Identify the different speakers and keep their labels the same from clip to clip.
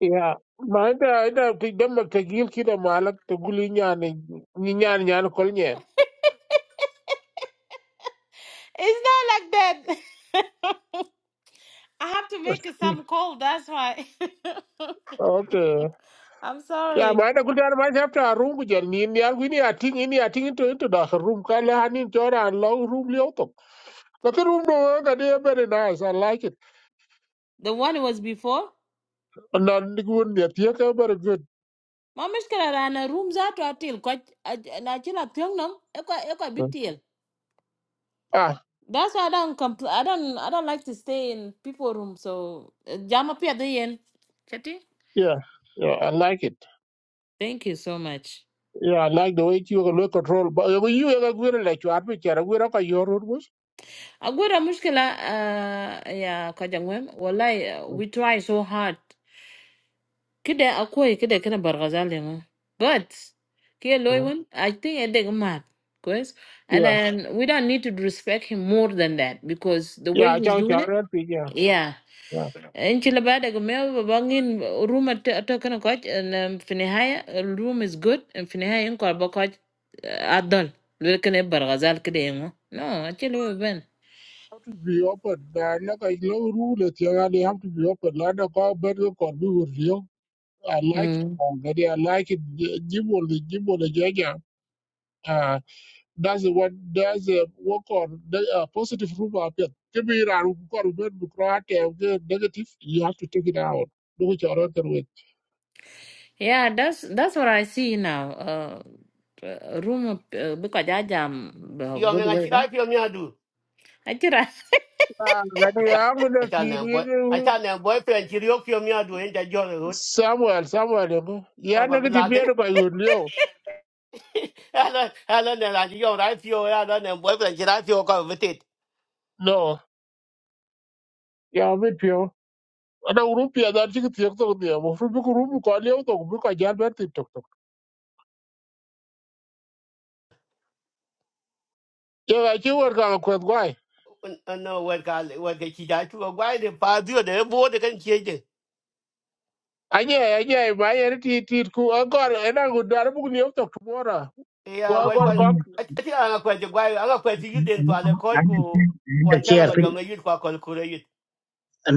Speaker 1: Yeah, ma ita ita ti dama ta gil kida malak ta guli nyane ni nyane nyane kol nyen.
Speaker 2: It's not like that. I have to make it some call. That's why.
Speaker 1: Okay.
Speaker 2: I'm
Speaker 1: Ya
Speaker 2: sorry.
Speaker 1: ma ita guli ana ma chapta room ku jen ni ni algu ni ating ini ating itu into dah room kala hanin jora an long room li auto. But the room no ka dia very nice. I like it.
Speaker 2: The one was before.
Speaker 1: And then the good ni tiya ka very good.
Speaker 2: Ma mishkala rana room zato atil kwa na chila pyongnam ekwa ekwa bitil.
Speaker 1: Ah,
Speaker 2: That's why I don't compl- I don't I don't like to stay in people room. So jam up at the end. Chati.
Speaker 1: yeah. Yeah, I like it.
Speaker 2: Thank you so much.
Speaker 1: Yeah, I like the way you look control. But you you you go like you are picture. We are your room. was.
Speaker 2: Agwira mushkila uh, ya kajangwem. Wallahi, uh,
Speaker 1: Mm,
Speaker 2: we try so hard. Kide akwai kide kina bargazal yango. But kia
Speaker 1: mm.
Speaker 2: loyun, I think I dig mad. Cause and
Speaker 1: Yeah.
Speaker 2: then we don't need to respect him more than that because the
Speaker 1: Yeah,
Speaker 2: way
Speaker 1: I
Speaker 2: he's
Speaker 1: can't
Speaker 2: doing
Speaker 1: tell
Speaker 2: it, yeah.
Speaker 1: Yeah.
Speaker 2: In Chilabada Gomel Babangin room at talking coach and um Finihaya uh, room is good and Finihaya in Korba coach Adol. Looking at Bargazal Kide. No, actually,
Speaker 1: be open. Now, like I know rule that you only have to be open. Like the government record be with you. I like it
Speaker 2: Ben.
Speaker 1: already. I like it. Give all the give all the jaja. Uh, that's what that's a work on the uh, positive room up here. Give me that government because negative. You have to take it out. Do it your other way.
Speaker 2: Yeah, that's that's what I see in a room. of- uh, Because I am
Speaker 3: yo me
Speaker 2: good
Speaker 3: ngachi
Speaker 2: weather.
Speaker 3: rai pio mi adu
Speaker 2: I tell I
Speaker 1: Ah, that you
Speaker 3: acha
Speaker 1: have to
Speaker 3: acha na boy
Speaker 1: kiri
Speaker 3: acha na boyfriend chi rio pio mi adu en ja jo rut
Speaker 1: Samuel Samuel. you know. Yeah,
Speaker 3: papa
Speaker 1: negative. Yeah,
Speaker 3: bilade
Speaker 1: no, you know.
Speaker 3: ala ala ne la yo rai pio ala ne boyfriend chi rai pio ko vetit
Speaker 1: No, yeah, I'm with you. ada grup ya dar chik tiek tok dia mo fru bu grup ko lew tok bu ko jar ber tik tok tok ye ga chi wer ka ko gwai
Speaker 3: no wer ka wer ke chi ja chu gwa de pa dio de bo de kan chi de
Speaker 1: anye anye ba ye ti ti ku agor ena gu dar bu lew tok mora
Speaker 3: ya
Speaker 1: wa
Speaker 3: wer kwa
Speaker 1: agor kok
Speaker 3: acha ana kwa de gwa ana kwa ti yuden pa le ko ku
Speaker 4: ande kier ande
Speaker 3: kwa cha
Speaker 4: kier
Speaker 3: ma
Speaker 4: tin
Speaker 3: yo me yut kwa kol kure yut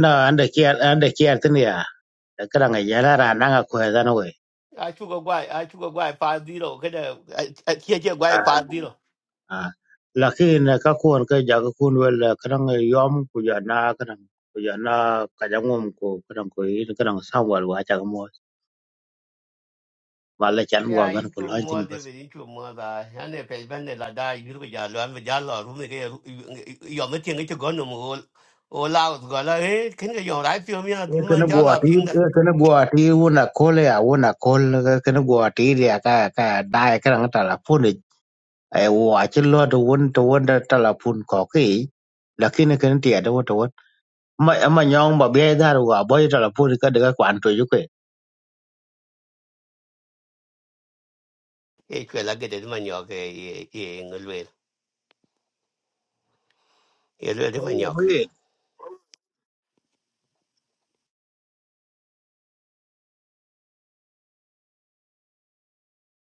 Speaker 4: no ande kier ande kier tin ya kada nga yara ra na nga ko da no we
Speaker 3: a chu gwa a chu gwa pa dio ke de a chi gwa pa dio.
Speaker 4: lakin ka kun ka ja ka kun wel kada nga yom ku ja na kada ku ja na ka ja ngum ku kada ko yi kada nga sam wal wa ja mo wala chan wa
Speaker 3: ya
Speaker 4: ban ko
Speaker 3: itu
Speaker 4: lan
Speaker 3: mo
Speaker 4: tin
Speaker 3: de
Speaker 4: bas
Speaker 3: be itu mo da hande pe ben de la da yuru ja lo an ja lo ru ne ke yo go no mo o la go la e ken ke yo rai pyo mi na du
Speaker 4: e kana
Speaker 3: man
Speaker 4: go
Speaker 3: ja la
Speaker 4: ati
Speaker 3: ping da
Speaker 4: e kana go ati una kole ya una kol kana go ati ya ka ka dai kada nga ta la ai wa ci lo do won to won da telefon ko ke lakini kan ti da wato wat ma ma nyong ba be da wa boy telefon ka daga kwan to ju ke
Speaker 3: e ke la ge de man yo ke e e ngulwe e lo de man yo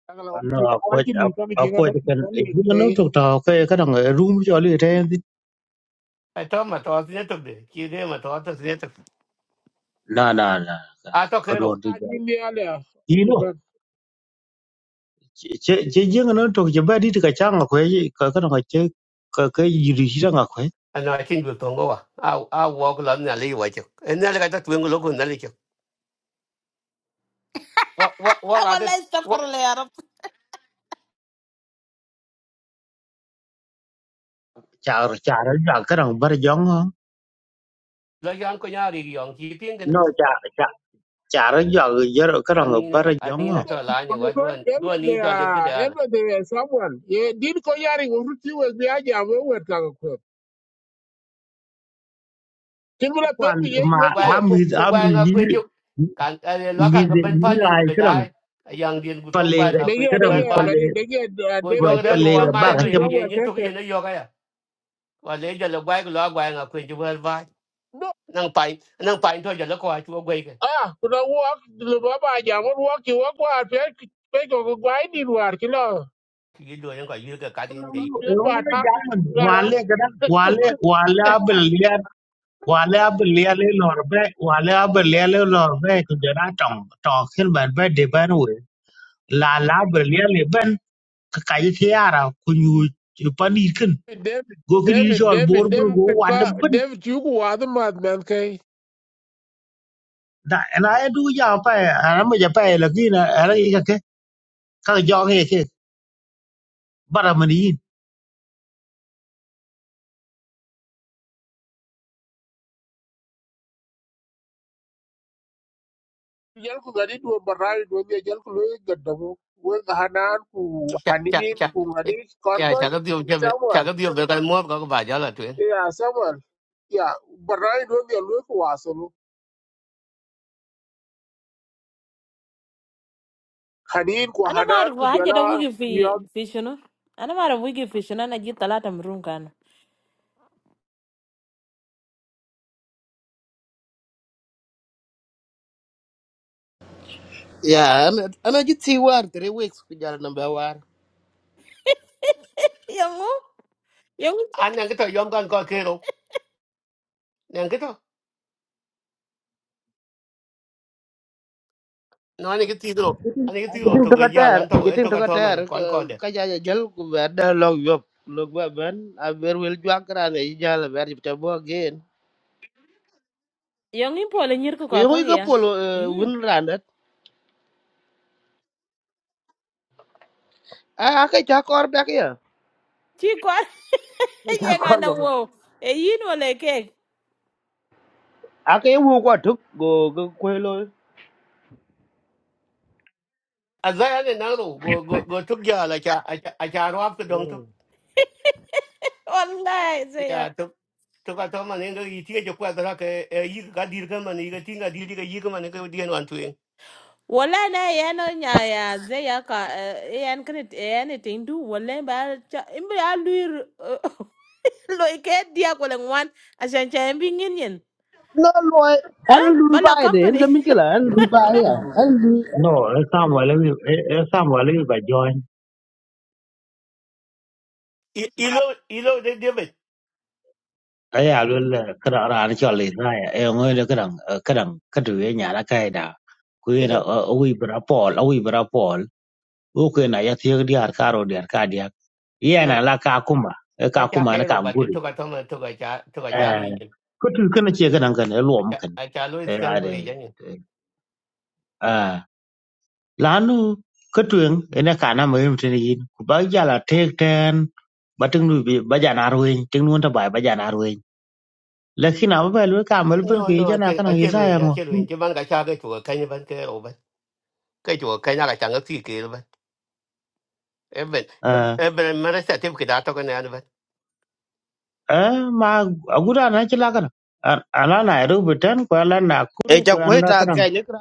Speaker 1: agala wa
Speaker 4: no
Speaker 1: ti wa
Speaker 4: ko
Speaker 1: ti lu ka ji
Speaker 4: cái cái ji nó to ta cái cái dang room jo le thế
Speaker 3: ai to ma to ne to de ki de ma to to ne to
Speaker 4: na na na
Speaker 3: a to
Speaker 4: có
Speaker 3: ke
Speaker 4: đồ ka do
Speaker 3: ro
Speaker 4: to ja ji no nó ce ji no to je cái trang ka chang cái cái ka dang cái cái gì yiri shi dang ko
Speaker 3: ana tin du tongo wa a a wo ko la na le wa che en na le ka ta tu ngo lo ko na le che wa
Speaker 2: want lights to fall, leh.
Speaker 4: cha cha ra ka dang bar jong nó cha cha cha ra jo ka
Speaker 3: cho
Speaker 4: dang
Speaker 3: nên
Speaker 4: bar
Speaker 3: là anh
Speaker 4: jong
Speaker 3: nên là cho là nhiều quá đua đua nên cho liệu cái đấy là
Speaker 1: someone ye din ko yari wo fru ti bi aja we wer ka ko tin bula
Speaker 4: kwan
Speaker 1: ye
Speaker 4: ma
Speaker 1: wo ti
Speaker 3: quay
Speaker 4: ami
Speaker 3: cũng cũng
Speaker 4: ami
Speaker 3: quay ngã
Speaker 4: ni
Speaker 3: quên chụp càng lo
Speaker 4: mi
Speaker 3: càng cái
Speaker 4: de
Speaker 3: bên
Speaker 4: ni
Speaker 3: phải
Speaker 4: la
Speaker 3: nhìn của bên
Speaker 4: kran
Speaker 3: đại yang điền của tông
Speaker 4: pale
Speaker 3: qua ngã
Speaker 1: de
Speaker 3: quên
Speaker 1: ye
Speaker 3: chụp
Speaker 1: de
Speaker 4: kran
Speaker 3: quay
Speaker 1: ye
Speaker 3: phải
Speaker 1: ga
Speaker 4: pale
Speaker 1: de ye
Speaker 3: của do
Speaker 1: david
Speaker 3: cái thằng
Speaker 1: david
Speaker 3: của
Speaker 4: pale
Speaker 1: na
Speaker 3: qua
Speaker 4: ba
Speaker 3: mai
Speaker 1: ko
Speaker 4: ga
Speaker 3: đua
Speaker 1: ni
Speaker 4: tem
Speaker 3: cái gì
Speaker 1: someone
Speaker 3: những thuốc gì
Speaker 1: tete
Speaker 3: nó do cái à và lấy giờ là qua cái lo quay ngã quên chụp quay phải
Speaker 1: No,
Speaker 3: năng phải năng phải thôi giờ nó coi chụp quay cái
Speaker 1: Ah, kuna walk the baba jam won wok ki wok war pe pe ko ko gwai ni war ki no.
Speaker 3: cái đua nó gọi như cái cá tiền này
Speaker 1: Pak bien ba
Speaker 4: ngol
Speaker 1: ta
Speaker 4: jaman
Speaker 1: gara.
Speaker 4: wale kran wale wale abel ya wale abel ya le lor be wale abel ya le lor be ko jara tong to khin ban be de ban we la la abel ya le ben ka ka yi tiara ku nyu pani kin
Speaker 1: David
Speaker 4: go kri
Speaker 1: David
Speaker 4: chol bor
Speaker 1: David
Speaker 4: bor go
Speaker 1: David
Speaker 4: wan
Speaker 1: ka
Speaker 4: ben
Speaker 1: David yu ku wa da mad man kai.
Speaker 4: da na du ya pa ana ma ja pa la kin ara kaka jong ye ke bara man yin
Speaker 1: Jal ku gadi do barai do be jal ku lo gadda We Wo ga hanan ku
Speaker 3: chả chả
Speaker 1: hanin
Speaker 3: chả
Speaker 1: ku ngadi
Speaker 3: Yeah, chả
Speaker 1: konfort
Speaker 3: có điều chả
Speaker 1: Samuel.
Speaker 3: có điều về cái mua có cái vài giờ là chuyện
Speaker 1: Yeah, Samuel. Ya barai do be lo ku wasalu. Hanin ku
Speaker 2: I no
Speaker 1: hanan
Speaker 2: more.
Speaker 1: ku
Speaker 2: I just a
Speaker 1: jala yo
Speaker 2: wugi fish, you know. I no more wugi fish. You know, I just a lot in room can.
Speaker 5: Yeah, ana ana jiti war three weeks ku jal number war.
Speaker 2: Young mo? Young.
Speaker 3: anh đang cái thời gian còn coi kia đâu đang cái đó no ani ki tiro ani ki tiro
Speaker 5: Ajiting
Speaker 3: to
Speaker 5: to
Speaker 3: ga ya
Speaker 5: kater,
Speaker 3: lan to e
Speaker 5: ajiting
Speaker 3: to
Speaker 5: to
Speaker 3: ka to
Speaker 5: kater
Speaker 3: man kon ko de
Speaker 5: ka ja ja jal ku ber da log yop. Log ba ben a ber wel jwa kra ne jal ber jipta bo again.
Speaker 2: Young impo le nyir ko
Speaker 5: Ku yo
Speaker 2: kaka
Speaker 5: ko
Speaker 2: gea.
Speaker 5: polo
Speaker 2: Im?
Speaker 5: win randat. A ka ja kor back ya.
Speaker 2: Chigwa.
Speaker 5: Ja
Speaker 2: Yenga
Speaker 5: kor
Speaker 2: na
Speaker 5: go.
Speaker 2: wo. E imo le ke.
Speaker 5: A ka wu ko tuk go go ko lo.
Speaker 3: azaya ne na ro go go go to ya la cha a cha cha ro ap dong to
Speaker 2: All lights leh.
Speaker 3: ya to to ka to man ne yi ti je kwa da ka e yi ka dir ka man yi ka tinga dir ka yi ka man ka di an tu e
Speaker 2: Wala na yana nya ya ze ya ka eh, yan kan yan tin du wala ba cha imbe aluir luir lo ke dia ko len wan asan cha imbe ngin yen
Speaker 5: No loy an
Speaker 2: eh
Speaker 5: lu
Speaker 2: bala
Speaker 5: bai de en
Speaker 2: company
Speaker 5: ka mikila an lu bai ya. An lu
Speaker 4: no e sam wala wi e sam wala wi ba join
Speaker 3: ilo ilo de de be
Speaker 4: aya lo le kra ra ni chol le na ya e ngo le kra kra ka tu ye nya ra kai da ku ye
Speaker 3: ke
Speaker 4: na
Speaker 3: no
Speaker 4: o wi bra pol o wi bra pol o ku na ya thie di har karo di har ka dia ye na
Speaker 3: no
Speaker 4: la ka kuma e ka
Speaker 3: ka cha
Speaker 4: kuma
Speaker 3: ke
Speaker 4: na ka
Speaker 3: ro ba de
Speaker 4: nguri
Speaker 3: to ka to man to ka cha to ka
Speaker 4: e
Speaker 3: cha ri ni
Speaker 4: ko tu kana che kana kana lo
Speaker 3: a
Speaker 4: mu
Speaker 3: cha
Speaker 4: kan
Speaker 3: a cha lo
Speaker 4: e
Speaker 3: is kan ko ri ja ni
Speaker 4: ade lanu ko tuen ene kana ma yum tene yin ku ba jala tek ten ba ting nu bi ba jana ruin ting nu ta bai ba jana ruin lakin aba ba lu ka mal
Speaker 3: no
Speaker 4: ban ke
Speaker 3: no a
Speaker 4: jana
Speaker 3: che a
Speaker 4: kana
Speaker 3: che
Speaker 4: isa
Speaker 3: ru
Speaker 4: ya
Speaker 3: ni a
Speaker 4: ngo
Speaker 3: che ru ni ke ban ka cha ke chu ka ni ban ke ro ba ke chu ka na ka cha ngi ki Even even mà
Speaker 4: eh
Speaker 3: Eben, eben mara sa tim kida to kana anba.
Speaker 4: eh, ma agura na chila kana An- ala na ru biten ko ala na
Speaker 5: e
Speaker 4: kuru
Speaker 5: ja
Speaker 4: ko
Speaker 5: ko
Speaker 4: an da
Speaker 5: ta
Speaker 4: kana
Speaker 5: ka ne kra.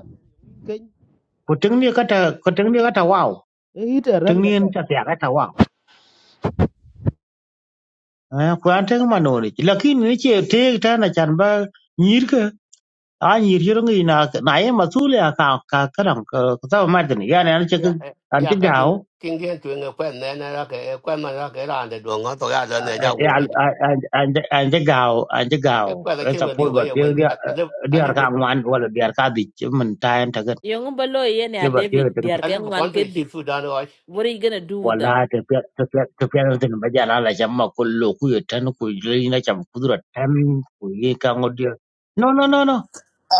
Speaker 5: Ken
Speaker 4: ku ting ni kata ku ting ni kata wow
Speaker 5: e hit
Speaker 4: ting
Speaker 5: ran
Speaker 4: ni
Speaker 5: ga.
Speaker 4: ta ya kata wow eh ku an ting ma no ni lakin ni che tek ten na chan ba nyir a nyir shir ngi na na ye masul ya ka ka karam ka ta ma tin ya ne an che
Speaker 3: Ya,
Speaker 4: an
Speaker 3: ya
Speaker 4: ti
Speaker 3: ba ting
Speaker 4: gao
Speaker 3: ting dien tu nga kwen na na ra ke kwen ma ra ke ra de do nga to ya da ne ja wo ke.
Speaker 4: an an an ti gao an ti
Speaker 3: E
Speaker 4: gao
Speaker 3: kwa la
Speaker 4: e
Speaker 3: kin
Speaker 4: ta
Speaker 3: wen
Speaker 4: pol
Speaker 3: yo ga
Speaker 4: ba
Speaker 3: yo
Speaker 4: ti
Speaker 3: anh
Speaker 4: dia
Speaker 3: anh anh
Speaker 4: dia
Speaker 3: anh
Speaker 4: ka ngwan wala dia ka di men ta en ta ga
Speaker 2: yung balo lo yen ya
Speaker 4: che ba ti
Speaker 2: david
Speaker 4: ta ta
Speaker 2: diar ke
Speaker 3: ale be
Speaker 2: wan
Speaker 3: kon tu
Speaker 2: ke
Speaker 3: chi
Speaker 2: di
Speaker 3: su rồi,
Speaker 2: what are you gonna do with them
Speaker 4: wala ta pe ta pe ta pe ta tin ba ja la la jam ma ko lo ku ye tan ku le na jam ku dura tan ku ye ka ngo dia no no no no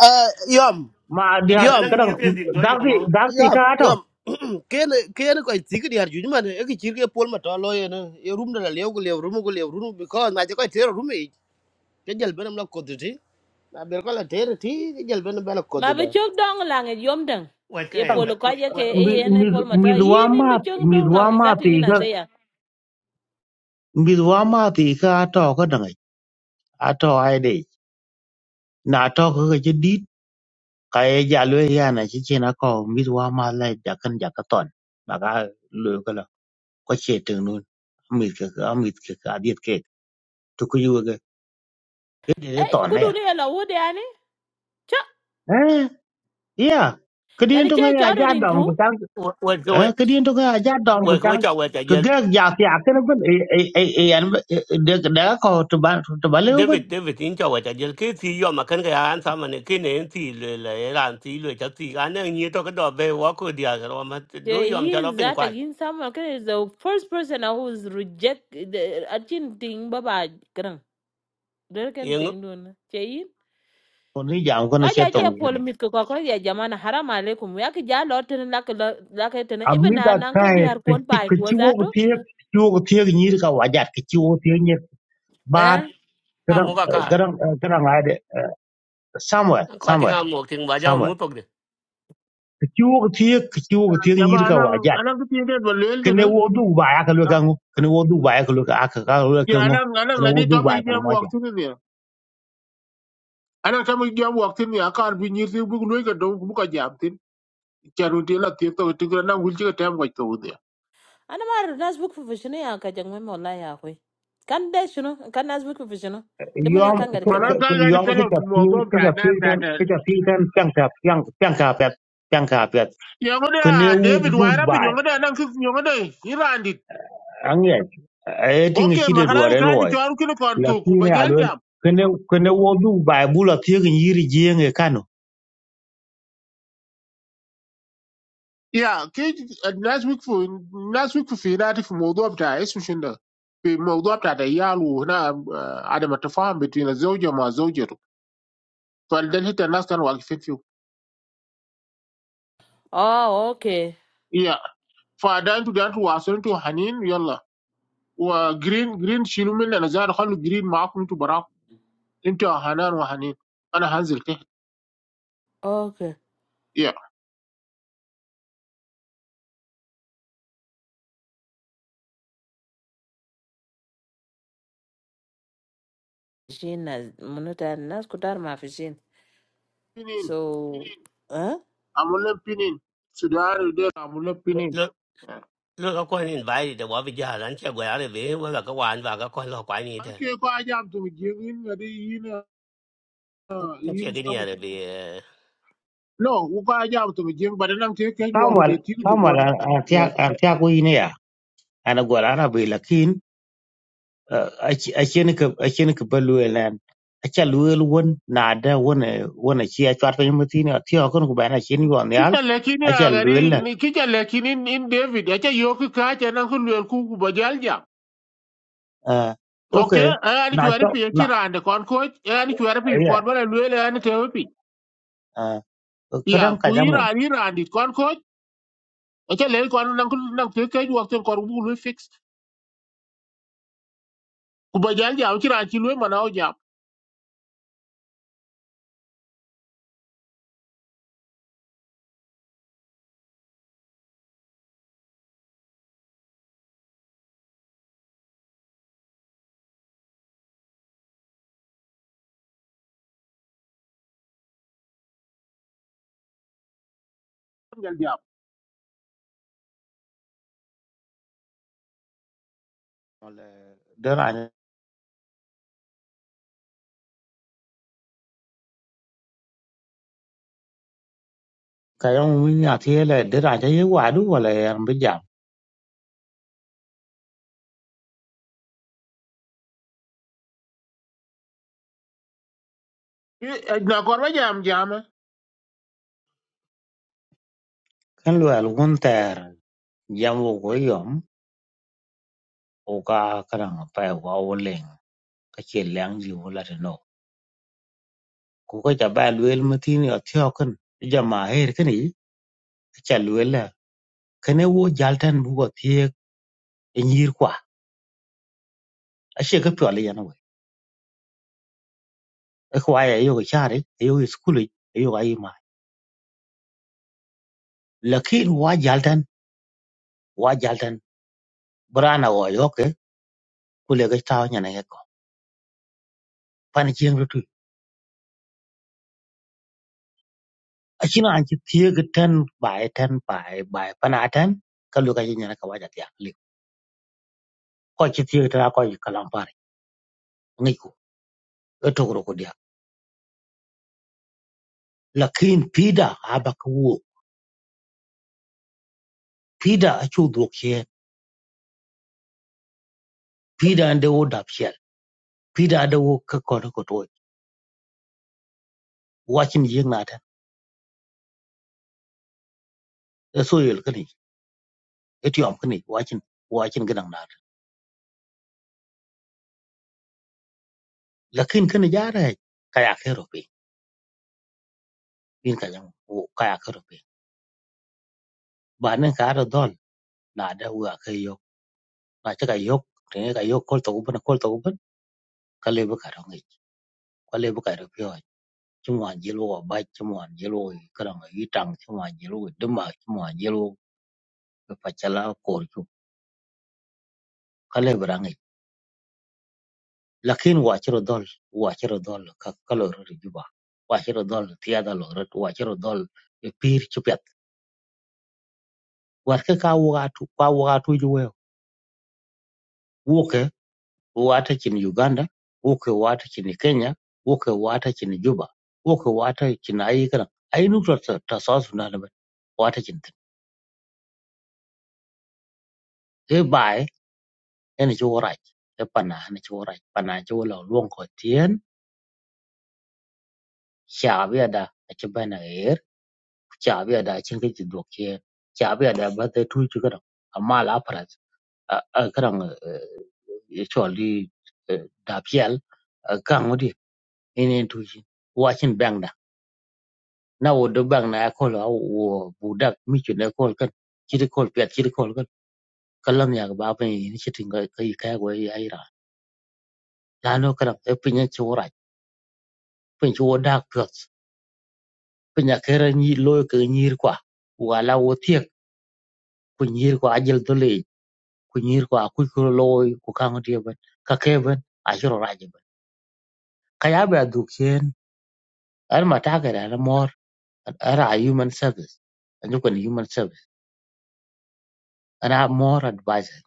Speaker 5: Ah
Speaker 4: ma dia
Speaker 3: anh
Speaker 5: yom.
Speaker 3: đang
Speaker 4: kadang
Speaker 3: ni pen din do
Speaker 4: dak
Speaker 3: rồi
Speaker 4: ti
Speaker 3: mà,
Speaker 4: dak ti
Speaker 5: ya
Speaker 4: ka ato
Speaker 5: ya ken ken ko tigu diar ju man e ki chirge pol ma to lo ye ne e rum da lew ko lew rum ko lew rum bi ko na je ko ter rum e te jel benam la ko ti na ber ko la ter ti te jel benam bela ko
Speaker 2: ma be
Speaker 5: da
Speaker 2: chok dong lang e yom dang
Speaker 3: Wa
Speaker 2: e
Speaker 3: cái wa
Speaker 2: polo ka
Speaker 3: wa
Speaker 2: ye ke
Speaker 3: wa
Speaker 4: mi
Speaker 2: e yen e
Speaker 4: mi
Speaker 2: pol
Speaker 4: mi
Speaker 2: mata yin imbe
Speaker 4: duama
Speaker 2: chok dong lang izatu yin
Speaker 4: mi
Speaker 2: azeya
Speaker 4: mith wa mathi ka ato ka dangai ato aidej na ato ka ka ci dit ka ye ja lue yana ci cin ako mith wa ma lai jakan jaka ton baka lue kala ko ce teng nun amit ka ka amit ka adiet ke to ku yuwe ka ye de
Speaker 2: eh
Speaker 4: ton na
Speaker 2: kudu
Speaker 4: ya
Speaker 2: ni ela wode ani cha
Speaker 4: eh ya kedien
Speaker 2: yani
Speaker 4: to
Speaker 2: ke
Speaker 4: ngai
Speaker 2: charo
Speaker 4: aja
Speaker 2: rin
Speaker 4: dom ku tang
Speaker 3: wa ke wa
Speaker 4: eh kedien to ngai aja dom ku
Speaker 3: wa ke
Speaker 4: tang
Speaker 3: cha wa cha
Speaker 4: ke
Speaker 3: ye.
Speaker 4: ga ja ti akan ben e e e an de da ko to ban to bale ben
Speaker 3: David David in cha wa cái ye ke ti yo ma kan ga an sa ma ne ke ne ti le lười ran thì le cha ti anang ni to ka do be wa ko dia ga ma do
Speaker 2: Yeah,
Speaker 3: yo ma
Speaker 2: He
Speaker 3: cha lo
Speaker 2: is
Speaker 3: pin
Speaker 2: that
Speaker 3: kwa.
Speaker 2: against someone. Okay, is the first person who is reject the achin thing baba grang. Dere ken
Speaker 3: Yeng
Speaker 2: thing don. Che in.
Speaker 4: ko ni jam ko ne
Speaker 2: Kwa
Speaker 4: ce
Speaker 2: ja che
Speaker 4: tong
Speaker 2: pol mit ko ko ya jamana haram alaikum. Ya ki ja lot ten lak lak ten even
Speaker 4: amida
Speaker 2: an an ke
Speaker 4: kaer
Speaker 2: diar
Speaker 4: ke
Speaker 2: kon
Speaker 4: ti
Speaker 2: pai
Speaker 4: ke
Speaker 2: ko
Speaker 4: ti wo ke
Speaker 2: zato.
Speaker 4: ti ti wo ke ti ni ka wa ja ke ti wo ti ni ba
Speaker 2: Eh.
Speaker 3: a mo
Speaker 4: garang
Speaker 3: ka ka
Speaker 4: garang garang ai de somewhere
Speaker 3: ko ti
Speaker 4: somewhere
Speaker 3: nga mo ti ba ja mu
Speaker 4: somewhere
Speaker 3: pok de
Speaker 4: ke ti wo ke ti ke ti wo ke ti ni
Speaker 1: jama
Speaker 4: ka wa
Speaker 1: anan
Speaker 4: ja
Speaker 1: anan ku tinde ba lel
Speaker 4: ke ne wo du ba ya ka lu ka ngo ke ne wo du ba ya ka lu ka ka ka lu ka
Speaker 1: Yeah,
Speaker 4: ngo
Speaker 1: anang
Speaker 4: ke
Speaker 1: anang
Speaker 4: ne wo
Speaker 1: ngadi
Speaker 4: du ba ya
Speaker 1: topic
Speaker 4: ka
Speaker 1: jam
Speaker 4: mo
Speaker 1: walk
Speaker 4: ja
Speaker 1: tin ni. Anang tamu jam walk tin ni akar bi nyir ti bu lu ga do bu ka jam tin. Charun ti la ti to ti ga na wul ti ga tam ga to de.
Speaker 2: Ana mar nas book professional ya ka jang memo la ya ko. Kan de shuno kan nas book professional. De mun ya
Speaker 4: yom
Speaker 2: kan ga
Speaker 4: ke
Speaker 2: kalam.
Speaker 1: Mana
Speaker 4: ke
Speaker 1: ka ga di
Speaker 4: yom ke
Speaker 1: kala
Speaker 4: ja ti
Speaker 1: mo bo
Speaker 4: ke
Speaker 1: ka
Speaker 4: ja
Speaker 1: na
Speaker 4: ti
Speaker 1: ta
Speaker 4: kan
Speaker 1: ta.
Speaker 4: ke ja ti kan chang ka chang chang ka pet chang ka pet
Speaker 1: Ya ngode
Speaker 4: ke ne
Speaker 1: a
Speaker 4: wo
Speaker 1: David
Speaker 4: du
Speaker 1: Wara bi
Speaker 4: ba
Speaker 1: ngode anang ki ngode irandi.
Speaker 4: ang ye ai ti ngi
Speaker 1: Okay,
Speaker 4: chi de do
Speaker 1: maharani
Speaker 4: re
Speaker 1: ka ji
Speaker 4: loi
Speaker 1: to an kilo kon to ku ba
Speaker 4: lakini
Speaker 1: jal
Speaker 4: alwel
Speaker 1: jam.
Speaker 4: kene kene wodu ba bula tiegi nyiri jenge kano
Speaker 1: Yeah, ki last week for last week for fi na ti mo do ta isu shinda. Fi mo do ta da yalu na adama tafahum between a zawja ma zawja Yeah. Yeah.
Speaker 2: Oh, okay. Okay. Jin nas munuta nas kutar ma fi jin. So, eh?
Speaker 3: lo lo ko ni ba ri de wa bi ja ran che go ya về, be là các wan và các con lo quái ni thế? che ge cái này de be
Speaker 4: samuel samuel an- antia antia ko ine ya ana gola ana be lakin uh, achi- achien ka achien ka baluel nan acha luel won na da won eh, won chi a chat pe mutini atio kon ko ba na achien yon yal acha luel na Ah,
Speaker 1: Okay,
Speaker 4: okay
Speaker 1: eh, ani
Speaker 4: na
Speaker 1: chwari
Speaker 4: cho
Speaker 1: pi eki
Speaker 4: na
Speaker 1: rande kon coach, ani chwari pi
Speaker 4: ya
Speaker 1: kon bana luele ani tewe pi. Ya,
Speaker 4: kadang
Speaker 1: ku
Speaker 4: kadang mo
Speaker 1: ira ni rande kon coach, eke le kon nang nang te ke juak ten kon bu lu fix. Ku ba jal jam chiran chi lu mana o jam. Jal jam.
Speaker 4: dan an kayong minya tiele dera ja yewa du wala yan
Speaker 1: E na kon ba jam jam eh.
Speaker 4: Ken luel wun tɛɛr jam wugo yom wuka kadaŋ pɛ ko a wuliŋ ka ci lɛŋ ji wula ti no ku ka ca ba luel matini athiökin i jamaahir kini ka ca luel la kene wo jalten bugo thiek i nyir kwa aci ka piöl yen we i kuwai ayok i cari ayok i sukuli ayok ai ma lakin wa jalten wa jalten buran awo yoke ku leke tau nyana yeko pan cieŋ aci na aci thie ke ten bai ten bai bai pana ten ka lu ka yin na ka wa ja dia li ko aci thie ta ko ka lam pare ngi ko e to ko ko dia la kin pida aba ko wo pida acu do ke pida ande wo dap shel pida ande wo ka ko ko to wa chin yin na ten e so yel ka ni e ti am ka ni wa chin wa chin ga dang na la kin ka ni ja re ka ya ke ro pe in ka yang wo ka ya ke ro pe ba nen ka ra dol na da wa ka yo na ta ka yo ne ka yo ko to ko na to kale bi ka rongi kwale bi ka ro pyo chuma jelo wa ba chuma jelo ka rongi yi tang chuma jelo duma chuma jelo ka pachala kor chu kale bi rangi lakin wa chiro dol wa chiro dol ka kalo ro ri juba wa chiro dol tiya da lo ro wa chiro dol e pir chu pet war ka ka wa tu ka wa tu ju we wo ke wa ta chin uganda wo ke wa ta chin kenya wo ke wa ta chin juba wo ke wa ta chin ai ka ai nu ta ta sa su na da wa ta chin te bai Yan ichi worai, e pana han ichi worai, pana i c i wo lo luong ko tien, shabi ada ichi bana er, shabi ada ichi ngi chi duok chen, shabi ada ba te tu chi kadang, amal aparat, kadang i c h oli da piel, kang odi, in in tu chi, wachin bang da, na wo do bang na akol wo budak mi chi na kol kan, chi di kol piat chi d e kol kan, kalam ya ba pa ni chi tinga kai kai go ai ra, la no kadang e pinya chi worai, pin chi wo dak piot ku nyakera nyi loy ke nyir kwa wala wotiek ku nyir kwa ajel dole ku nyir kwa ku ku loy ku kango dia ban ka keben ajiro raje ban kaya ba dukien ar mata ga da na mor ar a human service anyo kun human service ana more advisor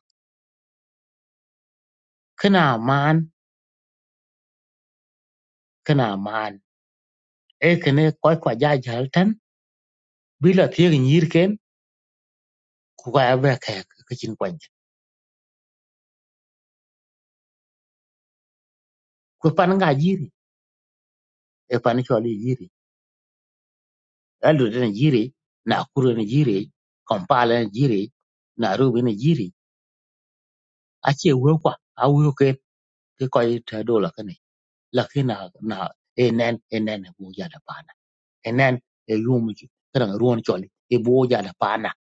Speaker 4: kana man kana man e kene koy kwa ja jaltan bila tiek nyir ken ku ga ba ka ka chin kwanja ku pan ga jiri e pan choli jiri Eldoret na jiri, Nakuru na jiri, Kampala na jiri, Nairobi na jiri. Achi ewe kwa, awe ke ke koi te dola kani. Laki na na enen enen e boja da pana. Enen e yumu ju kadang ruon choli e boja da pana.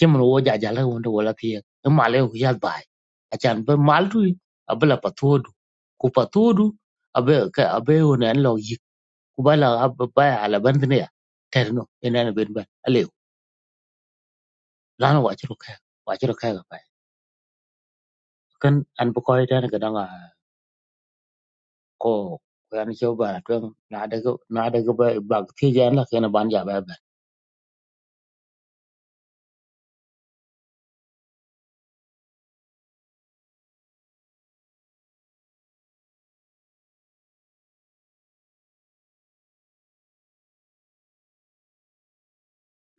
Speaker 4: Chimun oja jala wonde wala pia. E male e huyal bai. Achan be mal tu abela patodu. Ku patodu abe ke abe onen lo yik. Kubala abe bai ala bandne ya. Terno enen e ben ben. lana wa churu ka wa churu ka ga bai kan an bu ko ita ga danga ko ko an ke ba tun na daga na daga ba ba ke ja na kana ban ja ba ba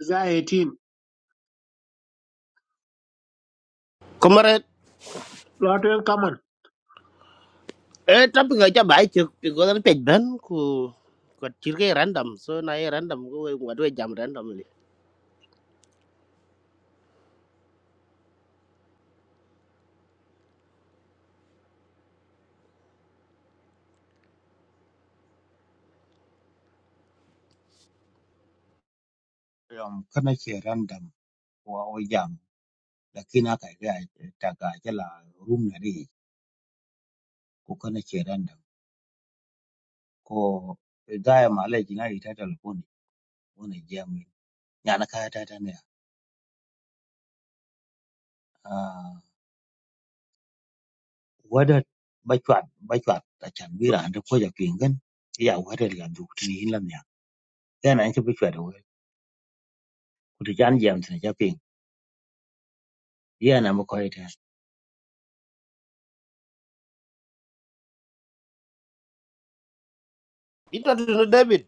Speaker 1: za 18.
Speaker 5: ko mare
Speaker 1: Lot en kaman.
Speaker 5: e tap ga ja bai chu bi go da pe ben ku ko chirge random so na e random ko e ngwa do jam random li
Speaker 4: um kana ke random wa o jam da kina ka ga ta ga jala room na ri ko kana ke random ko da ya mala jina ita telefoni wona jam nya na ka ta ta ne ah wada ba chat ba chat ta chan bi ran da ko ja pingen ya wada la duk ni hin lam ya yana an ke ba chat kutu jan jam tina japing yana mu ko ite
Speaker 5: ito to no david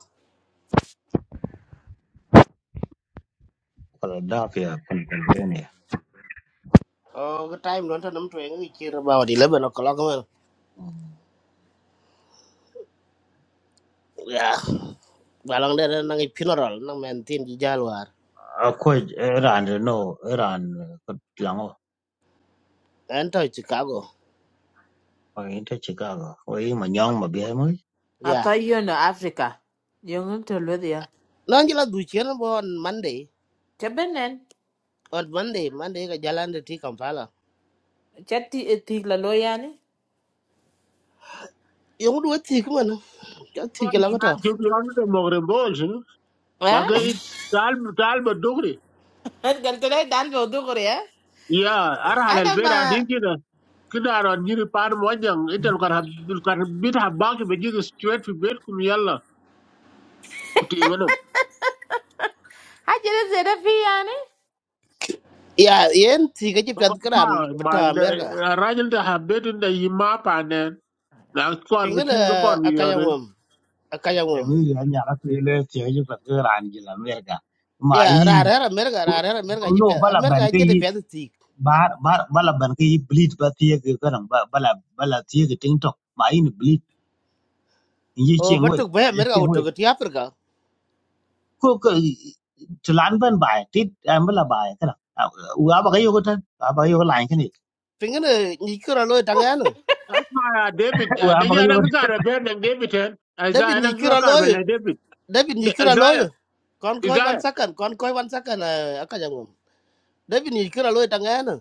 Speaker 4: philadelphia pennsylvania
Speaker 5: o ko time don ta nam to chỉ ngi chir ba wa di le ben ko la ko
Speaker 4: Mm.
Speaker 5: ya balang de na ngi funeral na men tin ji jalwar
Speaker 4: a ko iran no iran ko lango
Speaker 5: en to chicago
Speaker 4: ko inte chicago ko i ma nyong ma bi mo
Speaker 2: I
Speaker 5: Yeah.
Speaker 2: thought you know Africa. Yung to Lydia.
Speaker 5: Nan jala du chen bo on Monday.
Speaker 2: Chabenen.
Speaker 5: On Monday, Monday ka jalan de ti Kampala.
Speaker 2: Chati etik la loyani.
Speaker 5: Yung du ti ko man. Ka ti
Speaker 1: Kon
Speaker 5: ka lang
Speaker 1: na
Speaker 5: ta.
Speaker 1: ju lan de mogre bol sunu.
Speaker 2: Eh?
Speaker 1: Ba ke tal tal ba dogri.
Speaker 2: Gal to lay dan bo dugre ya.
Speaker 1: Ya, ar halal
Speaker 2: Ana
Speaker 1: bera
Speaker 2: ma
Speaker 1: din kida. Kida ron jiri pan mo jang, itel kar hab kar bit habak be jiri straight fi bet kum yalla. kutiminu
Speaker 2: hajere zeda fi yani.
Speaker 5: Yeah, yen ti ka ji
Speaker 1: boko
Speaker 5: pet
Speaker 1: ma
Speaker 5: kran
Speaker 1: ma
Speaker 5: bata
Speaker 1: na-
Speaker 5: America.
Speaker 1: a rajil ta habetu da yi ma panen na kor bi
Speaker 5: Tinga
Speaker 1: tin ko kor
Speaker 5: da
Speaker 1: bi
Speaker 5: akaya
Speaker 1: yore
Speaker 5: mum, akaya
Speaker 4: e
Speaker 5: mum.
Speaker 4: ngi ya nya ra pe le ti ji pat iran ji la merga ma
Speaker 5: Yeah,
Speaker 4: yi
Speaker 5: ra ra ra America, ra ra ra America ji
Speaker 4: no
Speaker 5: pet.
Speaker 4: bala ban
Speaker 5: America
Speaker 4: ke
Speaker 5: ji de
Speaker 4: yi
Speaker 5: pet ti.
Speaker 4: bar bar bala ban ke yi bleed ba ti ke kan ba bala bala ti ke ting tok ma yi bleed in ji
Speaker 5: O
Speaker 4: cheng we
Speaker 5: batuk
Speaker 4: na
Speaker 5: ba America
Speaker 4: ji
Speaker 5: uto ga ti Africa.
Speaker 4: ku ku tulan ban bai tit am la bai kana wa ba ga yogo tan wa ba yogo lan kani
Speaker 5: Tinga ne ni kira loy tangana.
Speaker 1: asma ya david
Speaker 4: wa
Speaker 1: da
Speaker 4: ba ga
Speaker 1: ya
Speaker 4: yogo
Speaker 1: nan ka da ben nan david en
Speaker 5: David
Speaker 1: isaiah
Speaker 5: ni
Speaker 1: nan ka
Speaker 5: kira
Speaker 1: kar
Speaker 5: loy,
Speaker 1: bele david
Speaker 5: David ni
Speaker 1: Da-
Speaker 5: kira
Speaker 1: isaiah
Speaker 5: loy. Kon koy one
Speaker 1: isaiah
Speaker 5: second, kon koy one second akaya mum. David ni kira loy tangana.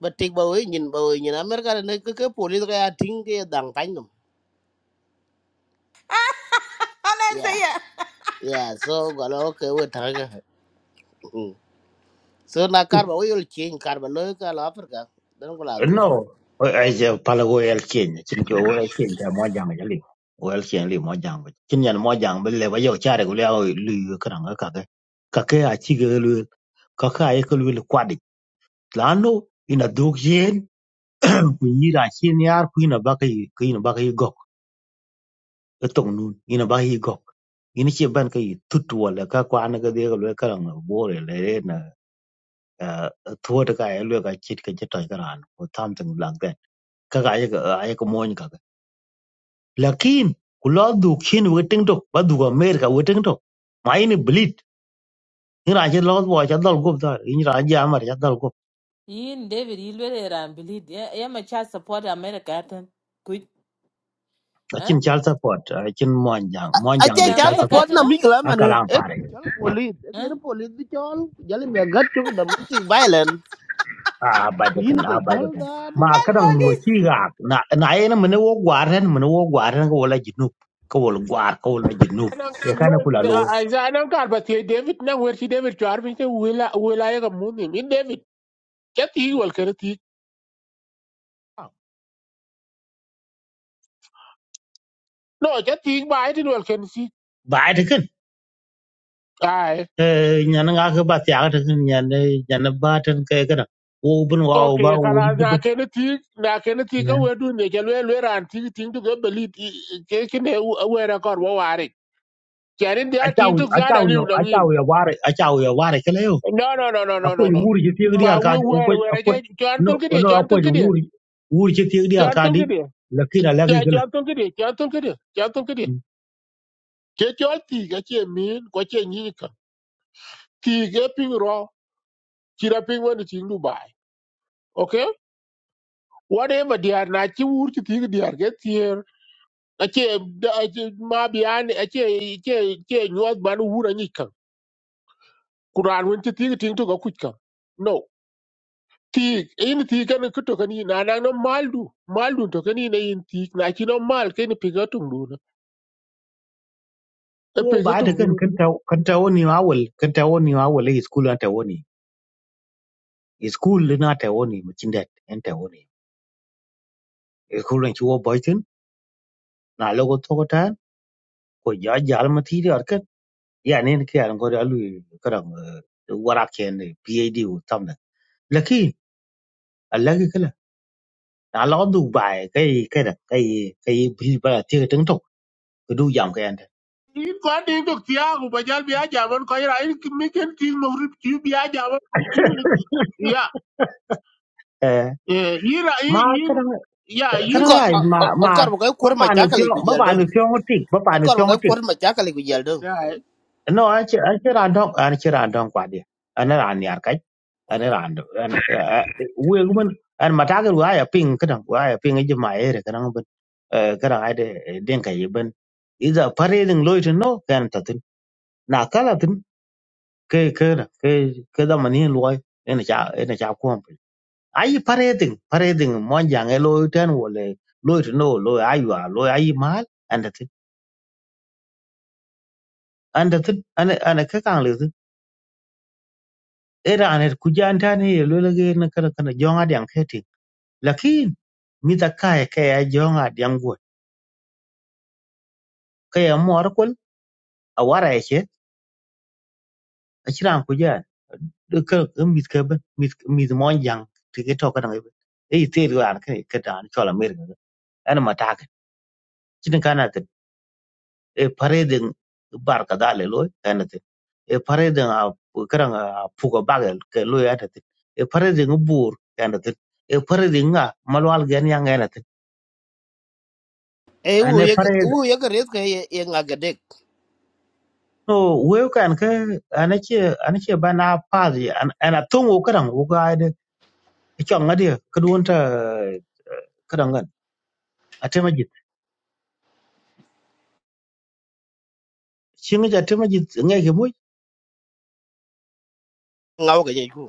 Speaker 5: ba tik ba we nyin ba we nyin america ne cái cái police ka ya ting ke dang tan dum
Speaker 2: Ana
Speaker 5: yeah
Speaker 2: zeya.
Speaker 5: yeah so galo ke we ta ga Mm. so na kar ba we yol king kar ba lo là la africa dan ko là do
Speaker 4: no ai je pala go el chen chin ko go el chen ta mo jang ja li go el chen li mo jang ba chin yan mo jang ba le ba yo chare go le o lu kana ga ka ga ka ke a chi ga lu ka ka ai ko lu kwadi lano ina dog yen ku yira chen yar ku ina ba ka yi ku ina ba ka yi itong nun ina ba hi gok ina che ban ka tut wala ka kwa na ga de ga le ka na bo re le na thua ta ka le ka chit ka chit ta ka ran ko tham tang lang den ka ga ya ga ya ko mon ka ga lakin kula du khin we to ba du ga mer ka we to mai ni blit ni ra je lo bo cha dal go da ni ra je amar cha dal go
Speaker 2: Yin David Ilwere ran bilid ya ya ma cha support America tan. Kuj.
Speaker 4: a
Speaker 2: Eh?
Speaker 4: chin chal support a chin mon
Speaker 2: Eh,
Speaker 4: jang mon
Speaker 5: a
Speaker 4: jang
Speaker 5: che
Speaker 2: In
Speaker 4: de
Speaker 5: ta
Speaker 4: chal
Speaker 2: America
Speaker 5: support
Speaker 4: support
Speaker 2: tan
Speaker 5: na
Speaker 4: an
Speaker 2: no?
Speaker 5: mi kala
Speaker 4: a
Speaker 5: man
Speaker 4: ka
Speaker 5: e
Speaker 4: lang
Speaker 5: chol police e
Speaker 2: Eh?
Speaker 5: ke police bi chol jali me gat chu domestic violence
Speaker 4: a
Speaker 5: Queen
Speaker 4: bajakan a
Speaker 5: cái chơi ku yin ke jol
Speaker 4: bajakan
Speaker 5: da du
Speaker 4: ma
Speaker 2: Gal
Speaker 4: kadan no
Speaker 2: police.
Speaker 4: ci ga na na yana mun wo gwaran mun wo gwaran ko wala jinub ko wala gwar ko wala jinub
Speaker 1: nan
Speaker 4: ya kana
Speaker 1: wa-
Speaker 4: kula lo
Speaker 1: da- isaiah nan kar ba te david nan wer shi david to arfin ke wila wila david no ya ti ba ai ti
Speaker 4: ba ta kan nyan nga ka ba ta ta kan nyan nyan ba ta ka kada wo bun wa wo ba
Speaker 1: Okay,
Speaker 4: wo
Speaker 1: kala na
Speaker 4: jibat
Speaker 1: kene ti na kene ti ka wedu ne ke lwe lwe ran ti ti tu go belit ke ke ne we ra kor wo ware. Kene
Speaker 4: a
Speaker 1: dia
Speaker 4: ta
Speaker 1: ti tu
Speaker 4: a
Speaker 1: za
Speaker 4: ta
Speaker 1: da
Speaker 4: yo
Speaker 1: liu
Speaker 4: a
Speaker 1: lang
Speaker 4: ta
Speaker 1: in.
Speaker 4: yo ware a ta yo ware kala yo
Speaker 1: No no no no no no
Speaker 4: akwai
Speaker 1: no.
Speaker 4: wuri ji ti gidi
Speaker 1: Ma
Speaker 4: arka
Speaker 1: we we
Speaker 4: akwai
Speaker 1: we ra
Speaker 4: akwai
Speaker 1: ke chan
Speaker 4: no
Speaker 1: tul ke dia
Speaker 4: no
Speaker 1: chan tul
Speaker 4: akwai
Speaker 1: ke dia
Speaker 4: wuri wuri ji ti gidi
Speaker 1: chan
Speaker 4: arka
Speaker 1: tul
Speaker 4: di
Speaker 1: ke dia.
Speaker 4: lakina lagi
Speaker 1: Cha
Speaker 4: kala
Speaker 1: chan tul ke dia chan tul ke dia chan tul ke dia. Ke cho ti ga che min ko che ni ka. Ti ge ping ro ti ra ping wo ni ti Dubai. Okay? Whatever dia na chi wur ti ti dia ke ti ake ma biyani ake ke ke nyuwat ban wura nyika kuran won ti ti ti to ga kutka no ti in ti kan kuto kan na na no maldu maldu to kan ne in ti na ki no mal ken pigatum duna e
Speaker 4: So baada
Speaker 1: pigatum
Speaker 4: kan
Speaker 1: duna
Speaker 4: kanta kanta woni awal kanta woni awal e school anta woni e school na ta woni mukinda anta woni e school ran kiwo boytin na logo tokota ko ya jal matiri arkan ya ne ke an gore alu karam wara ken PAD o tamna laki Allah ke kala na lo du bai kai kai da kai kai bi ba ti tin to ko du yam kai anta
Speaker 1: in ko ti to tiago Bajal jal biya jaman ko ira in mi ken ti no rip ti biya jaman ya
Speaker 4: eh
Speaker 1: eh ira
Speaker 4: ma
Speaker 1: in in
Speaker 4: kadang
Speaker 1: ya in
Speaker 4: kadang
Speaker 5: akor
Speaker 4: ai ma ma
Speaker 5: akor ba ko
Speaker 4: ba
Speaker 5: ma
Speaker 4: pa no
Speaker 5: ta
Speaker 4: pyo
Speaker 5: kala ku
Speaker 4: ba
Speaker 5: jal
Speaker 4: pa
Speaker 5: dum
Speaker 4: no
Speaker 5: akor
Speaker 4: pyo
Speaker 5: ba
Speaker 4: ngot
Speaker 5: ko ma ta kala ku jal u
Speaker 1: ya
Speaker 4: no an ci an ci ran don an ci ran don kwa dia an ran yar kai an ran do an we gumen an mata ga wa ya ping kadan wa ya ping ji ma ere kadan ban kadan ai de den kai yi ban iza pareding loit no kan tatin na kala tin ke ke ke ke da mani loy ene cha ene cha ko ai pareding pareding mon jang e loy ten wole loit no loy ayu a loy ai mal an tatin an tatin an an ka kan Iran er kujan tan he lo lege na kana kana jonga diang keti lakin mi da kai ka ya jonga diang go ka ya mor kol a wara yake a kiran kujan do ka mi ka ban mi mon yang tige to kana ngai e te ru an kai ka dan chola mer ga an ma ta ka kin kana ta e pare den bar ka dale lo kana ta e pare den a karan a puga bagal ka lo ya ta e pare den bur kana ta e pare den nga malwal gen yang kana
Speaker 5: e wu ye cái
Speaker 4: ta
Speaker 5: cái ke res ke ye ngagedek
Speaker 4: no we kan ke anache anache bana pazi an ana tungu kadang u guide chong ngadi kedun ta kadang kan atema jit singa ja atema jit ngai ke mu
Speaker 5: ngawo ke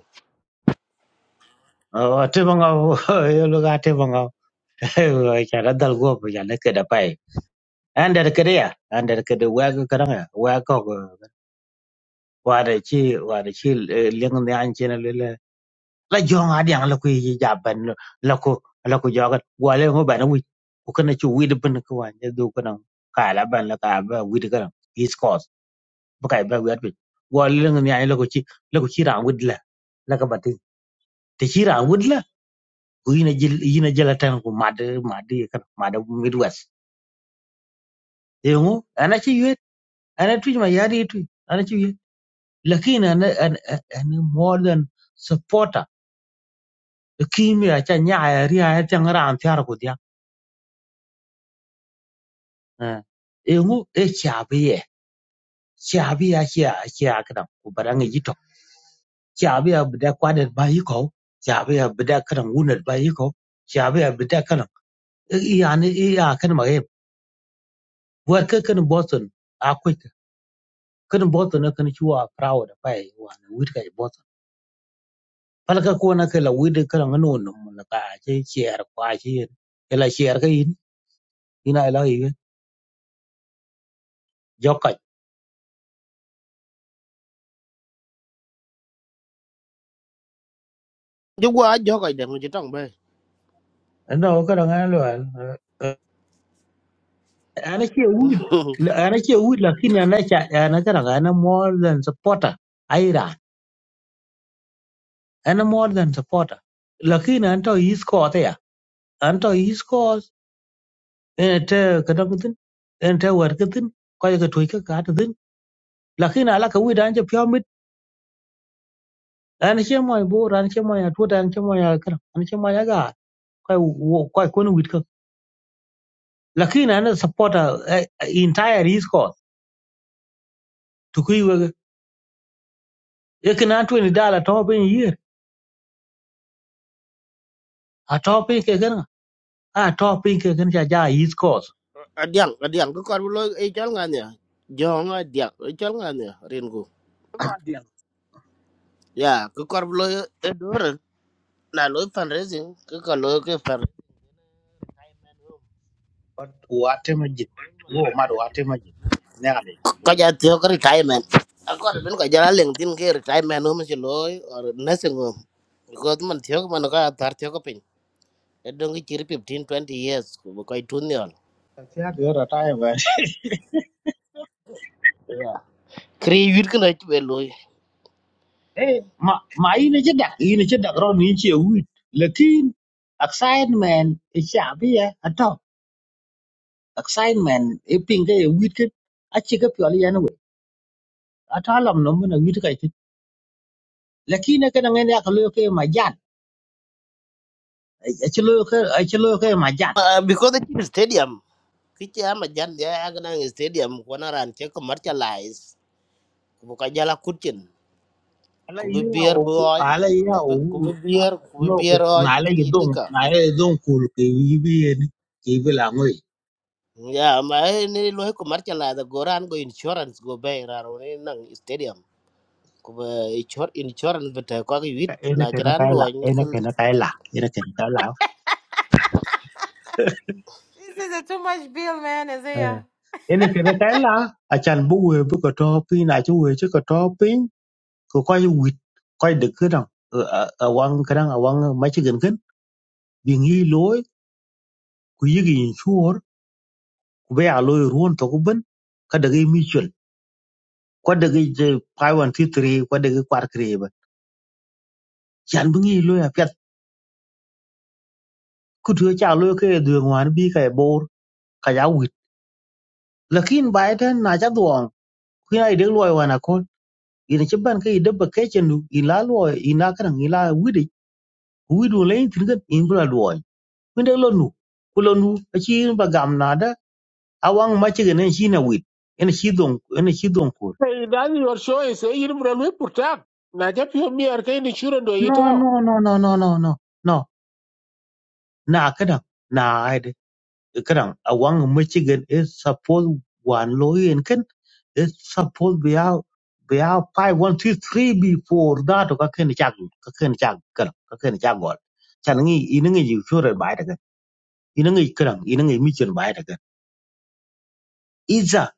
Speaker 4: atema nga yo lo ga atema nga cha ra dal go ya le ke da pai ander ke ya ander ke de wa ga kadang ya wa ko wa da chi wa da chi leng ne an chen le la jong a diang la ku yi ja ban la ku la ku jo ga wa le ngo ban wi ku kana chu wi de ban ko wa ne do kana ka la ban la ka ba wi de kana is cause bu kai ba wi at bi wa le ngo ni ai la ku chi la ku chi ra wi la la ka ba ti ti chi ra wi la ku yi na jil yi na jala tan ku ma de ma de ka ma de midwest e ngo ana chi yu ana tu ma ya de tu ana chi yu lakini ana ana ana more than supporter kimi ya cha nya ya ri ya cha ngara an tiar ku eh, engu e chabi ye chabi ya chia chia kadam ku baranga yito chabi ya bida kwadat ba yiko chabi ya bida kadam wunat ba yiko chabi ya bida kadam yani e ya kadam ma yem war ka kadam boton akwai ka kadam boton na kan chuwa proud pa yi wan wit ka boton palka ko na kala wit kadam no no la ka che chier kwa chi ela chier ka yin ina ela yi jokka
Speaker 5: chúng qua gió cái đèn chỉ trong bay
Speaker 4: no kadam alo ana ke wud ana ke wud lakini ana cha ana kana ana more than supporter aira ana more than supporter lakini anto his cause ya anto his cause ente kada kutin ente war kutin ko ga toy ka ka tin lakini ala ka wud anje pyamit ana che moy bor ana che moy atwa ana che moy kana ana che moy ga ko ko ko wud ka lakini ana supporter eh, eh, entire his cause to kuiwa ekana 20 dollar to ben year atop ke kana a topic ke ken cha ja east coast
Speaker 5: à đèn à đèn cái con lôi ấy chán ngan nhỉ gió ngay đèn ấy chán ngan nhỉ riêng cô ya cái con lôi ấy đó rồi là lôi fundraising cái con lôi cái fan
Speaker 4: but wate majid wo mar wate majid nyale
Speaker 5: cái giá thiếu cái retirement à con bên cái giá liền tin cái retirement hôm chỉ lôi or nursing home because mình thiếu mà nó có thar thiếu cái pin ở trong cái chỉ 15 twenty years của cái tuần nhỉ
Speaker 4: tatia gora tayo ba
Speaker 5: Kiri wir này chwe loy.
Speaker 4: eh ma ma ine jeda ine jeda ro ni che wit lakin excitement e chabia ato excitement e pinga e wit ke achi ke pyali yan we ata lam no mun wit ka ti lakin ke na ngene ka lo ke majan achi lo ke achi lo ke ma
Speaker 5: à because the chief stadium. Kichi mà jan ya agana ng stadium kwana ran che commercialize. buka jala kucin
Speaker 4: Ala
Speaker 5: ku bi
Speaker 4: iya
Speaker 5: bier bu
Speaker 4: o
Speaker 5: oj
Speaker 4: ala iya o
Speaker 5: ku bi bier ku bi
Speaker 4: no
Speaker 5: bier
Speaker 4: na
Speaker 5: oj
Speaker 4: ala yi
Speaker 5: kedi
Speaker 4: don
Speaker 5: lika
Speaker 4: na ala yi don kul ke yi bi ni ke bi la ngoi
Speaker 5: ya ma eh, ni lo ko marcha la da goran go insurance go bay raro ni nang stadium ku be insurance bete ko ki
Speaker 4: ka
Speaker 5: wit
Speaker 4: ene
Speaker 5: na
Speaker 4: ke na
Speaker 5: jaran
Speaker 4: kai
Speaker 5: do
Speaker 4: la ene ke na kai la ene ke na kai la
Speaker 2: This is a too much bill man
Speaker 4: eh
Speaker 2: Isaiah.
Speaker 4: ene ke na kai la a chan bu we bu ko to pi na chu we chu ko to pi ko ko yi wit ko de ke dang a wang ke dang a wang ma chi gen gen bi ngi loy ku yi gi chur ku be a loy ruon to ku ben ka de gi mi chul ko de gi 5 1 2 3 ko de gi 4 3 ba chan bu ngi loy a ku tue cha lo ke du ngwan bi ka bor ka ya wit lakin bai ten na cha duong ku na de lo wa na ko ina ci ban ka de ba ke chen du ila lo ina kan ila wit wi du le tin ga in bla lo ku de lo nu ku lo nu a ci ba gam na da awang ma ci ga ne shi na wit ina shi dong ina shi dong ko
Speaker 1: Hey, that is your choice. Hey, you bro, we protect. Na jap yo mi ar kay ni chura do
Speaker 4: no
Speaker 1: yitao.
Speaker 4: no no no no no no no na ka da na ai kadang awang michigan is suppose wan loy en ken is suppose be out one two three before that ka ken chak ka ken chak kan ka ken chak gol chan ngi in ngi ju sure bai da kan in ngi kadang in ngi mission bai da kan iza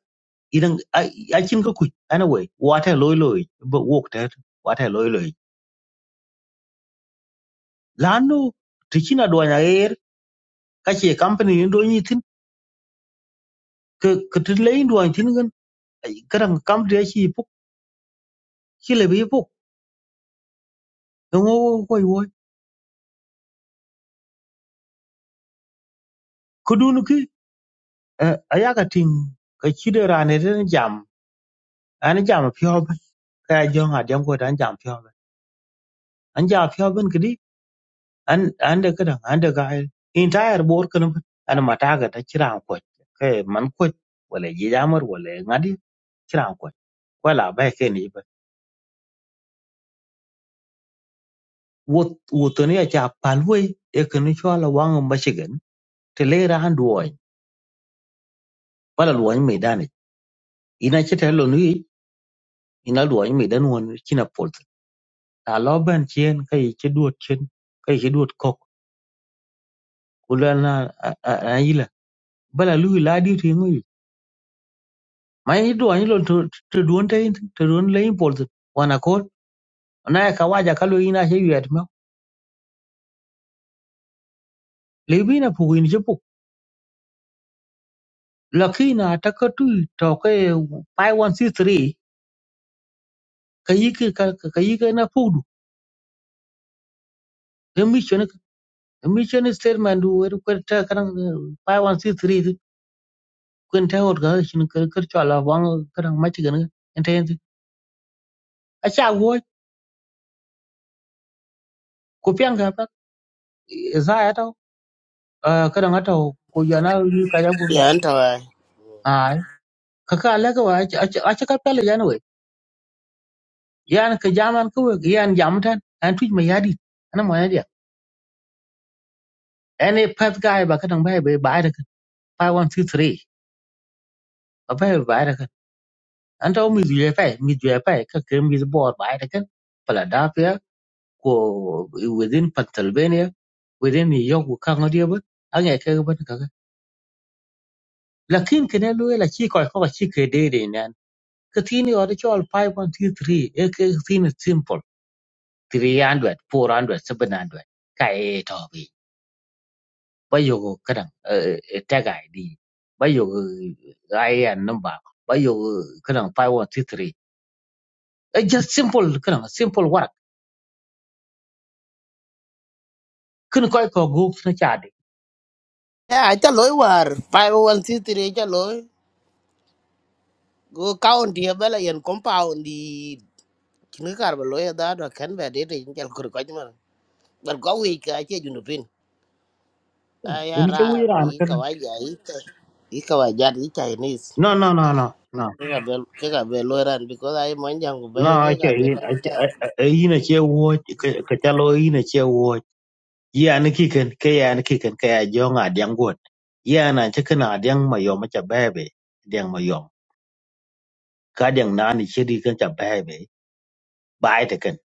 Speaker 4: in a chin ka ku anyway water loy loy but walk that water loy loy lanu tichina duanya er ka che company ndo nyitin ka ka tin lein duan tin gan kadang company chi puk chi le bi ngo koy wo ko dun ki eh, aya ka tin ka chide rane den jam an jam pyo ba ka jong adem ko dan jam pyo ba an jam pyo ben kidi an an de kada an de ga entire bor kan an mata ga ta kira ko ka man ko wala ji jamar wala ngadi kira ko wala ba ke ni ba wo wo to ne ya palwai e kan cho la wang ma shigan te le ra han duoy wala luwan mai dane ina ce ta lo ni ina luwan mai dan won kina pol a lo ben chen kai che duot chen kai che duot kok ulan na a yila bala lu la di ti ngui mai ni do ni lo to to don te to don le import wana ko na ka waja ka lo ina che yet ma le bi na pu ni che pu la ki na ta ka tu to ke 5163 ka yi ka ka yi ka na pu du emission emission statement du er ko ta kan 5163 kun ta hot ga shin ka ka cha la wang ka ma chi ga ne ta yin ku piɛŋgi pa zaya tɔ uh, ka dɔŋa tɔ ku yɔna yuli ka ja guri
Speaker 5: ya anta wa
Speaker 4: ai ka ka lɛka wa a cɛ ka pɛli yani wei yan ka jaman ka wei yan jam tan an tuj ma yadi ana mɔ yadi an e pɛt ka ai ba ka dɔŋ bai bai bai da kan bai one two three ba bai bai da kan an tɔ mi zuye pai mi zuye pai ka ka mi bɔr bai da kan Philadelphia ko within Pennsylvania within New York ko ka ngodi ba an e ka ba ka lakin kene loye la chi ko ko chi ke de de Kathini or chol 5.33 eke thini simple 300 hundred, 700 ka e to bi ba yogo kadang tag id ba yogo IAN number ba yogo kadang 5.33 it's just simple kadang simple work kun koy ko go na chadi
Speaker 5: ya ta loy war 51c3 ta loy go county ya bala yen compound di kin kar ba loy da do kan be de de jal kur ko jma bar go wi ka che junupin Ay,
Speaker 4: ni che wi ran
Speaker 5: Arabi,
Speaker 4: kan
Speaker 5: kawaja ite. Ikawaja ni Chinese.
Speaker 4: no no no no no
Speaker 5: Kika bel, kika bel oran because ay manjang ko
Speaker 4: no
Speaker 5: bay
Speaker 4: che
Speaker 5: kika bel
Speaker 4: yin
Speaker 5: kalbita.
Speaker 4: a yin che wo ka chalo yin che yan kiken ke yan kiken ke ya jong a diang gut yan an che kana diang ma yom cha bebe diang ma yom ka diang na ni che di kan cha bebe bai te ken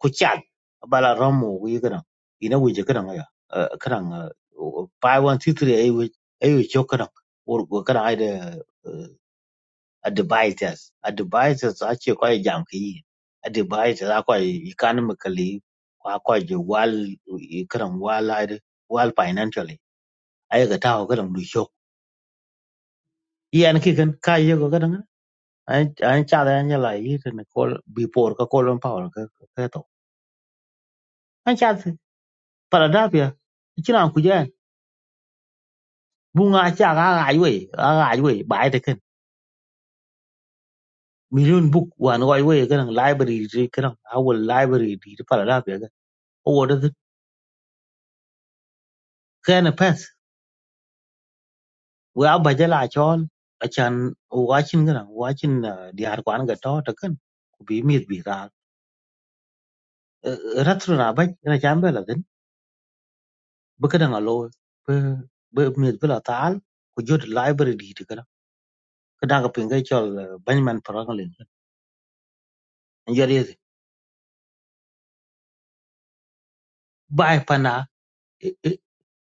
Speaker 4: ku chat bala romu wi kana ina wi je kana ya kana pai wan ti tri ai wi ai wi cho kana or go kana ai de a devices a devices a che ko jam ki a devices a ko i kan ma kali ko ko je wal i kana wal wal financially ai ga taw ga dang du chok yan ki kan ka ye ga dang ai ai cha da nya la yi ne ko bi por ka ko lon power ka ka to an cha para da pia kina ku ja bunga cha ga ga yi we ga ga yi we ba ai de kan million book wan wa yi we ga dang library ri ka dang our library ri para da pia ga o da ka na pass we a ba ja la chon a chan wa chin ga dang wa chin di har kwan ga to ta kan ku bi mit bi ra ratru na ba na cham ba la bikadaŋ a lo bi bi miöt kulo ta'al ko jö ti library di tikana kadaŋ ko piŋ ka col eh, Benjamin Franklin an jö yesi ba ai pana i i-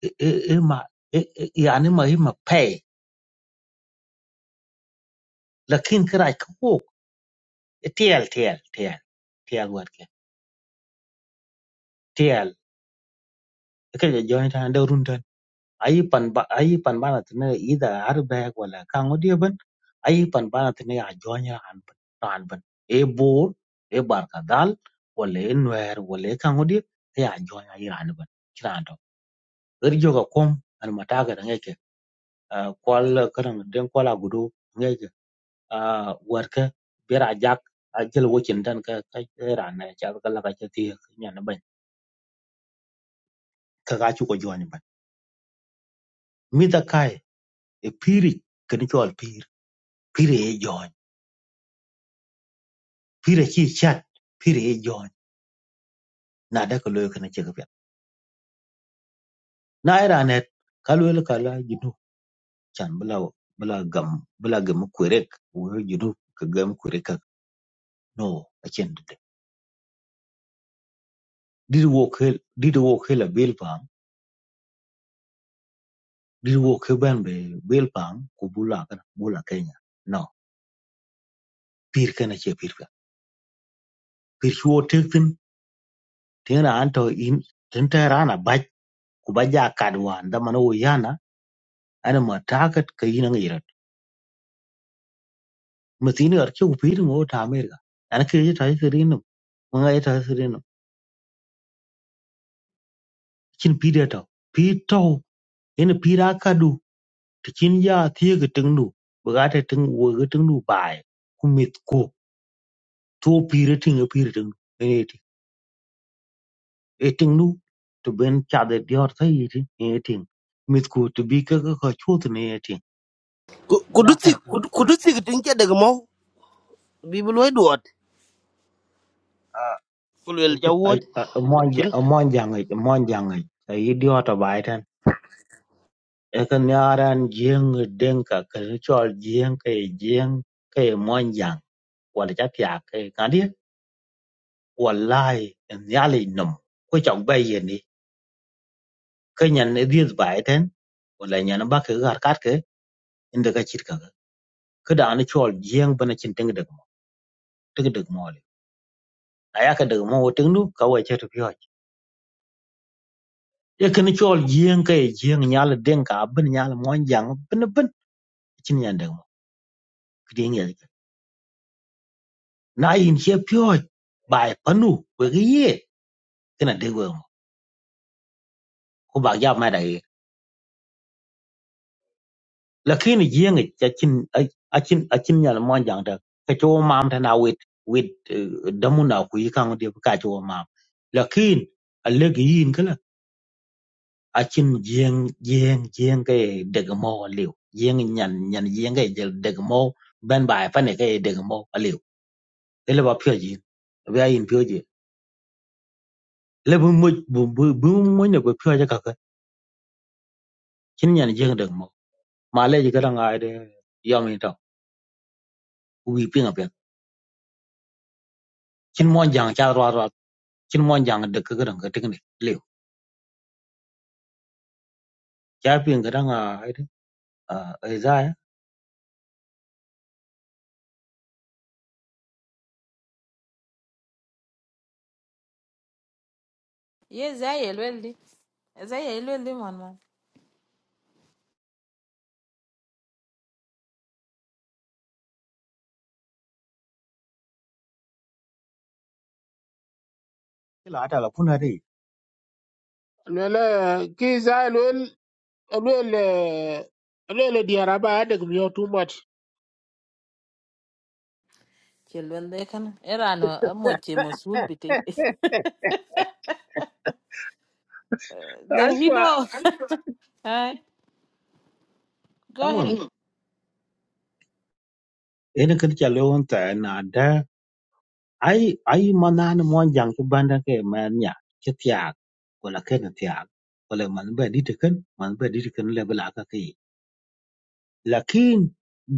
Speaker 4: i- i- i ma i- i- yani ma i ma pay lakin karac ko wok tiel tiel tiel tiel wetke tiel ka jö jö tan de run ayipan ba ayipan bana tine ida arbe wala kango diben ayipan bana tine a jonya an an ben e bor e barka dal wala e nwer wala e kango di e a jonya iran ben kirando er joga kom an mataga da ngeke kwal karan den kwala gudu ngeke warka bera jak a jel wokin dan ka ka era na cha ka la ka cha ti nyana ban ka ga chu ko jonya ban mi da kai e piri kan chol pir pire e jonya pire chi chat pire e jon na da ko loyo kana ce gafiya na ira ne kalu loyo ka la jinu chan bula bula gam bula gam kurek wo jinu ka gam kurek ka no a chen de did wo ke did wo ke la bel pam did wo ke ban be bel pam ko bula kana bula kenya no pir kana ce pir ka pir shi wo tek tin tin ra an to in tin ta rana baj ku baja kadwa da mana wo yana ana ma takat ka yi nan mesini arki upir ngo ta amerika an ke je tai sirinum manga ye tai sirinum chin pide to pi to ene pira kadu ti chin ya thie ge tengnu baga te teng wo ge tengnu bai ku mit ko to pire ting pire teng ene ti e tengnu to ben cha de dior thai ti ene ting mit ko to bi ka ka chot ne ene ting ida
Speaker 5: Kuduti,
Speaker 4: kar pira
Speaker 5: kuduti kitinka dagmo. Bibul way duot.
Speaker 4: a
Speaker 5: Kulwel jawo.
Speaker 4: a a mon
Speaker 5: Kin.
Speaker 4: ja mon ja ngai mon ja ngai ai dior to bai ëka nyaran jïï Denka kede cöl jïï ka ï jïï ka ï mwany jang wala ca piak ngat dyet walai myël nom ku cök ba yen ni ka nyen edhieth ba ëtën wala nyen ba kï kï karkat kï ëndë ka cït kaka kï dong nï cöl jïï bën acïn tïng dëk mö tïk dëk mö lï na ka dëk mö otïng nü ka wa cë pyöc ëka nï cöl jïï ka nyal Denka abin nyal mwany jang bën bën acïn nyen dëk mö kï dyën na in ce piöc ba panu wëk ye Thế là thế vừa cô bảo giao mai đấy là khi này ina degwe ko ba ya ma dai lakini yenge achin achin achin nyal mon jang da ka cho mam ta na wit wit damuna ku yi kan de ka cho mam lakin alle gi yin kala achin jeng jeng jeng ke deg mo liu jeng nyan nyan jeng ke jel deg mo ben ba pa ne ke deg mo liu ele ba pyo ji be ayin pyo ji le bu mo bu bu mo mới ko pyo ja ka cái, chin nyan riêng deg mo mà le ji ka ra ngai de yom ni to ku ở bên. chin mon jang cha ro ro chin mon jang de ke gran ke ting ni le cha pin ga dang a ai de a za ya
Speaker 2: Yes, I will. Isaiah will man.
Speaker 4: Ki la ta la kun ri
Speaker 1: Lele ki za lele lele lele diaraba adek mi yo too much.
Speaker 2: Children, they can. kan era no amo che mosul beating. The hero. Hi. Go
Speaker 4: tang wem
Speaker 2: ahead.
Speaker 4: e ne ke cha le won ta na da ai ai man na ne mon jang ke ban da ke ma nya ke tia ko la ke ne tia ko le man ba di te ken man ba di te ken le bla ka ke lakin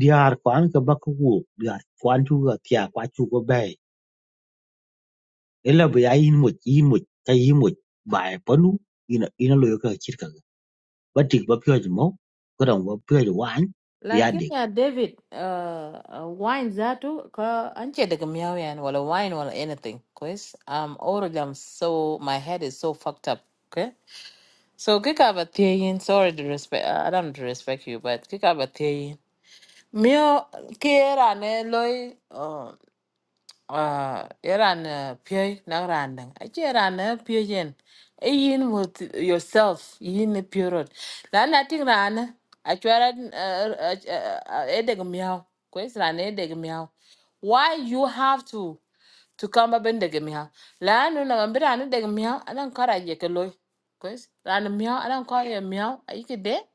Speaker 4: diar kwan ke ba ku wo diar kwan chu ga tia kwa chu go bai e la ba yin mo yin mo ka yin mo bai panu ina ina lo yo ka chir ka Batik ba pyo mo kurang ba pyo wan biya
Speaker 2: Lakini
Speaker 4: dik
Speaker 2: ya David uh, uh, wine zatu ka anche daga miau yan wala wine wala anything. Cause I'm already I'm so my head is so fucked up. Okay. So kika ba sorry to respect uh, I don't respect you but kika ba tiyin. Mio kera ne loy uh eran pye na randang achi eran pye yen e yin with yourself yin pyrot la na ting ran achwara e deg miaw ko is ran e deg miaw why you have to to come up in deg miaw la no na mbira ni deg miaw anan kara je ke loy ko is ran miaw anan ko ye miaw ayike de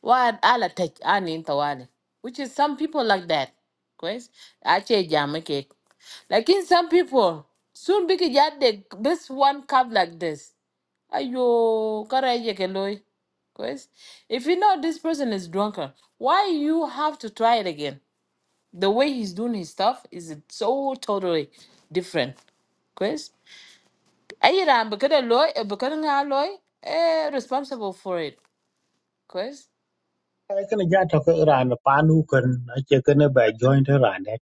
Speaker 2: what ala tech anin tawale. Which is some people like that. Quest. Ache jam cake. Like in some people, soon big yard they this one cup like this. Ayo, karaye keloi. Quest. If you know this person is drunker, why you have to try it again? The way he's doing his stuff is so totally different. Quest. Ayiram because loy because loy eh responsible for it. Quest.
Speaker 4: kana ja to ko ran panu kan ache kana ba joint ran det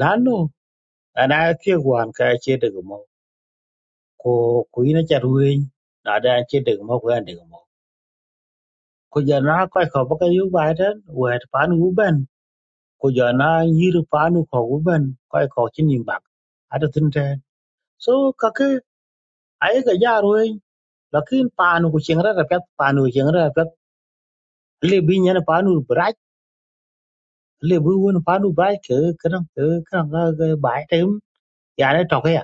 Speaker 4: lano ana ke wan ka che de mo ko ku ina cha ruin na da che de mo ko an de mo ko ja na ko ko ba ka yu ba da wa panu u ben ko ja na yir panu ko u ben ko ko chi nim ba ada tin te so ka ke ai ga ja ruin lakin panu ku ching ra ra pet panu ching ra pet le bi nyen panu lebu won padu bai ke kran ke kran ga ga bai tem ya le to ya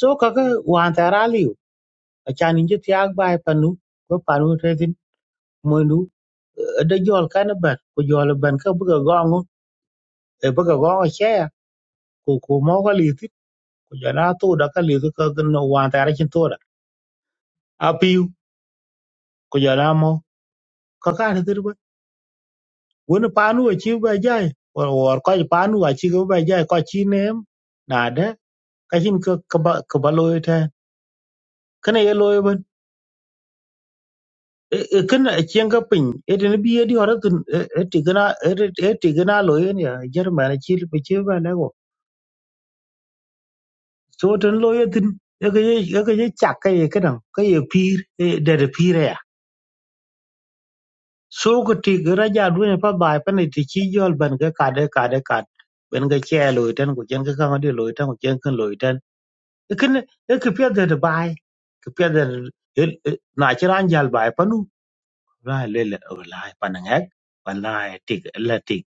Speaker 4: so ka ga wan ta ra liu a cha ni ji tiag bai panu ko panu te tin mo nu de jol kan ban ko jol ban ka bu ga gong e bu ga gong che ya ko ko mo ga li ti ko ja na to da ka li ti ka ga no wan ta ra chin to da a pi ko ja na mo ka ka ti ba won panu a chi ba jai or or ko panu a chi ga ba jai ko chi nem na de ka hin ka ka ba ka ba lo te kana ye lo ben kin chen ga pin e den bi eh, di hora tun e tigna e tigna lo yen ya jerman chi pe chi ba le go so tun lo ye tin e ga ye ga ye chak ka ye kan ka ye pir e de de pir e ya so ko tigra ja du ne pa ba pa ne ti chi jol ban ga ka de ka de ka ben ga che lo tan ko chen ga ka ma de lo tan ko chen kan lo tan e kin e ke pya de de bai ke pya de na chi ran jal bai pa nu ra le le la pa na ngak pa na ti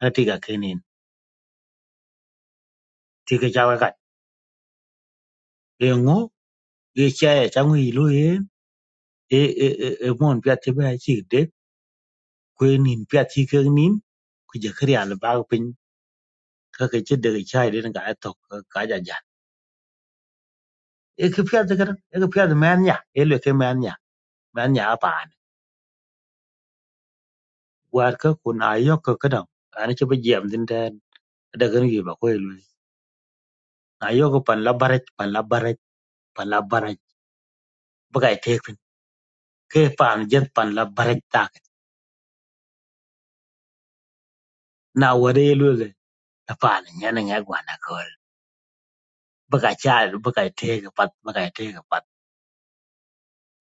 Speaker 4: atiga kenin tike chawe kat engu ye chaya changu ilu ye e e e e mon pya tiba chi de kwenin pya ti kenin ku je kriya le ba pin ka ke che de chai de ga to ka ja ja e ke pya de gar e ke pya de man ya e le ke man ya man ya pa ne war ka ku na yo ka ka dang an che ba jam din ta da gan yi ba ko ilu na yo ko pan la baraj pan la baraj pan la baraj ba ga te pin ke pan jet pan la baraj ta na ware ilu Hapana, yana ngagwa na kol. Baka cha, baka tega pat, baka tega pat.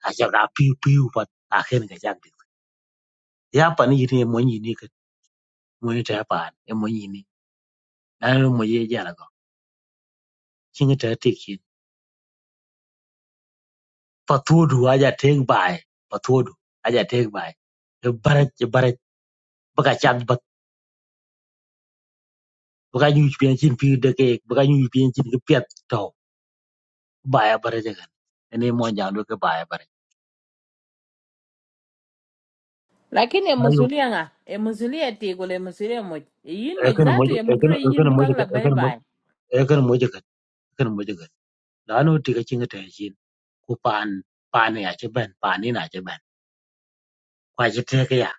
Speaker 4: Acha ka piu piu pat, akhir ka chak dik. Ya pa ni yini mo ni ni ka mo ni ta pa, e mo ni ni. Na lo mo ye ja la ko. Chinga ta te ki. Pa tu du aja teg bai, pa tu du aja teg bai. E bara e bara baka cha bat, baka nyu pian chin piu de ke, baka nyu pian chin ke pet to. Bai bara ja kan. Ene mo ja do ke bai bara.
Speaker 2: lakini
Speaker 4: Ayo,
Speaker 2: emusulia ŋa emusulia tikul emusulia muc eyin
Speaker 4: e
Speaker 2: muc
Speaker 4: kana mo
Speaker 2: zatu
Speaker 4: e
Speaker 2: emukuro
Speaker 4: kana e
Speaker 2: eyin
Speaker 4: kana
Speaker 2: bi
Speaker 4: mo
Speaker 2: kaŋ
Speaker 4: e
Speaker 2: la bye
Speaker 4: kana mo
Speaker 2: bye
Speaker 4: e kana mo e kana mo đó nó thì cái chuyện cái chuyện ku pan pan ya che ben pan này ni na che quay kwa che cái ke ya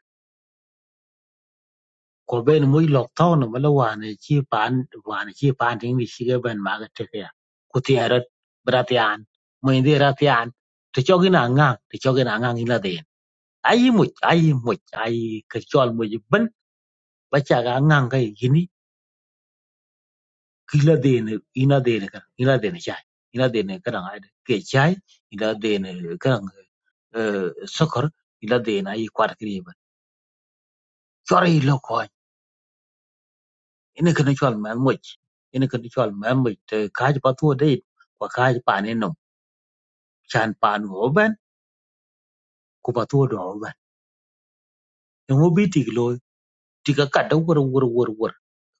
Speaker 4: bên ben mu thau nó no mala wa này chi pan hoàn ne chi pan ding ni chỉ ge ben ma cái te ke ya ku ti ara bra ti an mu ndi ra ti an to cho cái nào ngang to cho gi na nga ni la de ai mu ai mu ai ke chol mu ji ben ba ngang cái nga ga kila dene ina dene kan ina dene chai ina dene kan ke chai ina dene kan sokor ila dene ai kwat kri ba chore lo ko ina kan chol man mo ina kan chol man mo te kaj pa tu de kwa kaj pa ne no chan pan go ben ku pa tu do ben ngo bi ti lo ti ka ka do wor wor wor wor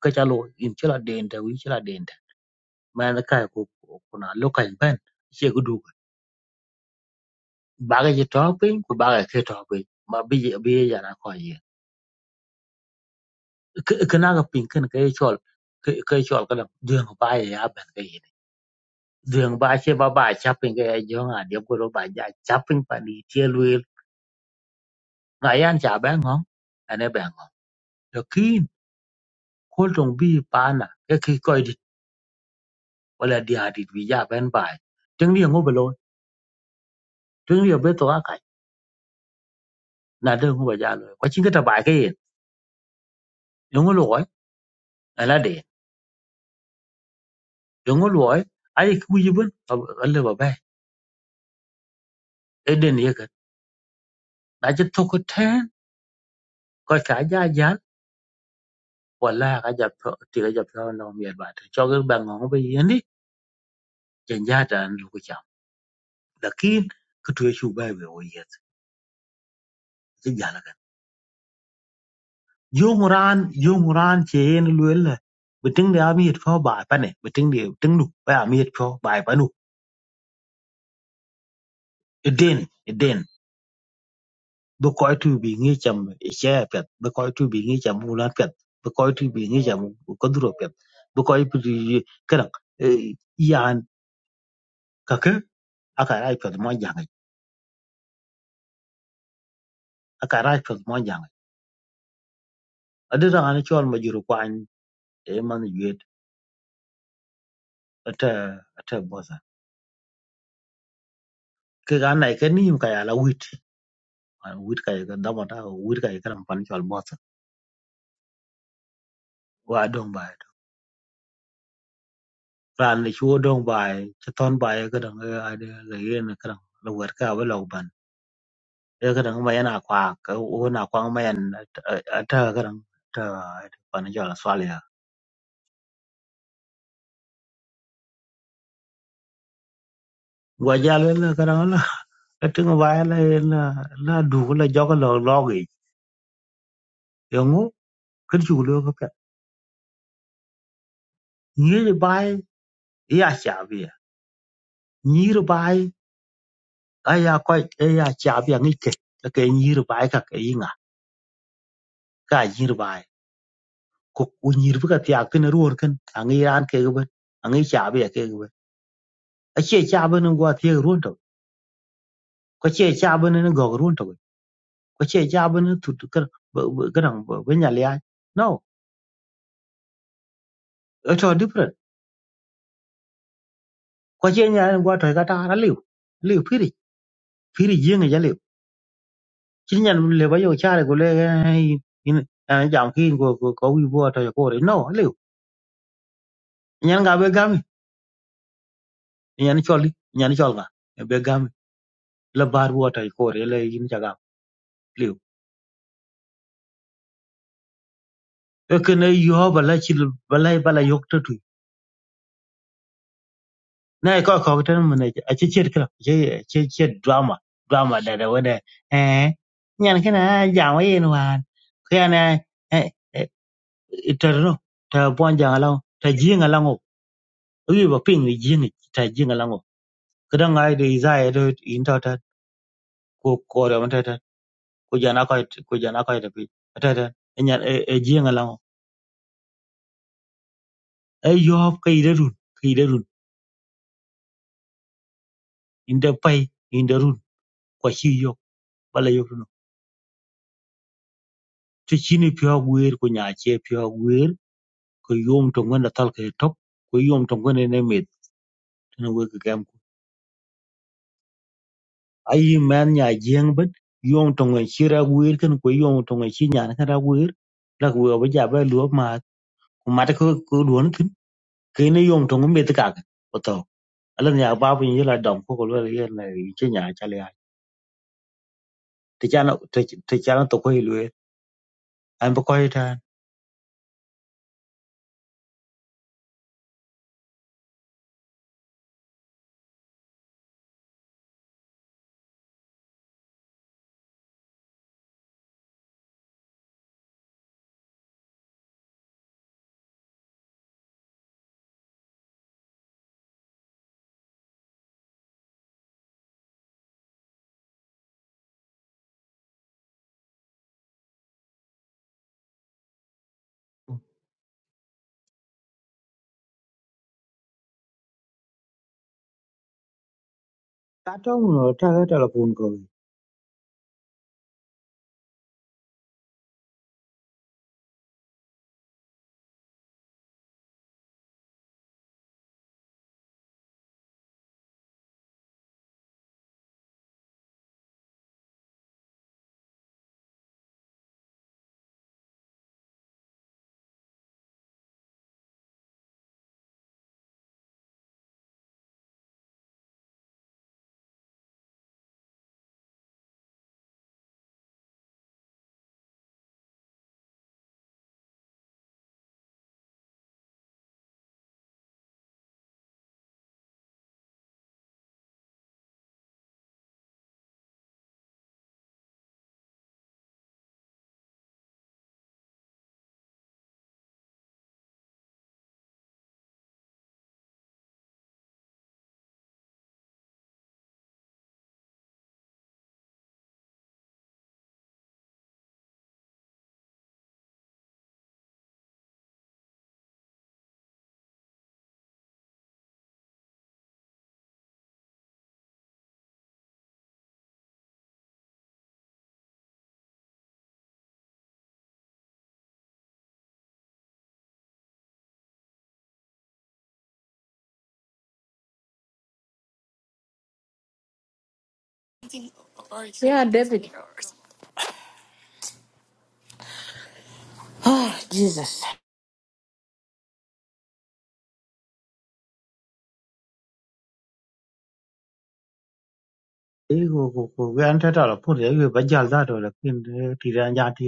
Speaker 4: ka cha lo in chela dente wi chela dente man ka ko kuna lo kan ben Bagi ji to piny ku bagi ki to piny ma bi ji bi ye jana ko ye kina ga piny kin ka ye chol ka ye chol kada duang ba ye ya ben ka ye duang ba che ba ba cha piny ka ye jo nga de ko ro ba ja cha piny pa ni che luil nga yan cha ben ngong ane ben ngong to kin ko tong bi pa na ke ki ko di wala di ha di bi ja ben ba tiếng đi ngô bê lô tiếng đi bê tô cái là đơn ngô bà gia rồi quá chính cái tờ bài cái gì ngô lỗi là là để ngô lỗi ai cứ vui bên ở lên bà bè eden yeke na ci thoko ten ko ka ja jal wala ka ja tho ti ka ja tho no mi ba te cho ge bang ngo be yeni jen ja dan lu ku cham lakin ku tu chu ba be o yet ci ja la kan yo muran yo muran che en lu la biting de ami pho ba pa ne biting de ting lu ba ami pho ba pa nu eden eden bu ko tu bi ngi cham e che pet bu ko tu bi ngi cham u la pet bu ko tu bi ngi cham ko duro pet bu ko tu cái rằng kake aka rai pyoth mo jangi aka rai pyoth mo jangi adira ngani chol ma juru kwan e man yet ata ata bosa ke ga nai ke nim ka yala wit Ah, wit ka ga dama ta ko wit ka ga pan chol bosa wa dong ba e to ran ni chuo dong ba e, che ton ba ga dang ga de ga ye na kran la wer ka ba lo ban e ga dang ma yana kwa ka o na kwa ma yan ata ga dang ta pan chol swal ya gwa jalo na kran la tinga ba la la la du la joga lo logi yongu kin chu lo ka nyiri bai ya cha bi nyiri bai ka ya ko ya cha bi ngi ke ka ke nyiri bai ka ke inga ka nyiri bai ko ku nyiri bi ka ti ak tin ruor kin angi ran ke ga ben angi cha bi ke ga ben a che cha bi ni go ti ruon to ko che cha bi ni go ruon to ko che cha bi ni tu ka ga nang bi nya le no it's all different ko che nya go to ka ta ra liu liu phiri phiri yeng ya liu kinyan le ba yo chare go le eh, in an jam kin go go ko wi bo to ko re no le nyan ga be gam nyan choli nyan chol ga be gam la bar bo to ko re le in ja ga le e ken yo ba la chi ba la ba la yok to tu na ko ko tan mun ne a che che kra che che che drama drama da da wada eh nyan kana jam yin wan ko yana eh iterno ta bon jang lao ta jinga lango wi ba ping wi jinga ta jinga la kadang ai de izaya to into ta ko ko da mata ta ko jana ko ko jana ko da pi ta ta enya e ji ngala e yo hop kai da run kai da run inda pai inda run ko shi yo bala yo no to chini pyo gwer ko nya che pyo gwer ko yom to ngana tal ke top ko yom to ngana ne met ne we ka gam ko ai man nya jeng ban yom to ngana shi ra gwer kan ko yom to ngana shi nya na ka ra gwer la ko ba ja ba luop ma ko mata ko ko duon kine yom to ngumbe ti kaka oto alan ya babu yin la dom ko ko le yen na che nya cha le ti cha ti cha na to ko ilwe an ba ko ita ka to no ta ga telefon ko
Speaker 2: yeah david oh jesus
Speaker 4: e ko ko ko we an ta telefon ye we ba jal da to la kin ti ran ja ti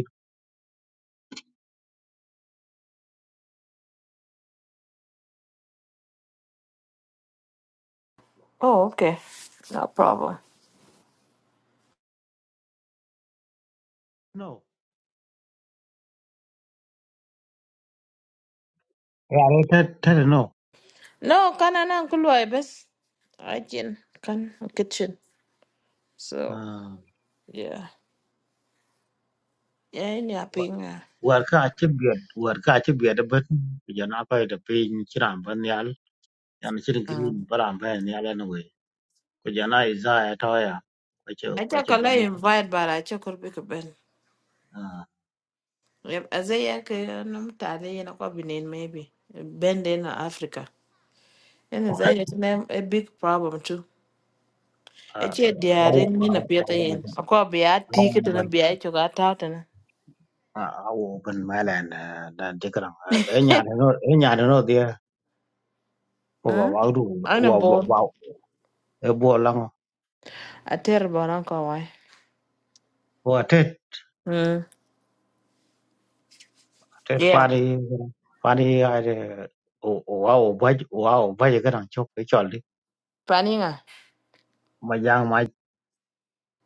Speaker 2: oh okay no problem
Speaker 4: no ya re ta ta no
Speaker 2: no kan anan ku luwai bes ajin kan kitchen so yeah yeah ini aping
Speaker 4: war ka che bia war ka che bia da ban ya na ko da pe ni chiran ban yal yan chirin green
Speaker 2: mm.
Speaker 4: baran ban yal na we ko jana iza ya ta ya ko che ko
Speaker 2: acha
Speaker 4: che
Speaker 2: kala
Speaker 4: ban
Speaker 2: invite bara acha kurbi ku ben
Speaker 4: ya
Speaker 2: yep azai yake nam tale yana ko binin maybe ben dai na africa yana
Speaker 4: What?
Speaker 2: it's yana a big problem too
Speaker 4: Uh,
Speaker 2: Ece
Speaker 4: I
Speaker 2: diare
Speaker 4: will, I
Speaker 2: nyina
Speaker 4: will, I
Speaker 2: pieta
Speaker 4: will
Speaker 2: yen.
Speaker 4: open,
Speaker 2: Akwa bia
Speaker 4: I will
Speaker 2: tiki tena
Speaker 4: open,
Speaker 2: bia icho ka tau tena.
Speaker 4: uh, I will open my land. Uh, that they can. Enya no, enya no dia. Wa
Speaker 2: Hmm?
Speaker 4: wa du,
Speaker 2: Ana
Speaker 4: wa wa
Speaker 2: bor.
Speaker 4: wa. Ebo lang.
Speaker 2: Ater boran ko wai.
Speaker 4: Wa tet,
Speaker 2: Hmm.
Speaker 4: tet
Speaker 2: Yeah.
Speaker 4: fari, fari ay. O o wa o baj, wa o baj kan chok e choli.
Speaker 2: Paninga.
Speaker 4: Majang mai.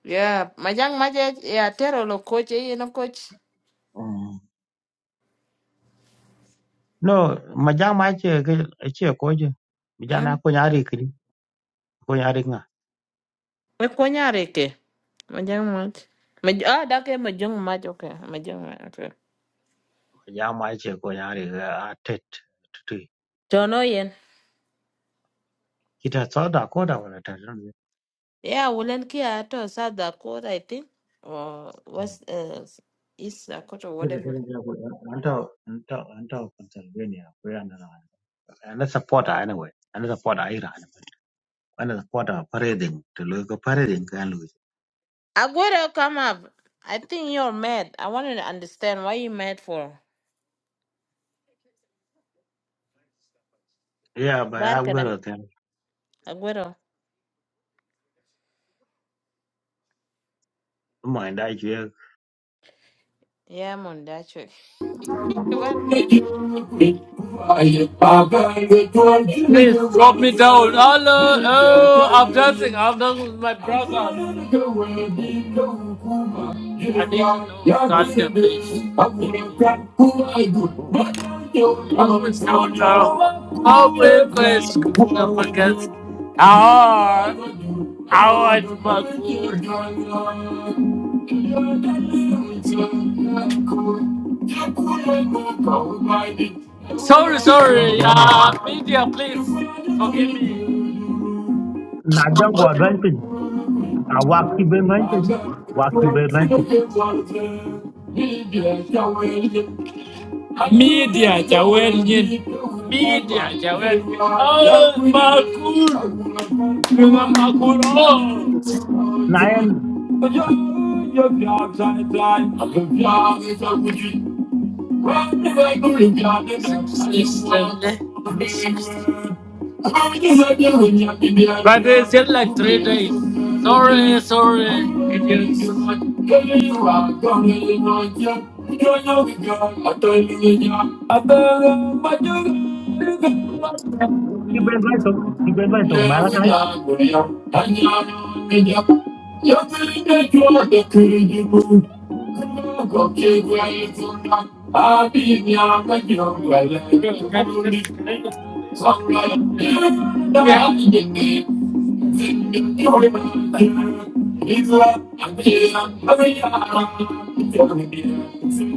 Speaker 2: Yeah. Majang maje ya tero lo coach e yeno coach.
Speaker 4: No, majang mai che ke che ko je.
Speaker 2: Hmm.
Speaker 4: Bijana ko nyari kri, ko nyari nga.
Speaker 2: E konya reke. Majang mach. Maj ah dake majang mach okay. Majang mach okay.
Speaker 4: Majang mai che ko nyari a tet. tu
Speaker 2: Tono yen.
Speaker 4: Kita soda ko da wala tet.
Speaker 2: Yeah, wulen ki ato South Dakota I think. Or what's uh, East Dakota whatever.
Speaker 4: Anything that would until until until Pennsylvania, we are not. And a supporter anyway. And a supporter Iran. And support a supporter parading to look a parading can lose.
Speaker 2: Agora, come up. I think you're mad. I want to understand why you mad for.
Speaker 4: Yeah, but I'm
Speaker 2: Barkada.
Speaker 4: gonna tell you
Speaker 2: Agüero.
Speaker 4: mind I hear.
Speaker 2: Yeah, man, that's it. Barnea.
Speaker 6: Please drop me down. Hello, oh, I'm dancing. I'm dancing with my brother. I need to know Sunday, please. Always counter. Always place I against our our Sorry,
Speaker 4: ban
Speaker 6: sorry.
Speaker 4: jama
Speaker 6: Uh, media, please forgive me.
Speaker 4: na jan ko ban pin a wa ki ben ban pin wa ki ben ban pin
Speaker 6: Media, Jawelin. Media, Jawelin. Oh, Makul. Remember Makul.
Speaker 4: na yan
Speaker 6: Oh. You're the outside line. I'm the outside line. But it's still like three days. Sorry, sorry. I
Speaker 4: ki ben ban to ki ben ban
Speaker 6: Thank
Speaker 4: to ma la kai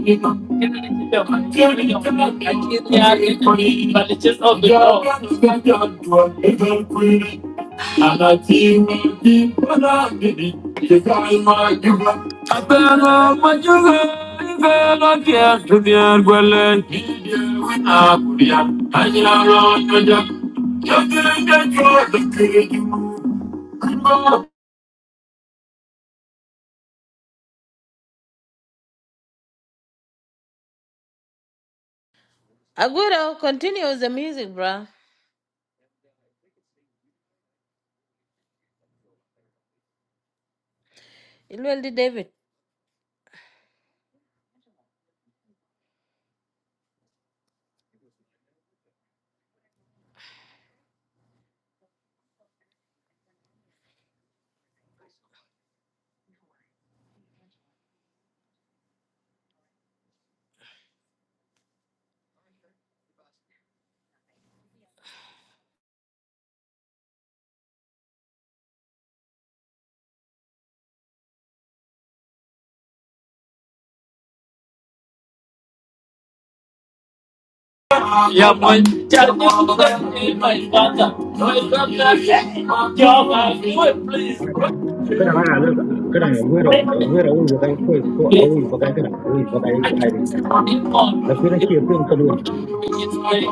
Speaker 6: you. But it's just all the And I feel deep when I did it. You got my I better my you better get to the end. Well, then, I could be up, I
Speaker 2: Agüero, continue with the music, bro. It will be David.
Speaker 6: Я
Speaker 4: kada ana nan kada gwero gwero wani bakai kai ko a wani cái kada a wani cái cái này bây giờ cái ai đi là cái kira ce
Speaker 6: please.
Speaker 4: fin kan
Speaker 6: always clap.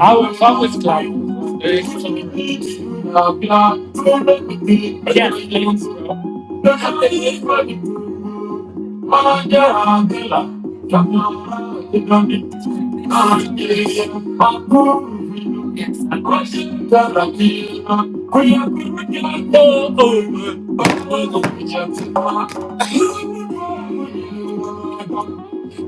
Speaker 6: I will always clap. Yes. I'm Yes.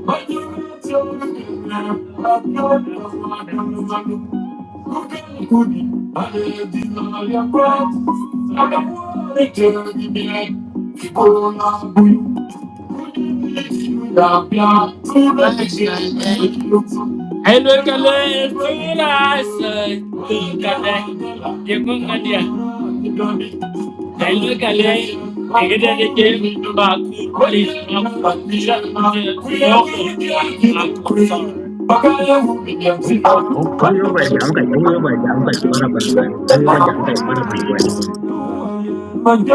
Speaker 6: But you will tell me now, but you know I don't know. You can I did it all your pride. I don't want to tell you that people love you. Who did you love? Yeah, who let you make you? Hey, look at this, look at us. Look at that. You look at that. Hey, look at this. You get that again, but what is up? But we are not here. We are not here. I'm not Bakaya,
Speaker 4: Ogu yoba jam kay, ogu yoba jam kay bara bana waya,
Speaker 6: we are
Speaker 4: ogu
Speaker 6: not
Speaker 4: yoba jam
Speaker 6: here.
Speaker 4: kay bara bana waya.
Speaker 6: Thank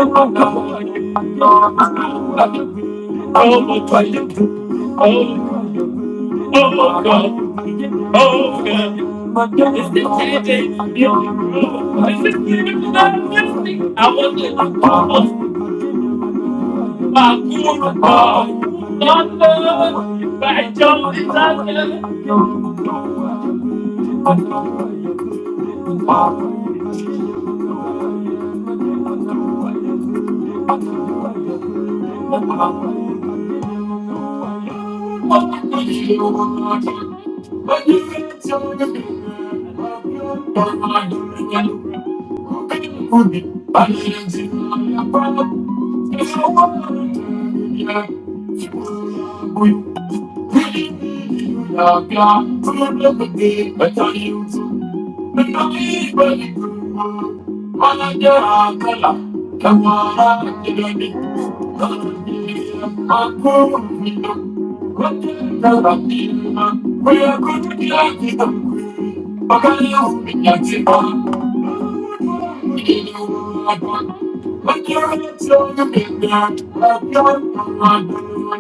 Speaker 6: you. Thank you. Thank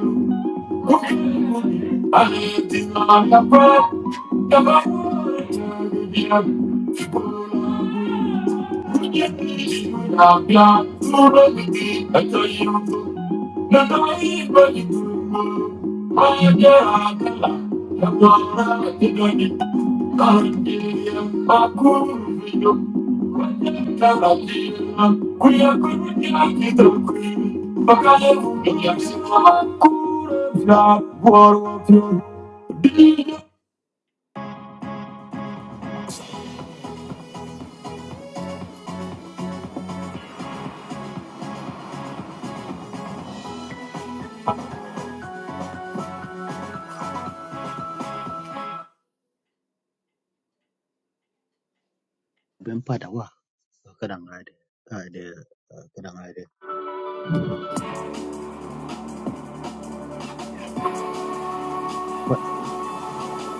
Speaker 6: you. Thank you.
Speaker 4: Ben pada wa, kadang ada, ada, kadang ada.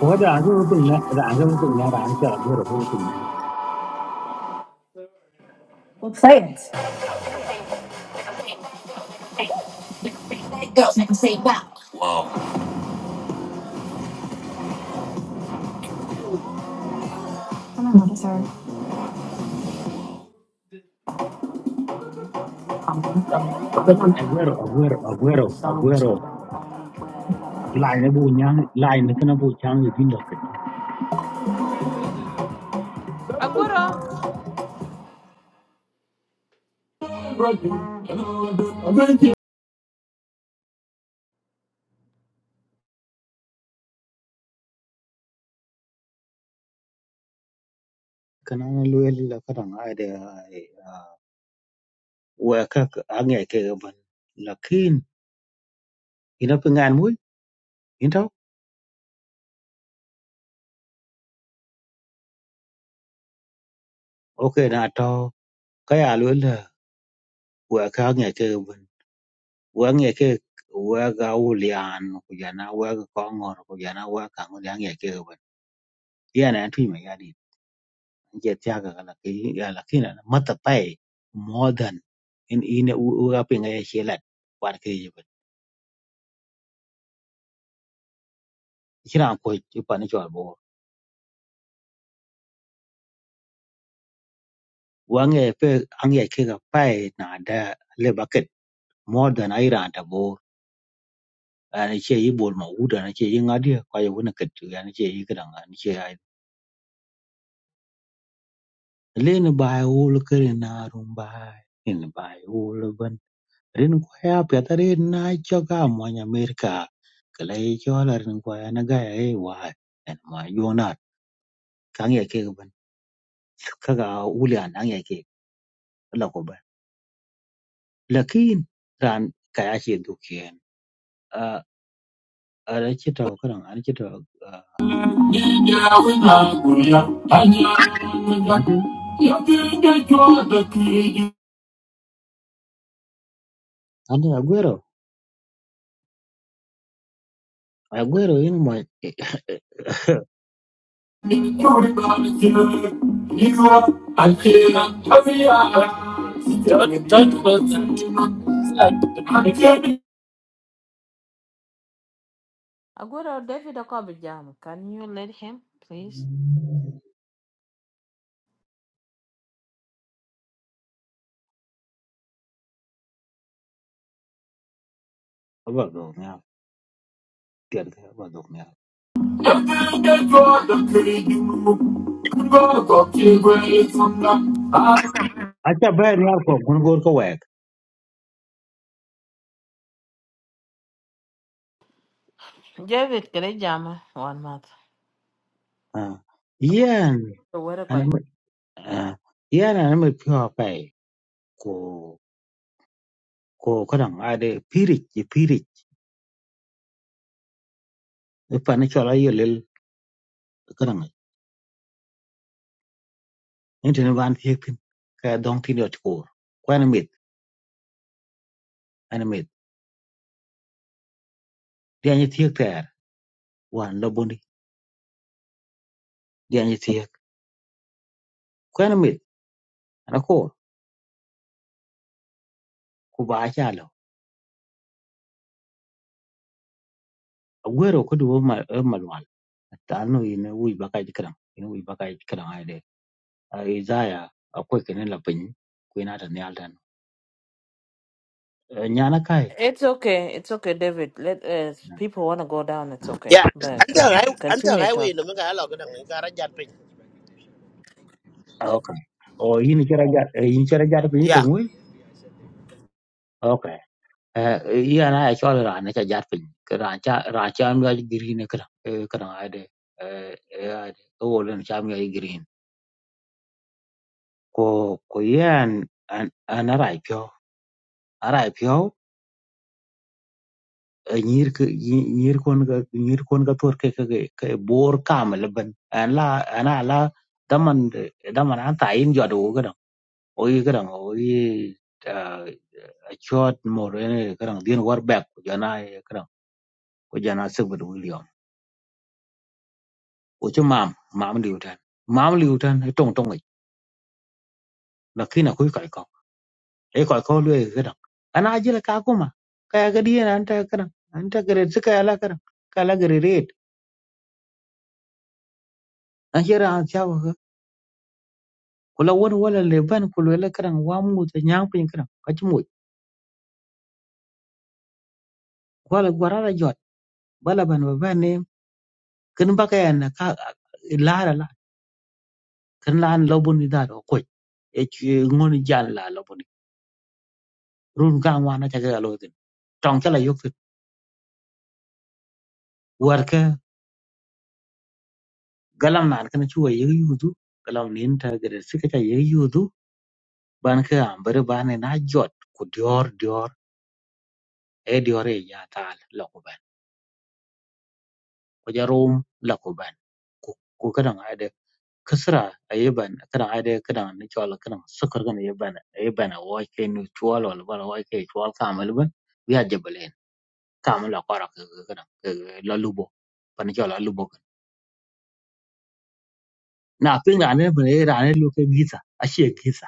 Speaker 4: Wada azo punna, da azo punna, da azo aguero, aguero punna. Aguero, aguero, aguero, aguero. Lai na bu nyang, lai na kana bu chang yu bindo kat.
Speaker 2: Agüero.
Speaker 4: Kana na luya lila kadang ada, waya kak angya ke gaban. Lakin, ina pengan mui, intau? Okay na atau, kaya luya la, waya kak angya ke gaban. wek yeke wek awulian ku jana wek kongor ku jana wek a n g u lian yeke b e yana en t i me yadi je tiaga l a ke ya lakina mata pai more than in i n uga pinga ye h e l a war ke ye ben kira ko ti pani chol bo wang ye pe ang ye ke ga pai na da le bucket more than aira da bo ana che yi bol ma uda na che yi ngadi ko ye wona ket ya na che yi kadang Lena bai wula kare na rum bai. Lena bai wula ban. Rin kwaya peta rin na choka mwanya Amerika. Kala e chola rin kwaya na gaya e wai. En ma yonat. Kang ya ke ban. Kaga wuli an ang ya ke. La ko ban. Lakin ran kaya che dukien. Uh, ara chita wakarang. Ara chita uh, Antin.
Speaker 6: Thank you.
Speaker 4: Antin Aguero. Aguero in mo.
Speaker 6: Why do you
Speaker 2: Agüero, David Okobi jam. Can you let him, please?
Speaker 4: Aba go niya. Tiyan ka. Aba go niya. Acha bai niya ko. Gun gor ko wai.
Speaker 2: David, can I jam one month?
Speaker 4: Ah,
Speaker 2: Agüero,
Speaker 4: Iyan
Speaker 2: where are
Speaker 4: ana
Speaker 2: you?
Speaker 4: mai ah, iyan ana mai piwa pai ko ko kadang ade pirik ye pirik pa na chola ye lel kadang inte ne ban thiek tin ka dong tin yot ko ko ana mit ana mit dia ni thiek ter wan lo boni dia ni thiek ko ana mit ana ko ku ba cha lo agwero ko du ma eh, malwal tanu ina wi ba ka kadang ina wi ba ka kadang ade ai zaya akwai kenan lapin ko ina ta ne aldan nyana kai
Speaker 2: It's okay. It's okay, David. Let uh, people want to go down. It's okay.
Speaker 5: Ya,
Speaker 2: But
Speaker 5: anta
Speaker 2: uh,
Speaker 5: ay,
Speaker 4: À,
Speaker 5: anta
Speaker 2: continue
Speaker 5: ay we no
Speaker 2: talk.
Speaker 5: mga alo kadang ngara jan pin.
Speaker 4: okay o yin chera jat eh, yin chera jat piny to
Speaker 5: Ya.
Speaker 4: ng'we okay eh yan a chol ran cha jat piny ka ran cha ran cha mi ga green ka eh ka ran ade eh eh ade o len cha mi ga green ko ko yan an an ara pyo ara pyo eh, nyir ke nyi- nyir kon ga nyir kon ga tor ke ke ke bor kam leben an la an ala daman daman an ta yin jodo ga dan o yi ga dan o yi chot mor ene kadang dien war back ko jana e kadang ko jana sebut william o chu mam mam liu tan cái liu tan e tong tong na kina ko kai ko e ko ko lue kadang ana ajira ka kuma kaya ga dien anta kadang anta gre tsika ala kadang kala anh red an jira an chawa ka kula won wala leban kula la kadang wa mu ta nyang pin kadang ka chu mu wala là jot bala ban ba ba ne kin baka yana ka lara la kin la an lobun da ko e ngon gian là la lobun run ka wana cha ga lo tin tong cha la yok tin war ka galam nan kan chu ye yu du galam nin ta ga de sika cha ye yu du ban ka am bar ban na jot ku dior dior e dior e ya tal la ku ban ko ja rom la ku ban ku ku ka dan ade kasra ayi ban ka dan ade ka dan ni chol ka dan sukar ga ne ban ayi ban wa ke nu chol wal ban wa ke chol ka mal ban ya jabalen ka mal la qara ka ka dan la lubo pan chol la na ping rane bune rane luke gisa ashe gisa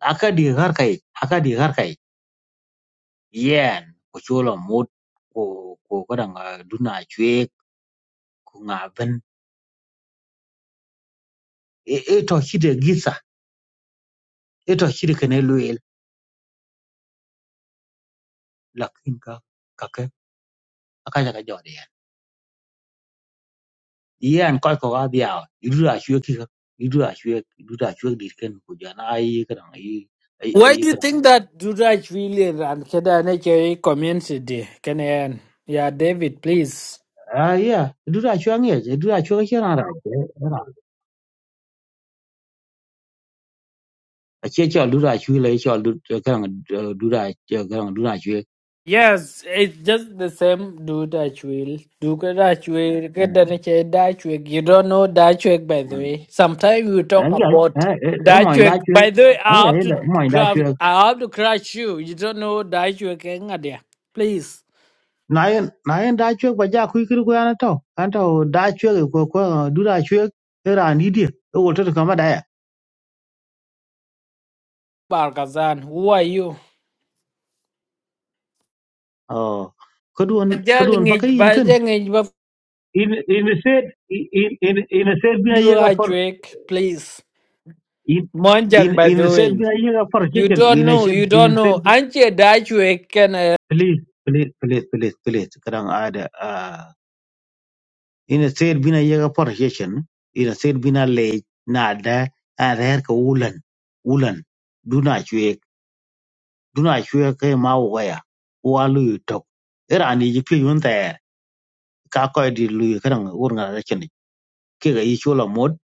Speaker 4: aka di har kai aka di har kai yen ko cholo mot ko ko kada nga duna chwe ko nga ben e e to hide gisa e to hide kene luel lakin ka kake aka jaga jode yen yen ko ko ga biya idura chwe ki ka idura chwe idura chwe di ken ko jana ai kada ai ai ai kada
Speaker 6: think that Duraj William and Kedane Kerry community Can I, yeah, David, please.
Speaker 4: ai ya idura chwe ngi idura chwe ki ran ra ache cho du ra chu le cho du kan du ra kan du ra chu
Speaker 6: Yes, it's just the same do Dutchwill. Do Dutchwill, get the nature Dutchwill. You don't know Dutchwill, by the way. Sometimes we talk
Speaker 4: an ya
Speaker 6: about
Speaker 4: e mo da
Speaker 6: Dutchwill.
Speaker 4: chu
Speaker 6: By the way,
Speaker 4: an
Speaker 6: I
Speaker 4: ya
Speaker 6: have
Speaker 4: e
Speaker 6: to
Speaker 4: mo da
Speaker 6: grab,
Speaker 4: chu
Speaker 6: I have to crush you. You don't know Dutchwill, Engadia. Please,
Speaker 4: na yen na yen da chu ba ja ku kri ko an to an to da chu ko ko du ra chu e ra ni di e wo to ka ma da
Speaker 6: Barkazan, who are you?
Speaker 4: ya o ko duon ko duon
Speaker 6: Bajaling
Speaker 4: ba
Speaker 6: it,
Speaker 4: kri in kan
Speaker 6: bajaling it, but
Speaker 4: in in said in in in said bi
Speaker 6: do
Speaker 4: ye ga for
Speaker 6: Dutchwill, please.
Speaker 4: in
Speaker 6: Monjang,
Speaker 4: in
Speaker 6: by
Speaker 4: in
Speaker 6: the
Speaker 4: said
Speaker 6: way.
Speaker 4: bi ye ga for
Speaker 6: You
Speaker 4: chicken
Speaker 6: don't
Speaker 4: in
Speaker 6: know,
Speaker 4: said
Speaker 6: you don't
Speaker 4: in said
Speaker 6: know. Anche Dutchwill, can uh,
Speaker 4: Please, please, please, please, please. Kadang ada. ah, Ina ser bina yaga parheshen. Ina ser bina le na ada ada her ka ulan ulan. Duna cuek duna cuek ke mau gaya. Walu tok. Era ani jipi yun ter. Ka koi di lu kadang urang ada cheni. Ke ga isu la mod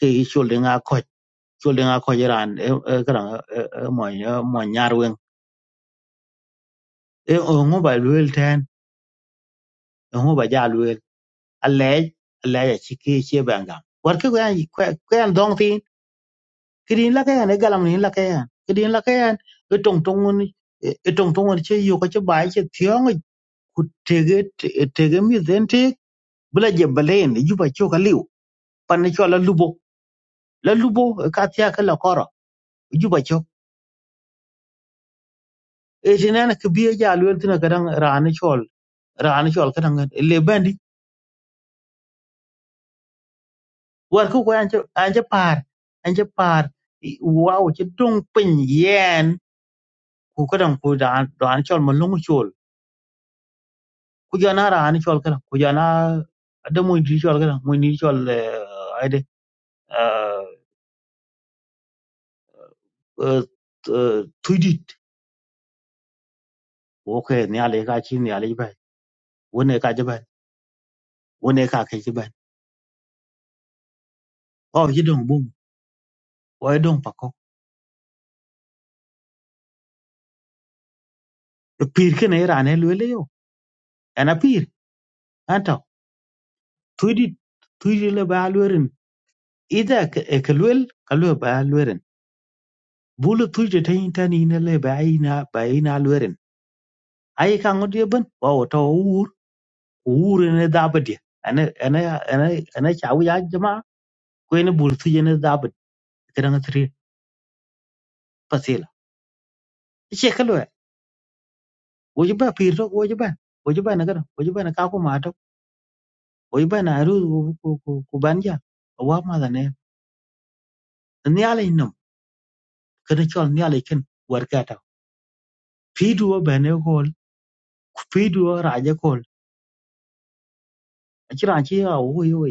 Speaker 4: ke isu le nga koi. Isu le nga koi eran kadang mo mo nyarwen. E ngo ba luel ten. Ngo ba a lɛɛc a lɛɛc aci ki ci bɛn gam wat ki kuɛn dhɔŋ thin kidin lakɛɛn e galam nin lakɛɛn kidin lakɛɛn e tɔŋ tɔŋŋun e tɔŋ tɔŋŋun ci yok aci baai ci thiɔŋic ku tege tege mith dhɛn teek bi la je bɛlɛɛn e jup acök aliu pan ni cɔl alubo la lubo e ka thia ki la kɔrɔ e jup acök e tinɛn kibie ja luel thina kadaŋ raan ni cɔl raan ni cɔl kadaŋ le bɛndi war ki kuɛn an ci paar an ci paar waw ci dong piny yen ku kadan ku da an chol ma lungu chol ku jana ra an chol kadan ku jana ada mo ndi chol kadan mo ndi chol ade tuidit wo ke ni ale ka chi ni ale ba wo ne ka jaba wo ne ka ke jaba o ji dong bum o ye dong pako pir ke ne ra ne lu le yo ana pir anta tuidit tuidit le ba lu ren ida ke e ke lu ka lu ba lu ren bulu tuidit tan tan ni ne le ba ina ba ina lu ren ai ka ngod ye ban wa wo to uhuru ne dabadi ana ana ana ana chawu ya jama ko ne burtu je ne dabad kadang tri pasela che kalo wo je ba pirto wo je ba wo je ba na kada wo je ba na ka ko mato wo je ba na aru ko ko ko banja wa ma da ne ni ala inno kada chol ni ala ken war kata fidu wa ba ne ko fidu wa raja ko achira chi ya wo yo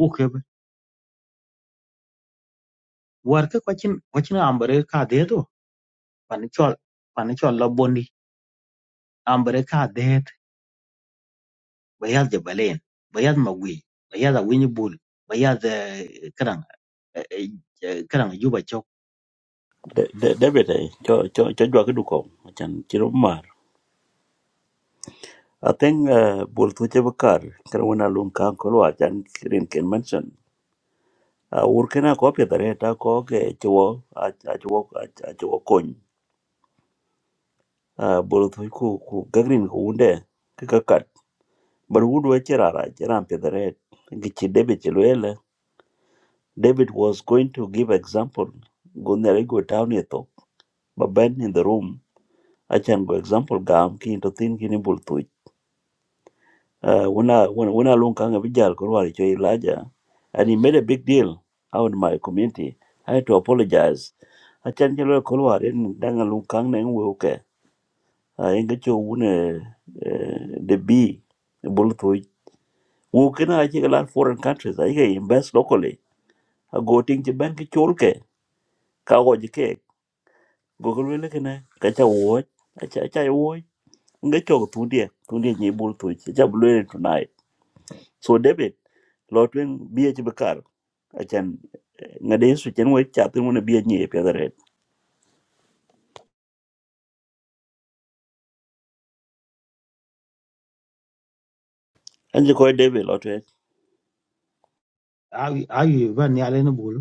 Speaker 4: wo ke war ka kwachin kwachin ambare ka de do pan chol pan chol lo bondi ambare ka bayaz de baleyan bayaz magui bayaz a winyi bul bayaz karan karan juba chok
Speaker 7: David cho cho cho jwa ke duko chan chiro mar I think uh, bol tu che bakar kar wona lum kan ko wa chan kirin ken mention uh, ur kena ko pe dare ta ko ke chwo a a chwo a chwo kon uh, bol tu ku ku gagrin ko unde ke ka kat bar wudu e chira ra chira pe dare ngi chi David chi lwele David was going to give example gonere go town eto baben in the room achan go example gam ki to tin kini bul uh, when I when when I long kang abijal kurwari cho ilaja, and he made a big deal out in my community. I had to apologize. I chan chelo kurwari in danga long kang neng wuke. I inga cho wune uh, the B bulutoi. Wuke na achi kalat foreign countries. I can invest locally. I go ting chi bank chulke ka go jike. Go kulwele kene kacha wuoj. Acha acha wuoj. Inga cho tudia tudia nyi bulutoi. Acha bulutoi tonight. So David, Lord, when be achan ngade su chen wo cha tin wona bia nyi pe dare an ji ko debe lo te
Speaker 4: ayu ayu ban ni ala ni bul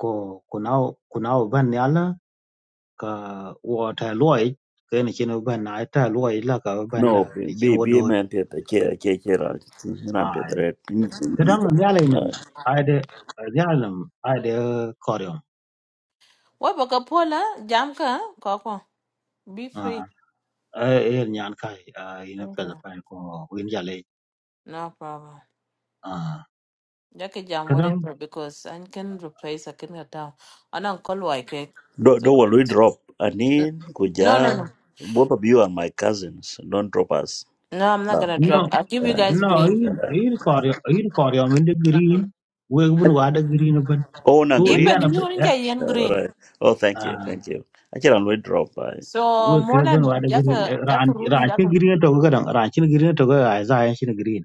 Speaker 4: ko kunao kunao ban ni ala ka wo ta loy ke ni chen ban na ta loy la ka ban
Speaker 7: no
Speaker 4: la ti
Speaker 7: bi
Speaker 4: chen wo
Speaker 7: bi
Speaker 4: dot
Speaker 7: men te te che che che ra
Speaker 4: a
Speaker 7: ran pe dare
Speaker 4: kadan ni ala nam aide ni ala nam aide koryom
Speaker 2: What about Kapola? Jamka? Koko. Be free.
Speaker 4: a e nyan kai ina
Speaker 2: Okay,
Speaker 4: peda pan ko win jale
Speaker 2: no problem.
Speaker 4: a
Speaker 2: Jackie jam
Speaker 4: kadan
Speaker 2: whatever because I can replace I can get down. I don't call like it.
Speaker 7: do
Speaker 2: So
Speaker 7: do wo we drop anin ku ja
Speaker 2: no no no.
Speaker 7: both of you are my cousins don't drop us
Speaker 2: No, I'm not
Speaker 7: no.
Speaker 2: gonna drop. I'll give you
Speaker 7: uh,
Speaker 2: guys
Speaker 4: No,
Speaker 2: green.
Speaker 4: in
Speaker 7: uh,
Speaker 4: in Korea, in Korea, I mean the green. We even wada green open.
Speaker 7: oh na
Speaker 4: So yeah,
Speaker 7: green
Speaker 2: Even
Speaker 4: na
Speaker 2: if you want to get
Speaker 7: Uh, all
Speaker 2: green.
Speaker 7: right oh thank you
Speaker 4: ah,
Speaker 7: thank you actually i'm going to drop by
Speaker 2: So
Speaker 4: we
Speaker 2: more
Speaker 4: even
Speaker 2: than
Speaker 4: wada
Speaker 2: just
Speaker 4: green.
Speaker 2: a
Speaker 4: eh,
Speaker 2: just a
Speaker 4: Ran
Speaker 2: room just
Speaker 4: ranchin
Speaker 2: a-
Speaker 4: green to go dang. Ranchin green to go ay zay ranchin green.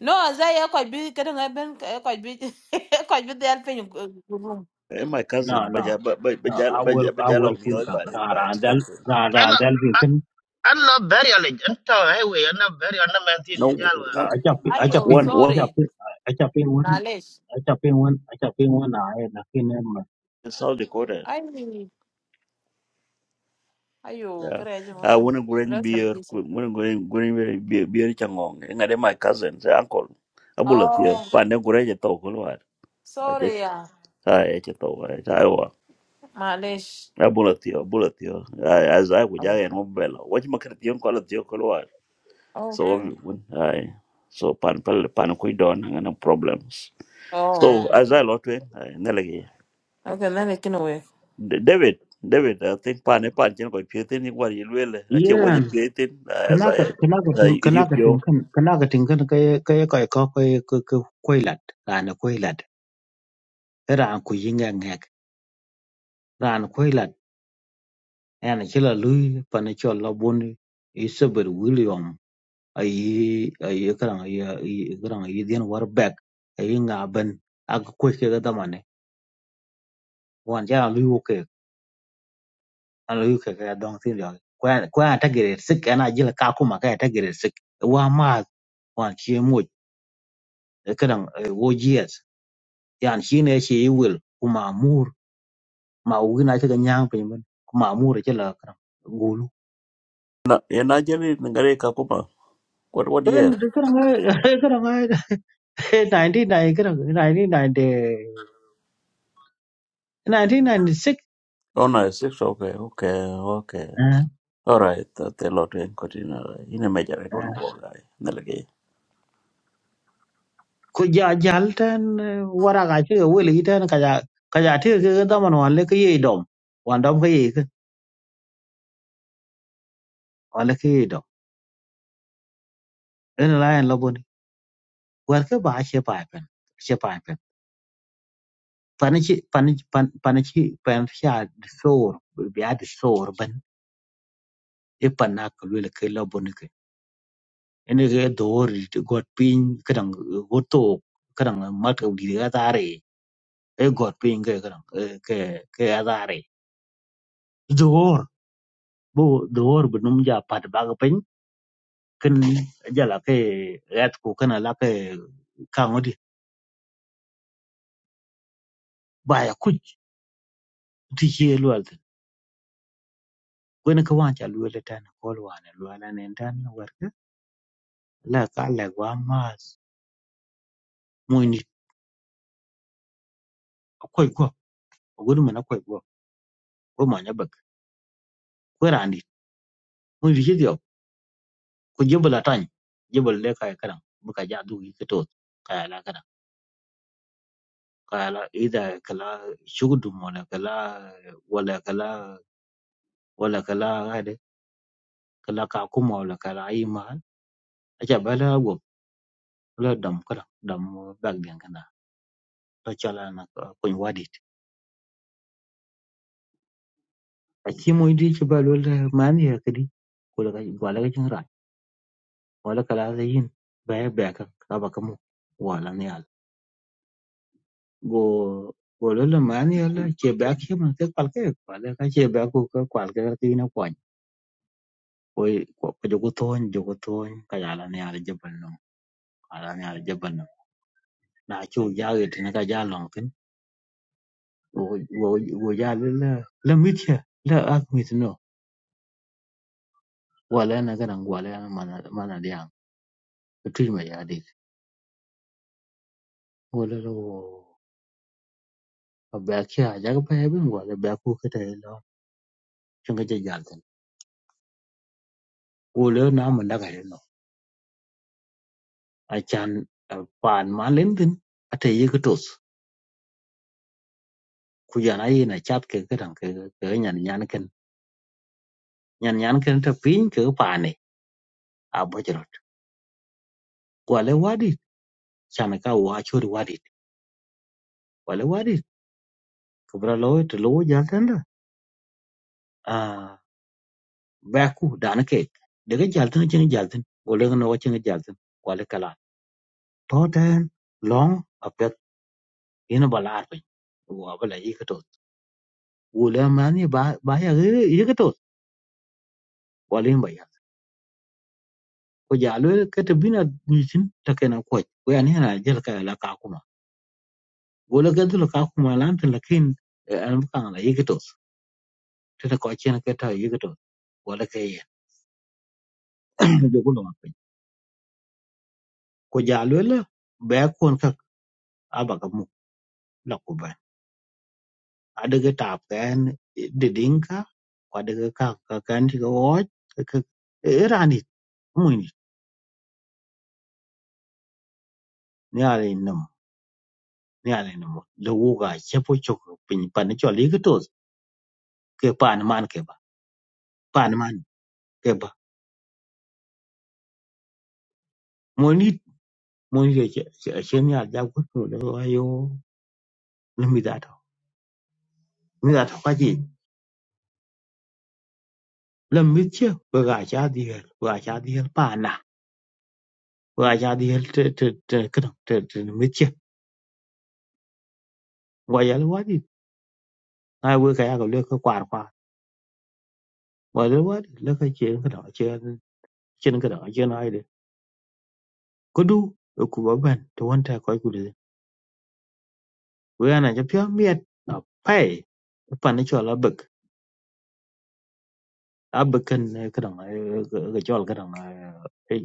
Speaker 2: No, as I uh, quite big getting I've been quite big quite big the helping room.
Speaker 7: Eh, my cousin
Speaker 4: No,
Speaker 7: but
Speaker 4: no,
Speaker 7: baja but
Speaker 4: no. Our
Speaker 7: baja
Speaker 4: our
Speaker 7: but mi
Speaker 4: kun
Speaker 7: hoy
Speaker 4: ka
Speaker 7: ba den
Speaker 4: ran
Speaker 7: by by
Speaker 4: ran dal
Speaker 7: expensive
Speaker 4: ran ran
Speaker 5: Ala,
Speaker 4: dal bin kan.
Speaker 5: ala very alej. Anta ay we ana very ana mantin
Speaker 7: no
Speaker 5: di jalwa.
Speaker 7: one
Speaker 4: Acha acha
Speaker 2: Ayo,
Speaker 7: one
Speaker 4: ping
Speaker 7: one
Speaker 4: acha
Speaker 2: sorry.
Speaker 4: ping acha ping one
Speaker 2: Nalesh.
Speaker 4: acha ping one acha ping one na ay na kin em.
Speaker 7: in South Dakota
Speaker 2: I ayo,
Speaker 7: Yeah.
Speaker 2: courage.
Speaker 7: I want
Speaker 2: welcome.
Speaker 7: to go and
Speaker 2: Rest in
Speaker 7: beer,
Speaker 2: peace.
Speaker 7: want to go and go and beer, beer changong. And I my cousin, the uncle. I bullet here.
Speaker 2: Oh,
Speaker 7: Find a great talk. I just,
Speaker 2: sorry. yeah.
Speaker 7: I just talk. I was.
Speaker 2: Malays
Speaker 7: I bullet here, bullet here. As I would, I
Speaker 2: okay
Speaker 7: am bella. Watch my critical call at your color.
Speaker 2: oh
Speaker 7: So,
Speaker 2: okay
Speaker 7: when I so pan pan pan kui don and no problems. So, as I lot when I nelegate.
Speaker 2: okay then you can wait.
Speaker 7: David, David, I think pan a pan, you know, if you think what you will, I can't what
Speaker 4: Yeah,
Speaker 7: you're as
Speaker 4: kana ka
Speaker 7: I.
Speaker 4: kana ka ting
Speaker 7: you
Speaker 4: kana ka
Speaker 7: pure.
Speaker 4: ting kan kana ka ting kan kaya kaya kaya kaya kaya kaya kaya e ran ku yinga ngek ran ku lat en ci la lu pa ne ci la bun i sabar william ay ay kran ay kran ay den war back ay nga ban ak ku ke ga damane wan ja lu yu ke an lu ke ga dong tin yo ku ku ta gere sik ana jila ka kuma ka ta gere sik wa ma wan ci mo kran wo jies yan shi ne shi will kuma mur ma ugina ci ga nyang pe men kuma mur ci la kran
Speaker 7: Na Nigeria ngare kakuma. What what
Speaker 4: en
Speaker 7: year?
Speaker 4: karang karang 1990 karang 1990 1996
Speaker 7: Oh no, six. Okay, okay, okay.
Speaker 4: ah
Speaker 7: All right, that the lot in Cortina. In a major, I don't know
Speaker 4: ah
Speaker 7: why. Nalagi.
Speaker 4: ko ja jal tan wara ga ti weli tan ka ja ka ja ti ke da man wan le ke yi dom wan dom ke yi ke wan le ke yi dom en la en la bon war ke ba che pa pen che pa pen pan chi pan pan pan chi pan sha so bi ya de so ban e pan na ke le ke la ene ke dor ti got pin kadang goto kadang mat ka di ga tare e got pin ke kadang eh, ke ke ga tare dor bo dor bunum ja pat ba ga pin kin jala ke rat ku kana la ke ka ngodi ba ya ku ti ke lwal tin gwen ka wa cha lwal tan ko lwa ne lwa na ne tan war ka la ka la wa mas mo ni ko ko gudu mana ko ko ko ma nya bak ko randi mo ri ku jibila tany jibila le kaya kadan bika ja du gi ketot kaya la kadan kaya la ida kala shugdum wala kala wala kala wala kala ade kala ka kuma wala kala ayi mahal acha bala go la dam kadan dam bag gen kana to chala na kun wadit achi mo idi ci balo la man ya kadi ko la wala ga jin ran wala kala zayin baya baya ka ka ba kamo wala ne go gololo man yala chebak him ke kwalke kwale ka chebak ku ka kwalke ka tina kwany ko ko jogo ton jogo ton ka yala ne ala jabal no ala ne ala jabal no na chu jawe tina ka jalo kin wo wo wo jale la la mitya la ak mit no wala na kana wala na mana mana dia tu ma ya dik gololo abak ya jaga pa yabin wala ba ku ka ta yalo chunga jajal tan gololo na mun daga acan paan ma lemtin ate yeke tos ku jan ayen acat ke kedan ke ke nyan nyan ken nyan nyan ken ta piny ke ke paane a bojorot wale wadit chan ka wa chori wadit wale wadit kebra lo te lo jalten da a baku dan ke dege jalten chen jalten gole no chen jalten wale kala toten long apet ina balar pe wa bala yeke tos wala mani ba ba ya yeke tos wale ba وجعلوا كتبنا نيشن تكنا كويس ويعني هنا جلك علاقاكما ولا كذل علاقاكما لام لكن أنا بقى على يكتوس تتكوى شيئا كتها يكتوس ولا كيه يقولوا ما في وجعلوا لا بيكون كك أبغى مو لقبان ada ke tapkan didingka pada ke kakakan di ko ke erani muni ni ale nam ni ale nam lo ga chepo chok pin pan cho li ke tos ke pan man ke ba pan man ke ba moni Mun je ceni alja gutu da wayo lami da to. Mi da to kaji lam mi ce ba ga cha di hel ba ga cha di hel pa na ba ga cha di hel te te te kana te te mi ce wa ya wa di ai wo ka ya ga le ka kwar kwa wa le wa di le ka ce ka da ce ce ka da ce na ai de kudu ku ba ban to wanta kai ku de wo ya na ja pya mi at pai pa na cho la abakan cái đằng này cái cho cái đằng này cái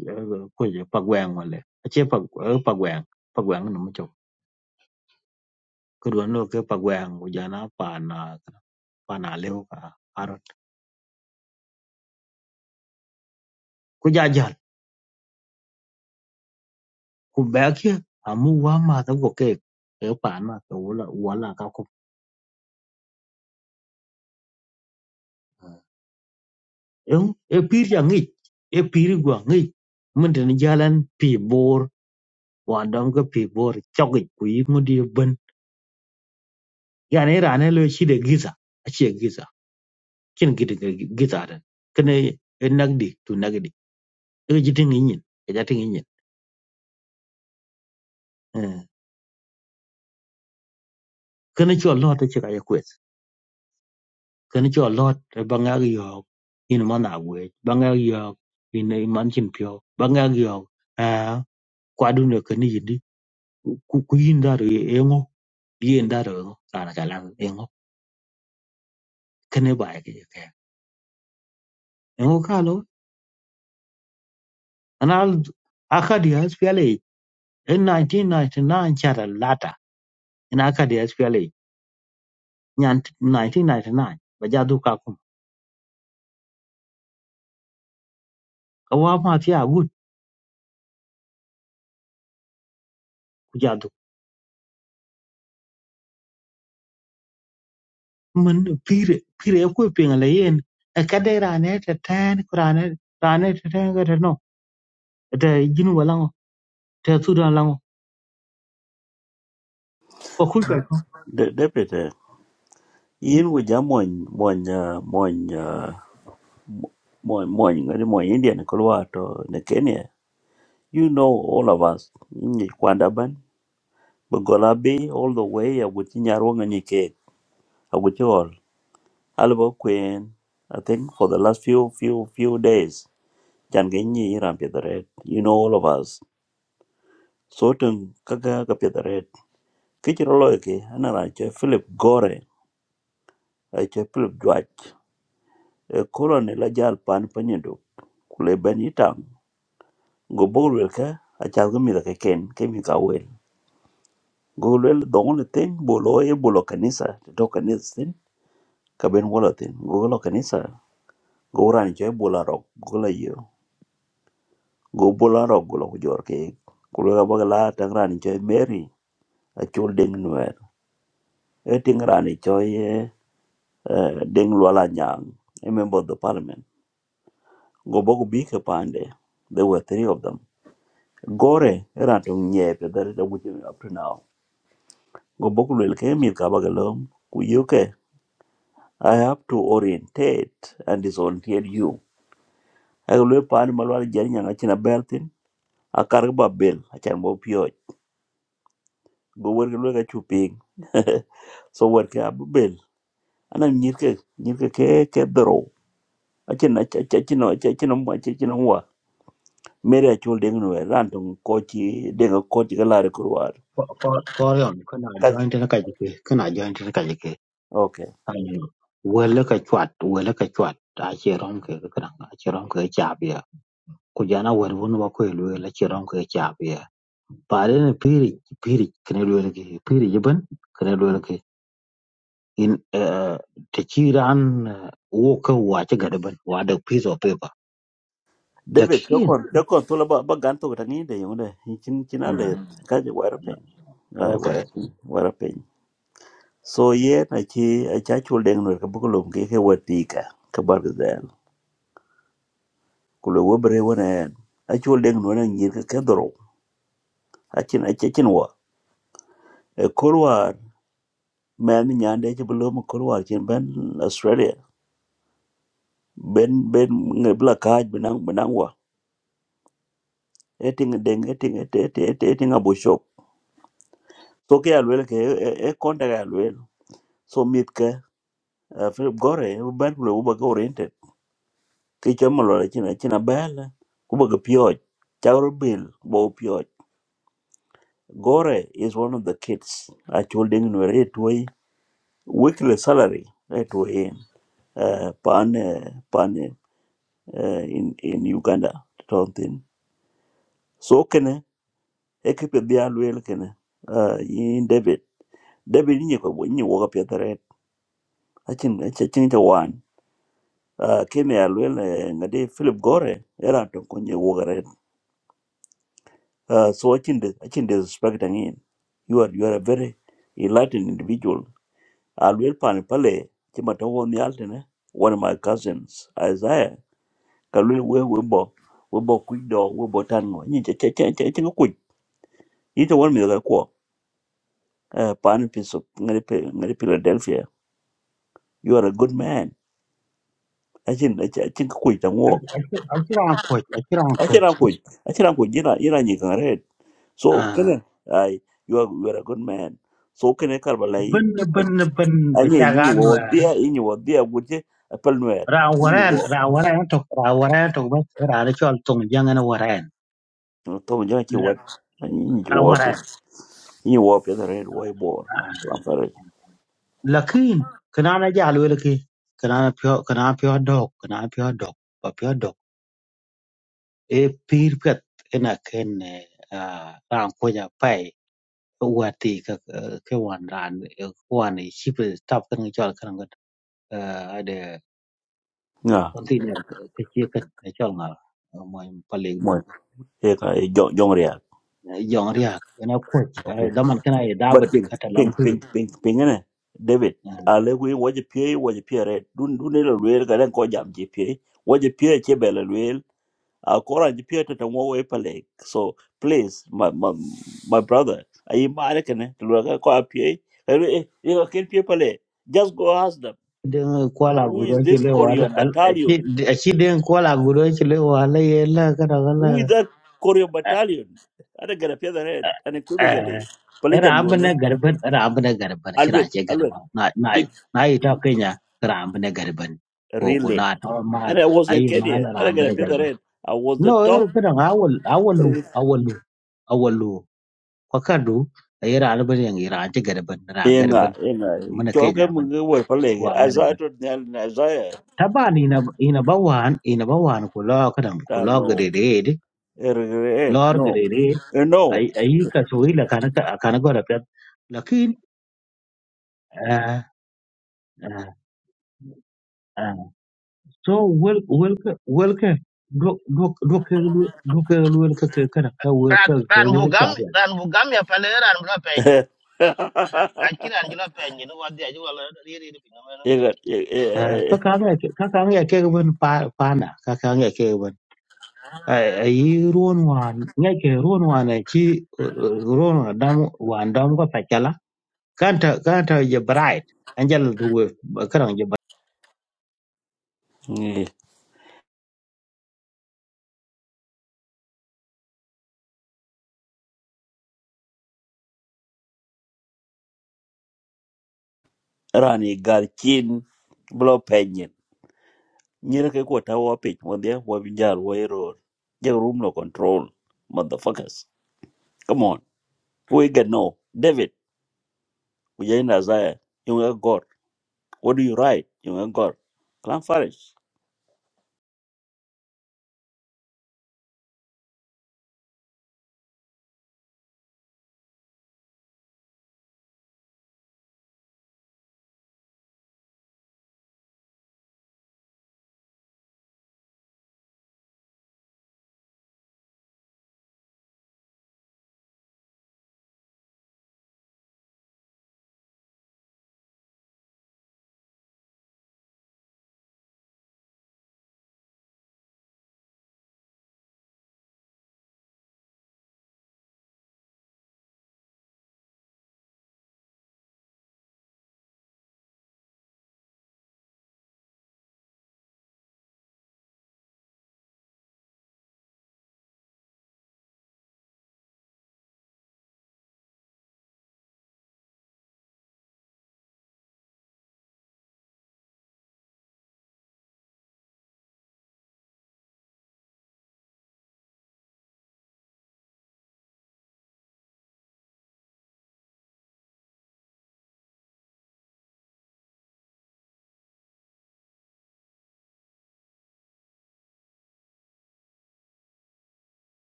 Speaker 4: cái pa quang mà lệ chế pa pa quang pa quang nó mới chụp cứ đuổi nó cái pa quang của gia nó pa na leo cả arot của gia gia của bé kia à mu quá mà tao có cái cái pa mà tao là quá là cao cục em em pi ra nghỉ em pi ra quang nghỉ mình đến jalan pi bor hoàn đông cái pi bor chọc cái quý mình đi bên cái này ra này lo chỉ để ghi ra cin gidi gitaren kene e nagdi tu nagdi e jitin yin e jatin yin kene cho lot e chika yakwes kene cho lot e bangag yo in man agwe bangag yo in in e man cin pyo bangag yo a kwadu ne kene yidi ku yin daro e ngo yin daro e ngo kana kala e ngo kene ba e ke e ngo kalo anal akadi as pele in 1999 chara lata in akadi as nyan 1999 ba jadu ka kuma ka wa ma fi agut ku jadu mun pire pire ko pinga le yen e ka de rane te ten kurane rane te ten ga te no E te jinu wala ngo te su dan la ngo ko ku ka ko
Speaker 7: De deputy. In with Jamon, Mon, Mon, uh, Mon, uh, Mon, ngari Mon Indian, Colorado, the Kenya. You know all of us. In the Kwandaban, Bugolabi, all the way, I would in Yarong and Yake. I would all. Alba Queen, I think for the last few, few, few days. chan ge nyi iran piedha red you know all of us so tun kaga ka piedha red kichiro loy ke anara che philip gore a che philip dwach e kolon la jal pan panyedo kule ben itang go bolwel ka achal go mitho ke ken ke mi ka wel go lwel the only thing bolo e bolo kanisa Te to do kanisa tin ka ben wala tin go lo kanisa go ran che bola ro go la yo go bola ro go lo jor ke kulo ga bagala tangran che mary achul ding nuer e tingrani cho ye eh, eh, ding lwala nyang a member of the parliament go bogo bi ke pande there were three of them gore era to nye pe that is what up to now go bogo lel ke mi ka bagalom ku yuke i have to orientate and disorientate you I will pan malwal jari nyanga china beltin a karba bel a chan bo pio go wer lo ga chuping so wer ke ab bel ana nyirke nyirke ke ke dro a china a china a china a Mary Achol Dengue Rantum Kochi Denga Kochi Galari Kurwar.
Speaker 4: ko rion kana
Speaker 7: Kak-
Speaker 4: join te na ka jike kana join te na ka jike
Speaker 7: Okay.
Speaker 4: wala ka chwat wala ka chwat ta che rom ke ka kana che rom ke cha bia ku jana war won wa ko lu la che rom ke cha بعدين البيرج بيرج كنا لويلكي بيرج بن كنا لويلكي in uh, ta ci ran uh, wo ka wace gada ban wa da piece of paper
Speaker 7: David,
Speaker 4: lakin
Speaker 7: Chokon, Chokon, Tulaba Baganto Tangida, you know, Chin
Speaker 4: uh,
Speaker 7: Chinale, Kaja Warapin,
Speaker 4: okay
Speaker 7: Warapin, Warapin. So, yeah, Nachi, a chachul dengue, Kabukulum, Keke Watika, Kabargazel, Kulawabre one and Achul dengue one and Yirka Kadro, Achin Achinwa, a chul deng nur na nyir ka ka doro. A chin a cha chin wa. E Kurwar, man Yande Chibulum Kurwar, Chin Ben Australia, Ben Ben Blakaj, Benang benang Benangwa. eting deng eting eting eting eting eting abo shop so ke alwel ke e e konta ke alwel so mit ke uh, Philip Gore e ban kule uba ke oriented ke chama lo la china china bala kuba ke pioj chawro bill bo pioj Gore is one of the kids actual deng no re toy weekly salary re way. in uh, pan eh pan eh. uh, in in Uganda tontin so kene ekipe bi alwel kene uh, in David David ni ko ni wo ka I think I think one. Uh, came here well, ngade Philip Gore era to kunye wogare. Uh, so I think the, I think the respect again. You are you are a very enlightened individual. Alwell pan pale chima tawo ni altene. One of my cousins, Isaiah, kalwel we webo webo kuido webo tango. Ni che che che che che kuj. Ito one mi ga ko. Uh, pan piece of ngari pe ngari Philadelphia. You are a good man. I think I think kuj
Speaker 4: a
Speaker 7: tango.
Speaker 4: a kira an coach a kira an
Speaker 7: I think
Speaker 4: coach
Speaker 7: kuj. I think kuj. Ira ira ni so
Speaker 4: uh,
Speaker 7: kene ai you are you are a good man so kene karbala yi
Speaker 4: ban ban ban ba
Speaker 7: anye
Speaker 4: ta
Speaker 7: yi
Speaker 4: gano
Speaker 7: wo dia yi wo dia guje apal nuer
Speaker 4: ra
Speaker 7: yi
Speaker 4: waran ra
Speaker 7: wo
Speaker 4: waran to ra waran to ba ra da cewa tong jangana waran
Speaker 7: to ja ki
Speaker 4: la
Speaker 7: wat yi yi
Speaker 4: a
Speaker 7: wo pe
Speaker 4: waran
Speaker 7: yi wo pe the red way bor am sorry
Speaker 4: lakin kana na ja lo laki kana na pyo kana na pyo dok kana na pyo dok pa pyo dok e pir pet ena ken a ran ko ja pai wati ka ke wan ran eh, wan i chip tap kan ni chol kan ngot ade
Speaker 7: na
Speaker 4: container ke che kan e chol ngal mo paling
Speaker 7: mo
Speaker 4: don
Speaker 7: e ka e jong jong real
Speaker 4: ke jong ria kana koch eh,
Speaker 7: okay
Speaker 4: daman kana e
Speaker 7: but
Speaker 4: dabat
Speaker 7: pink
Speaker 4: kata lang
Speaker 7: pink
Speaker 4: tu
Speaker 7: pink pink. ping ne david ale wi wo je pie wo je pie red dun dun ne lo wer ga den ko jam je pie wo je pie che bela a kora ji pia ta mo we pale so please my my, my brother ai ma ne kan to lo ka ko a pia e e e ken pia pale just go ask them
Speaker 4: den kwala
Speaker 7: who
Speaker 4: gudo
Speaker 7: is
Speaker 4: ci
Speaker 7: this
Speaker 4: le wala
Speaker 7: korean
Speaker 4: al- aci
Speaker 7: battalion
Speaker 4: aci den kwala gudo ci le wala yela kada wala
Speaker 7: who is that korean battalion ada gara pia the red and equivocally pale
Speaker 4: era
Speaker 7: jam do ne
Speaker 4: abne garban era abne garban shira
Speaker 7: alred
Speaker 4: ce
Speaker 7: alred
Speaker 4: garban na na
Speaker 7: big
Speaker 4: na yi ta kenya era abne garban ko ko
Speaker 7: relay
Speaker 4: na ta ma
Speaker 7: and i was in
Speaker 4: ayi ma
Speaker 7: kenya
Speaker 4: na
Speaker 7: I don't
Speaker 4: abne
Speaker 7: get pia da
Speaker 4: garban
Speaker 7: red i was
Speaker 4: no
Speaker 7: the
Speaker 4: era
Speaker 7: top
Speaker 4: kada awal awalu
Speaker 7: three
Speaker 4: awalu awalu ko kadu era alban yang era ce garban era garban
Speaker 7: Inga, inga.
Speaker 4: mun
Speaker 7: Cholke
Speaker 4: kenya ban
Speaker 7: mungu wa pale.
Speaker 4: wa garban
Speaker 7: Isaiah to nyal na Isaiah.
Speaker 4: Taban ina ina bawan ina bawan ku lo kadam ku lo gedede
Speaker 7: regret.
Speaker 4: lor
Speaker 7: No.
Speaker 4: gedede
Speaker 7: Uh, No.
Speaker 4: ai ai ka soi la kana ka kana gora pet lakin ah, ah, ah, so wel wel ka wel ka do do do ka do ka wel ka ka kana ka wel
Speaker 5: Ran,
Speaker 4: ka ka
Speaker 5: ran
Speaker 4: wel ka
Speaker 5: bugam,
Speaker 4: ba
Speaker 5: ran bugam ya pale ran bula penyin. Akira angela penyin wadi ajwa la riri
Speaker 7: Iga- i-
Speaker 4: Ah, ka
Speaker 7: i-
Speaker 4: ka ga ka ka ga ke ban pa pa na ka ka ga ke ban ai ai ron wan ngai ke ron wan ai chi ron wan dam wan dam ko pa kanta kanta je bright angel du kana je
Speaker 7: i- Rani garchin blow penyon. Nyere ke kwa tawa pich mwandhia wabinjar wairo. Jaga room no control. Motherfuckers. Come on. We get no. David. Ujaina Isaiah. Yung God. What do you write? Yung God. Clan Farish.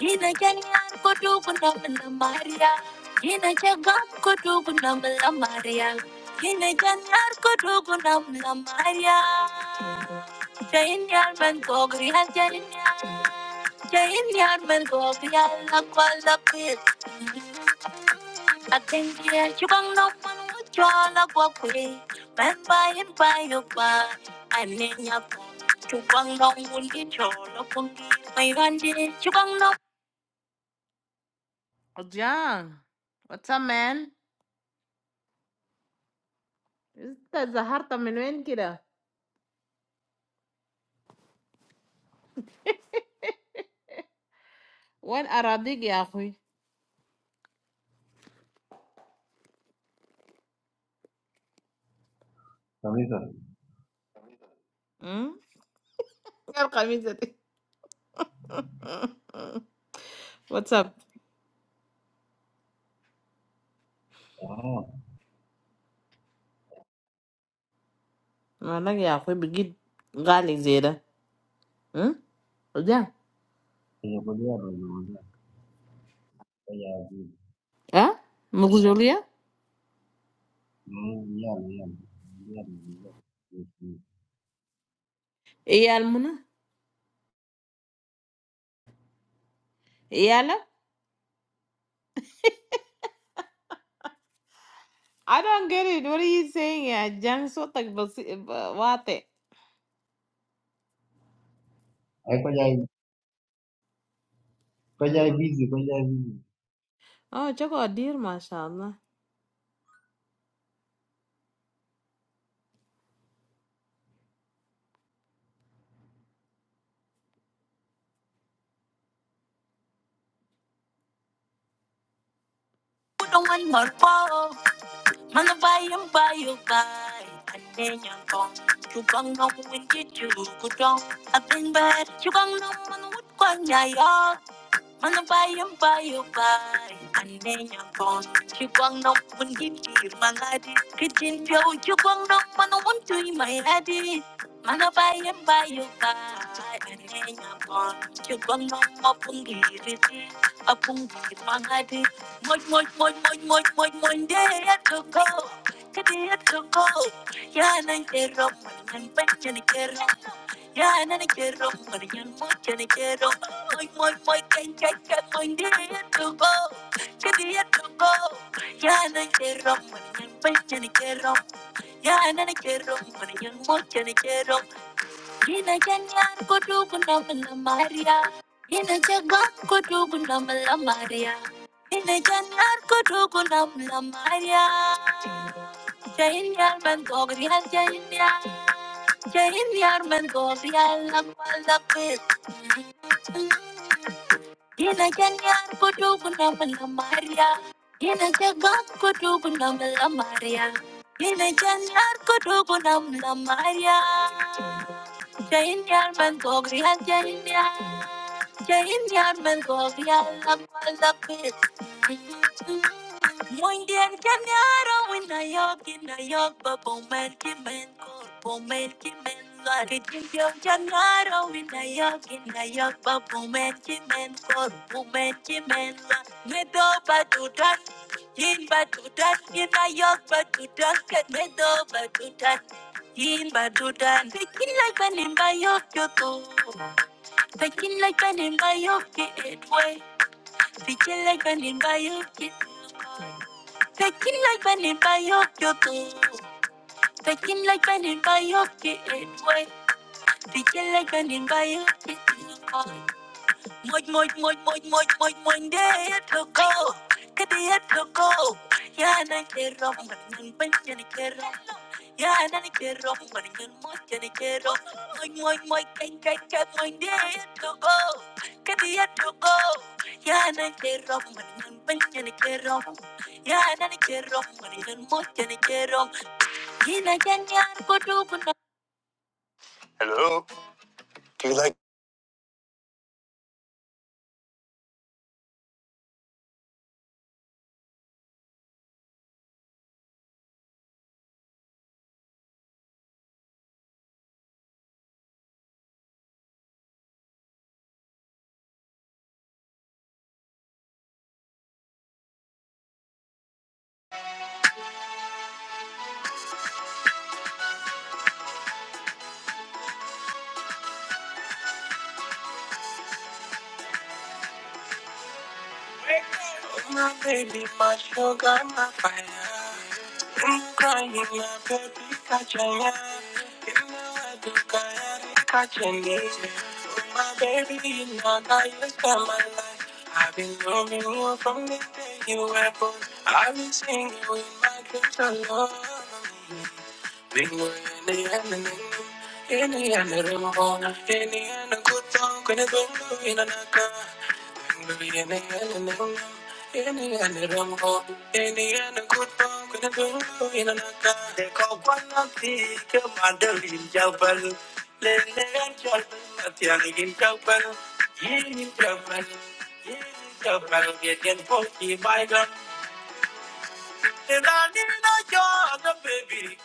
Speaker 2: Gina Janian Kotu Kunamala Maria. Gina Jagam Kotu Kunamala Maria. Gina Janian Kotu Kunamala Maria. Jain Yarman Kogri Hajanian. Jain Yarman Kogri Alakwala Pit. I think yeah, you can no one would draw la walkway. Man by and by your bar. I mean your Chú băng long muốn đi trò nó không đi mày hoan đi chú băng What's up, man? Is that the heart of the wind killer? What are you digging, yah boy?
Speaker 8: Kabisa.
Speaker 2: Hm? What's up?
Speaker 8: Ah,
Speaker 2: Man, yah boy, begin galizera. Hm? What's up?
Speaker 8: kwenye kulia tunazungumzia kwenye hivi.
Speaker 2: Ah? Mujolya?
Speaker 8: Tunazungumzia ni nini? Tunazungumzia ni nini?
Speaker 2: Eyaluna? Eyalu? I don't get it. What are you saying, yah? James, what the basi? What the?
Speaker 8: Ai, kwenye kwenye hivi, kwenye hivi.
Speaker 2: Oh, jagoadir, mashaAllah. Mana bayam bayu bay. Atenya kong. Chubang nong win ki chu kudong. Atin bad. Chubang nong man wut kwan nyayong. Mana bayang bayu bay Anenya pon Chibang nong pun gindi mangadi Kijin piao chibang nong mana won my daddy. adi Mana bayang bayu bay Anenya pon Chibang nong mapun giri Apung giri mangadi Moj moj moj moj moj moj moj Deya toko Deya toko Yana kero Manyan penchen kero yeah, and I get up, but I'm not gonna get up. My, my, my, can't get up, my day to go. Get the year to go. Yeah, and I get up, but I'm not gonna get up. Yeah, and I get up, but I'm not gonna get up. Ina janyar kudu guna Maria, Ina jagat kudu guna Maria, Ina janyar kudu guna melamaria. Jain yar man gogrial jain yar. Jain yar man gogrial lamal lapit. Ina janyar kudu guna Maria. Ina jagan kudu guna Maria. Ina janyar kudu guna malamaria. Jainyar man kogri al Jainian men go beyond the malapit. Mundian Kenyara win a yog in a yog, but Bowman Kimen Bowman Kimen Lari Jim Janara win a yog in a yog, but Bowman Kimen Bowman Kimen Medo Batutan. In Batutan, in a yog Batutan, Medo Batutan. In Batutan, the king like an imbayok Thinking like an embayoke way. Thinking like an embayoke. Thinking like an embayoke. Thinking like an embayoke way. Thinking like an embayoke. Moin, moin, moin, moin, moin, moin, moin, day to go. Day to go. Yeah, and I care of when you bend and I care of. Yeah, and I care of when you must and I care of. Moin, moin, moin, can I get moin, day to go. Day to go. Yeah, and I care of when you bend and I care of. Yeah, and I care of when you must and I care of. Hello. do you like My baby, my sugar, my fire. I'm crying, my baby, catch a eye. You know I do, I catch a need. My baby, you know that you spend my life. I've been loving you from the day you were born. I've been singing with my dreams alone. Jabal,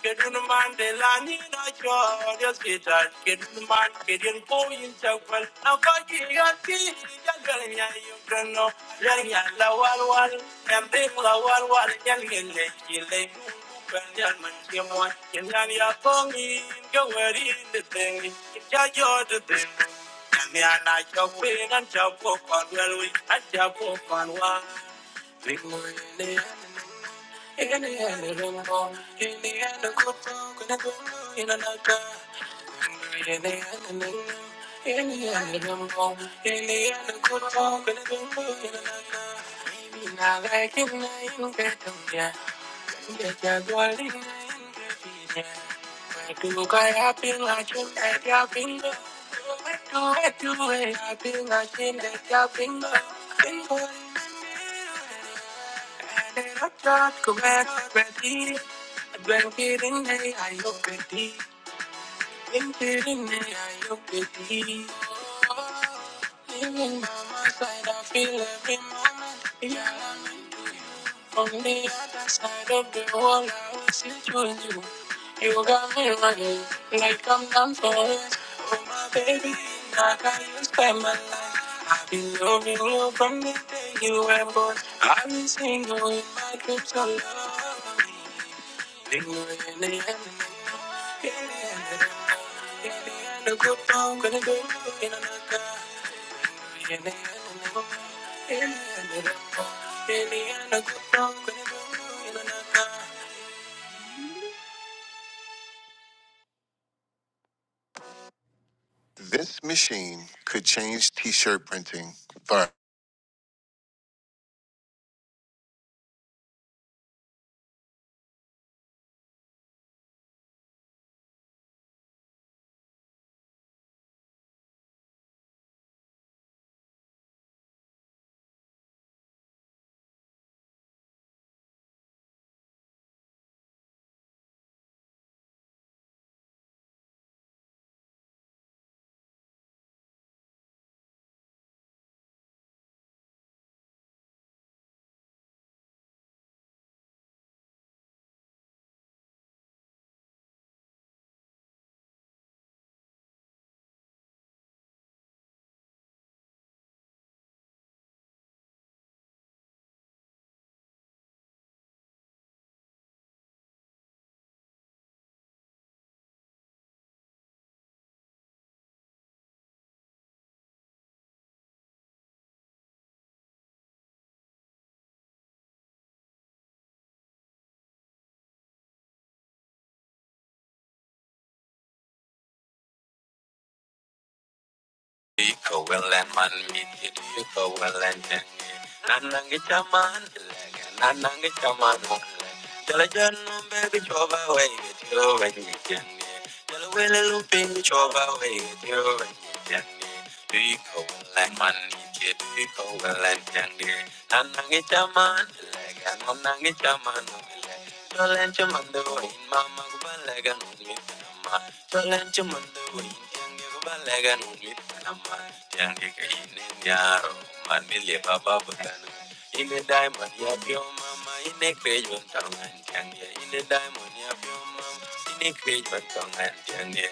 Speaker 2: Kedun man de na cho de kedun man kedun po yin chakwal ti ya gal ya yu wal wal ya wal wal ya le le ki le kan ya man ki mo yin ya ya ko ni go wari de thing ya yo de thing I chop well in In In In the end, I'm gonna go In another. In the the the the end, end, end, end, another. another. I'm I'm I'm Yeah. Get your body, yeah. Like look, I have been like in that yapping. Do it, do it, do it. I've been like in that yapping. Been going. And then I tried to go back, but he- I've been getting hey, I hope it is. You're feeling me, are you with me? Oh, Living by my side, I feel every moment. Yeah, I'm into you. From the other side of the world, I will see through you. You got me running like I'm down for it. Oh, my baby, like I used to spend my life. I've been loving you from the day you were born. I've been single in my dreams so long. Lingering in the end. in the end. This machine could change t shirt printing forever. Iko welen man midi, iko welen nene. Nanangi chaman lege, nanangi chaman mule. Tell a gentleman baby chova away, get you when you can. Tell looping chova away, get you when you can. Iko welen man midi, iko welen nene. Nanangi chaman lege, nanangi chaman mule. Tell a gentleman the mama go balega no Balancho mando intiange go balaga no mit nama intiange ka ine nyaro man milie baba butana ine diamond ya mama ine krejo tonga intiange ine diamond ya mama ine krejo tonga intiange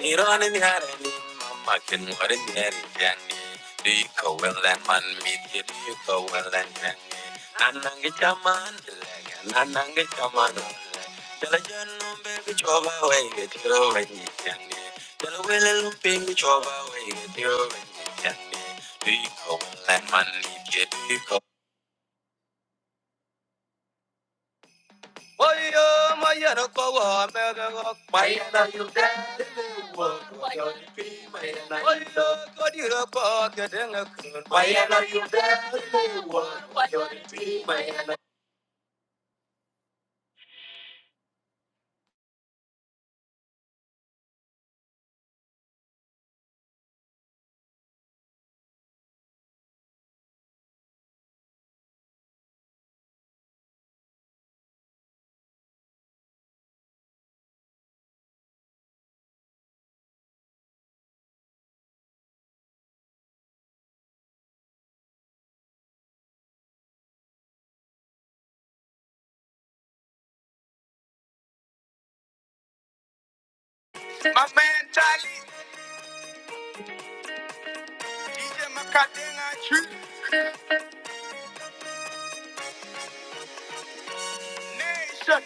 Speaker 2: Ironin yarani mamakin warin yari yani Do you go well and man meet you do you go well and yani Nanangi chaman dilaga nanangi chaman dilaga Jala janu baby choba way get you wenyi yani Jala wele lumpingi choba way get you wenyi yani Do you go well and man meet you do you go Oyo mayano kowa mega mayana yubo Oyo kodiro po kedenga kun My man Tali, DJ Makadena, True Nation.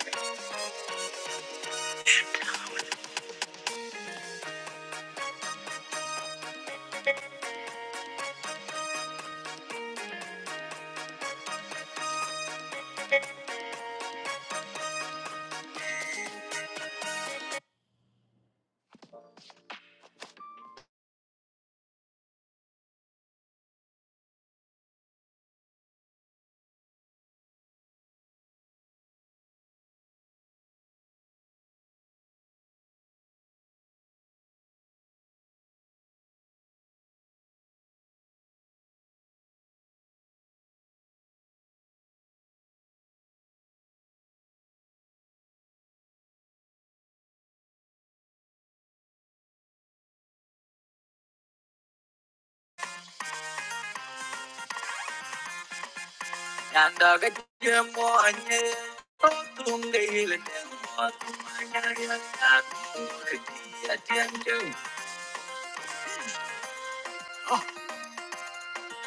Speaker 2: and I get them. more and yet. Oh, don't get Yanda ga jemo anye, otunge ile demo tumanya yanda tumudi atiyanje.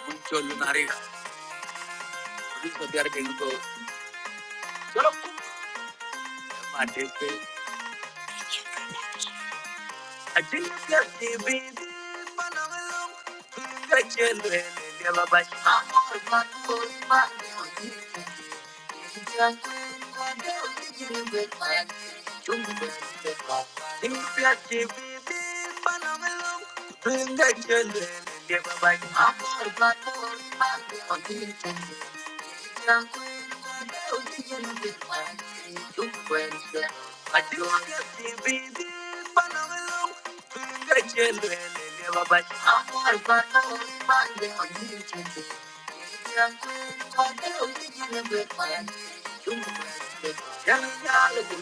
Speaker 2: Uncho lunari, uncho biar gengo, I think that the baby man alone. I can't let it go by. I'm all about to my money.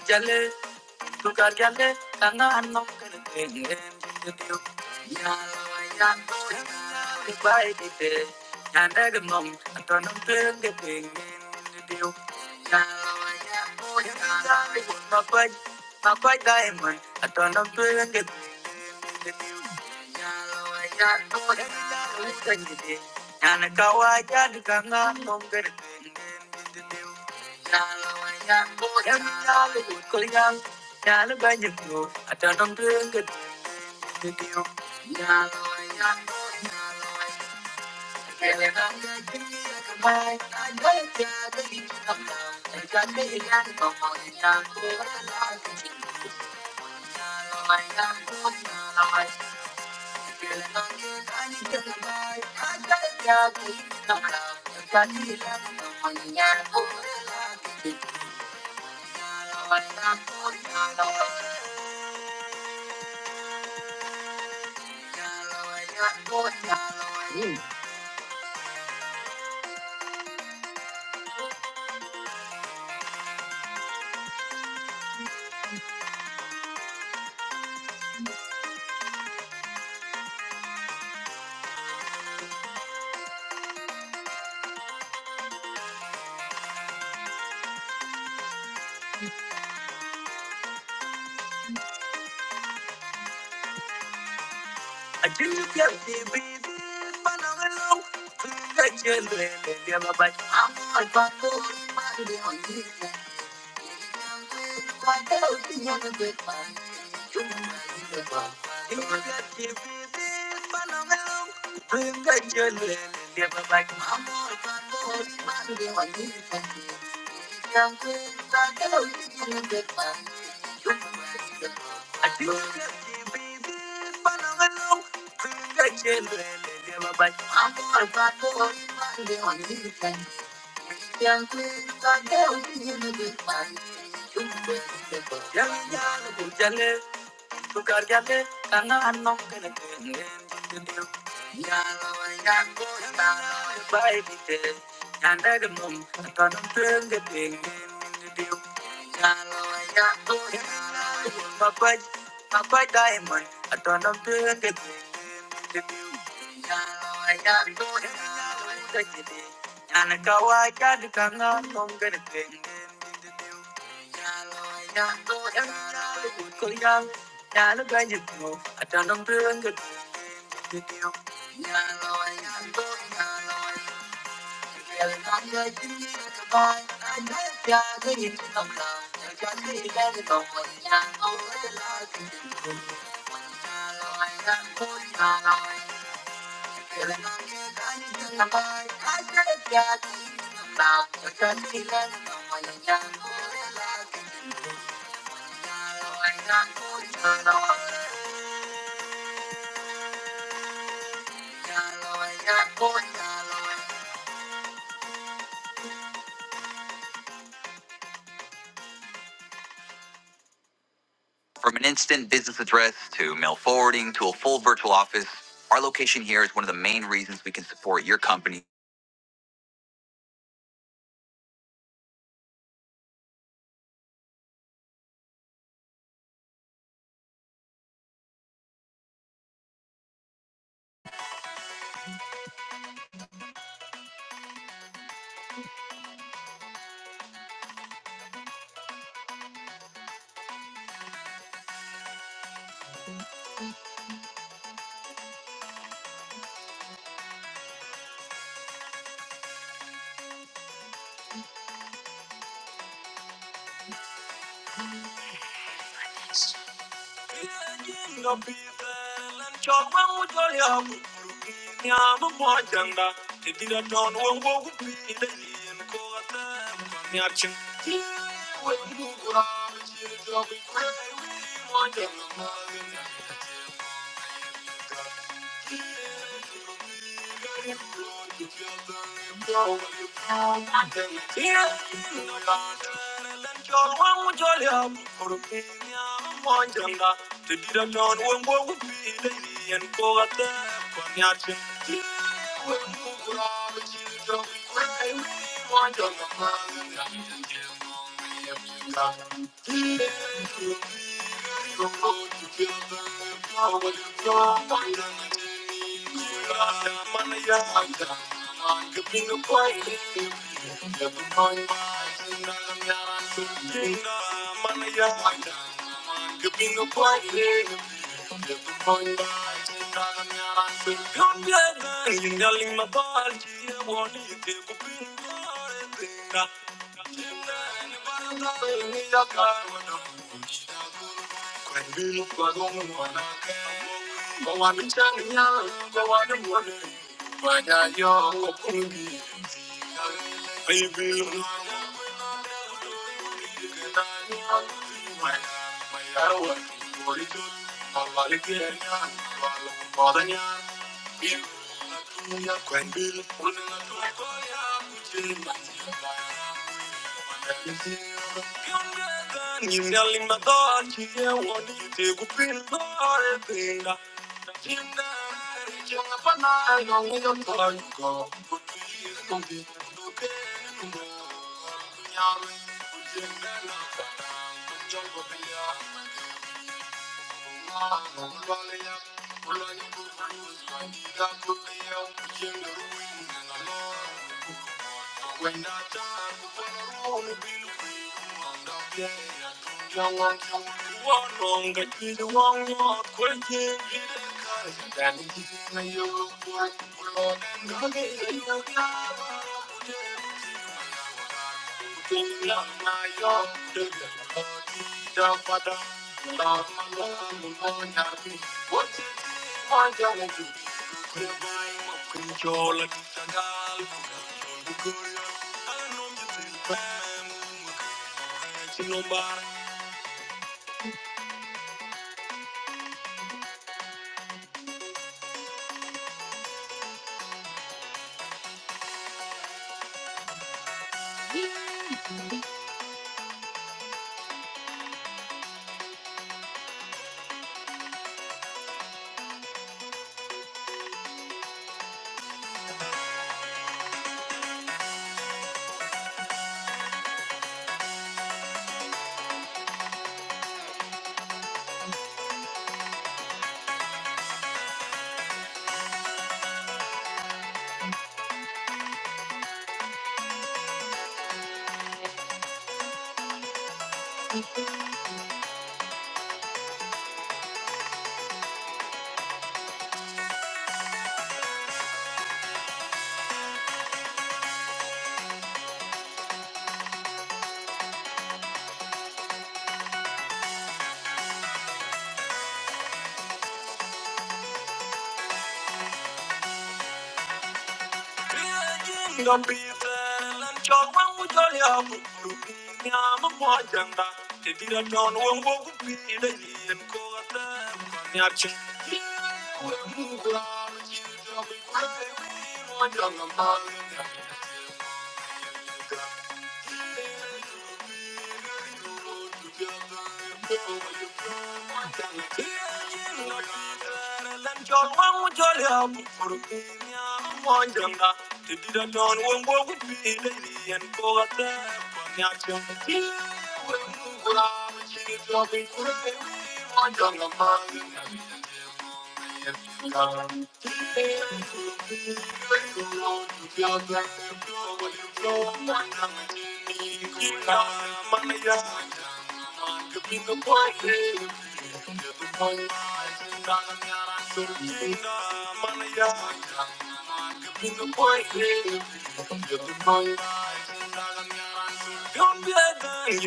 Speaker 2: Jale Tu cargale, tangan no kerete, yendu Yalaya, di bai di te, yanda gemom, atonum tuing di ping, yendu diu. Yalaya, di bai di te, makwai, makwai diamond, atonum tuing Ding ding ding ding ding, ya lo ayatu, ya lo udah jadi. Anak kau ayatu kangen, om kerding ding ding ding ding ding, ya lo ayatu, ya lo udah kuyang, ya lo banyak tuh, ada nomer kerding ding ding ding ding ding, ya lo ayatu, ya lo udah kuyang, ya lo udah kuyang, om kerding ding ding ding ding ding, ya lo ayatu, ya lo ayatu, ya lo ayatu, ya lo ayatu. Thank you. Yang Tu cargate, canan non che ne tende. Yalla wa yango yalla bai dite. Yanda de mum, tanum tende pingen diu. Yalla wa yango yalla mapai mapai diamond, tanum tende pingen diu. Yah loi, yah boi, yah loi, boi boi yah. Yah na koi, koi du kang ngon, koi na quen den den den. Yah loi, yah boi, yah loi, boi boi yah. Yah loi, yah boi, yah loi, boi boi yah. Yah loi, yah boi, yah loi, boi boi yah. From an instant business address to mail forwarding to a full virtual office, our location here is one of the main reasons we can support your company. nyama mojanga te dira ton wo wo bi de yin ko ta nyar chin Mojanga, John Wong Wong, Lady and Cora Yatin. you Yeah. Thank you. I feel like I don't wanna care. No one can change me now. No one can hold me. I just want to be free. I feel like I'm falling down. I'm falling down. I'm falling down. I'm falling down. I'm falling down. I'm falling down. I'm falling down. I'm falling down. I'm falling down. Dunia kwa mbili, unang'atwa kwa ya kujimanjia. Thank you. Thank you. Thank you. Thank you. You're the point. I'm not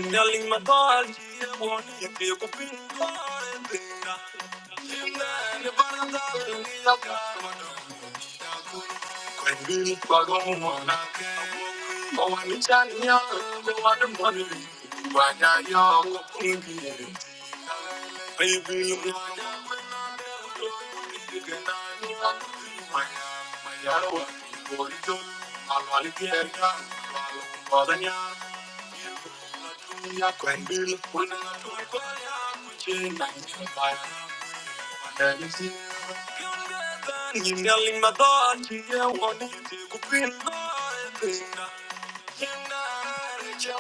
Speaker 2: the only one những để không cho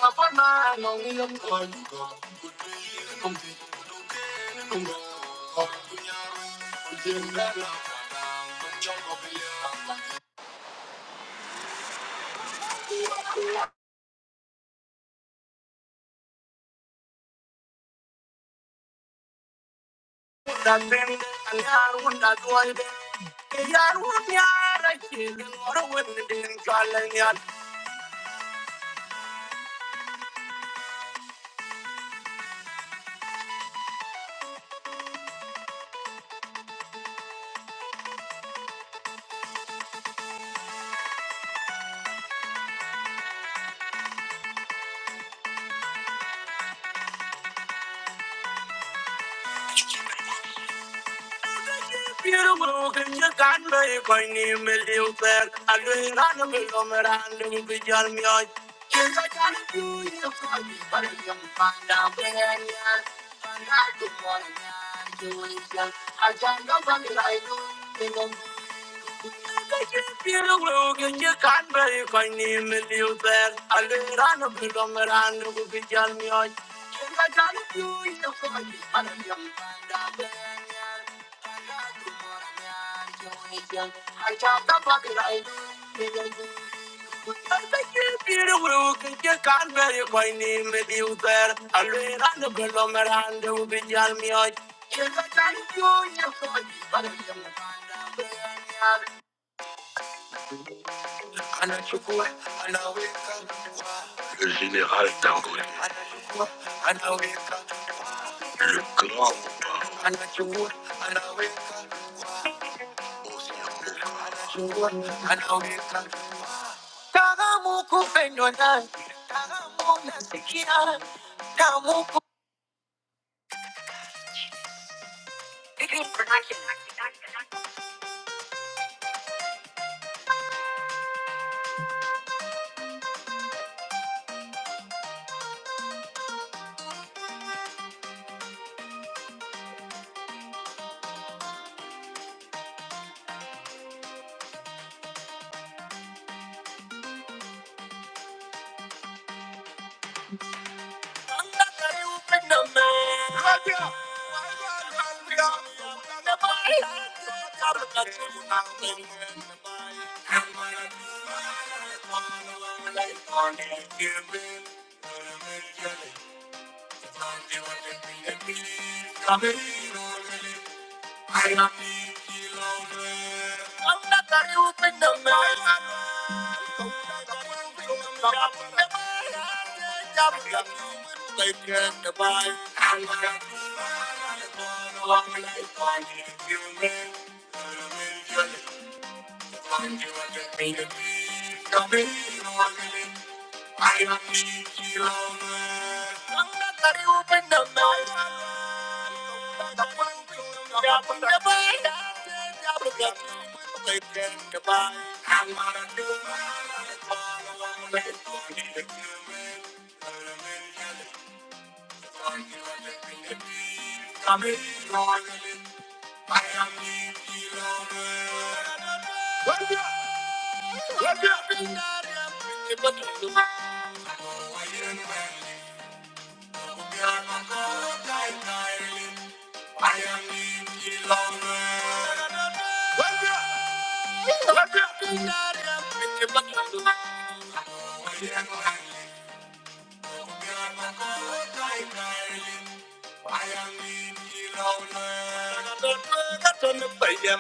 Speaker 2: Thank you. Beautiful can you can make when you will you fair. I do not know if I'm around and be your me. Yes, I can do you for like Yes, I'm I'm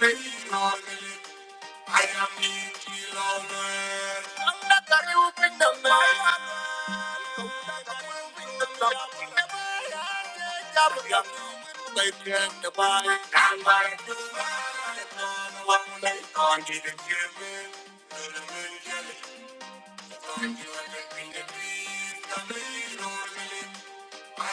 Speaker 2: Thank you. I I'm I'm I'm I'm am the not not not the real thing, the man. I'm not the real thing, the man. I'm not the real thing, the man. I'm not the real thing, the man. Thank you. I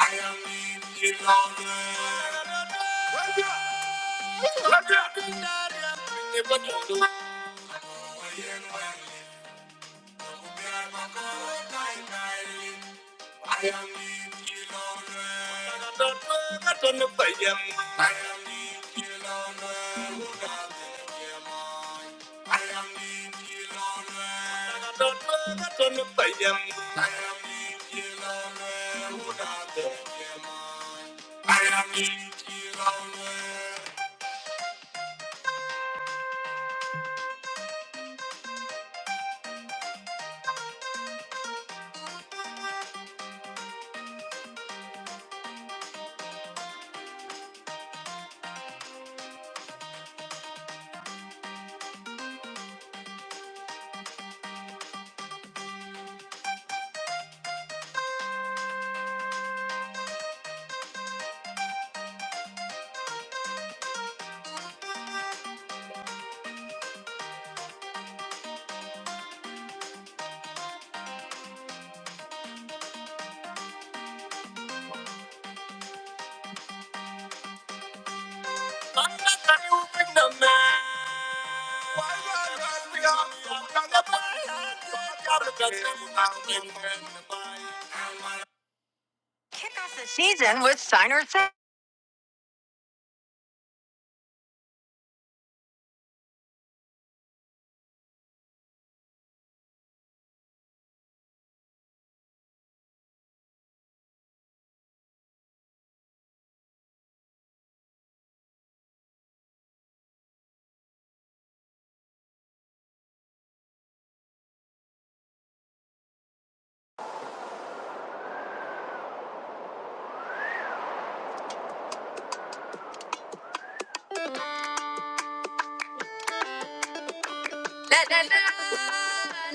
Speaker 2: am La la la, la la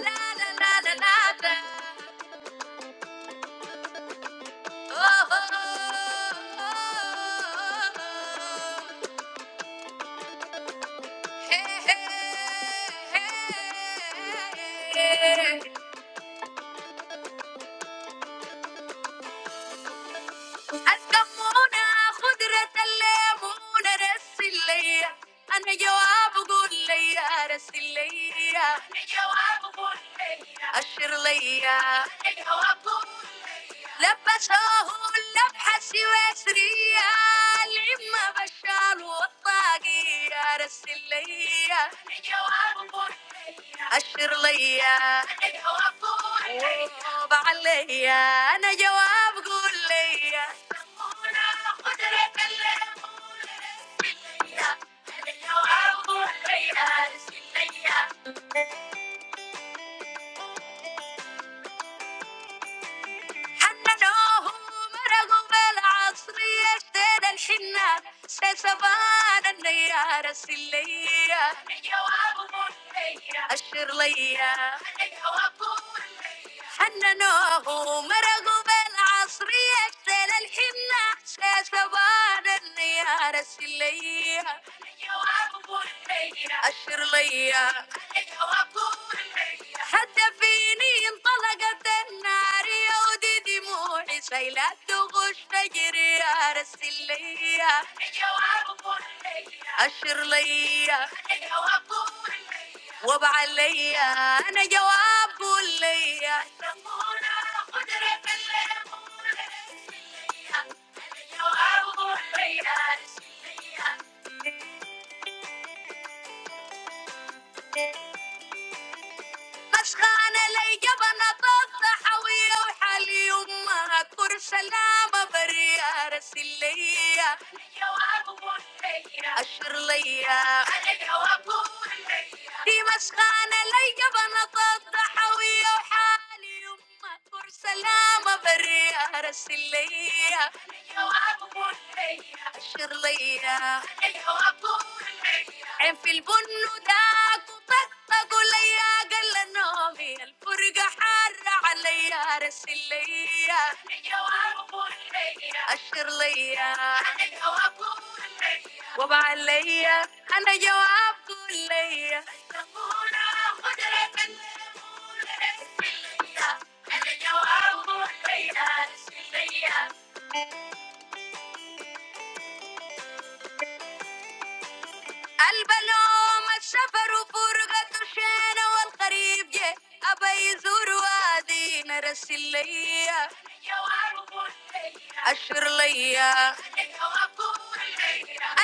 Speaker 2: la la la, la. oh oh oh, oh, oh. hey hey hey. Aslamuna, khudrat alayya, monarasilayya. An yawabu kulayya, rasilayya. An yawabu kulayya, ashirlayya. An yawabu لبسوه اللبحة سويسرية العمة بشار والطاقية رسل ليا الجواب مرحية أشر ليا الجواب مرحية ووب عليا أنا جواب قول ليا سمونا خضرة الليمون رسل ليا الجواب بورحية رسل ليا حننوه مرقوا بالعصر يشتد الشام Niyara sileya, an na ho marhaba al aqsiya. Ktala hina, shayshawan niyara sileya. Yo Abu Bulemeya, ashileya. حتى فيني انطلقت النار يا ودي دموعي شايلة تغش تجري يا رسل ليا أشر ليا وابع عليا أنا جواب قول ليا Meshkan alayya bana tazhawiya waliyumma korsalama bariya resliya yo abu kunayira ashriya yo abu kunayira di Meshkan alayya bana tazhawiya waliyumma korsalama bariya resliya. شرلية عين في البن وداك وطقطق ليا قال له نومي الفرقة حارة عليا رسل ليا أشر ليا وبع عليا أنا جواب قول ليا أنا جواب قول ليا رسل ليا البلوم السفر وفرقة الشين والقريب جه أبي يزور وادي نرس الليا أشر ليا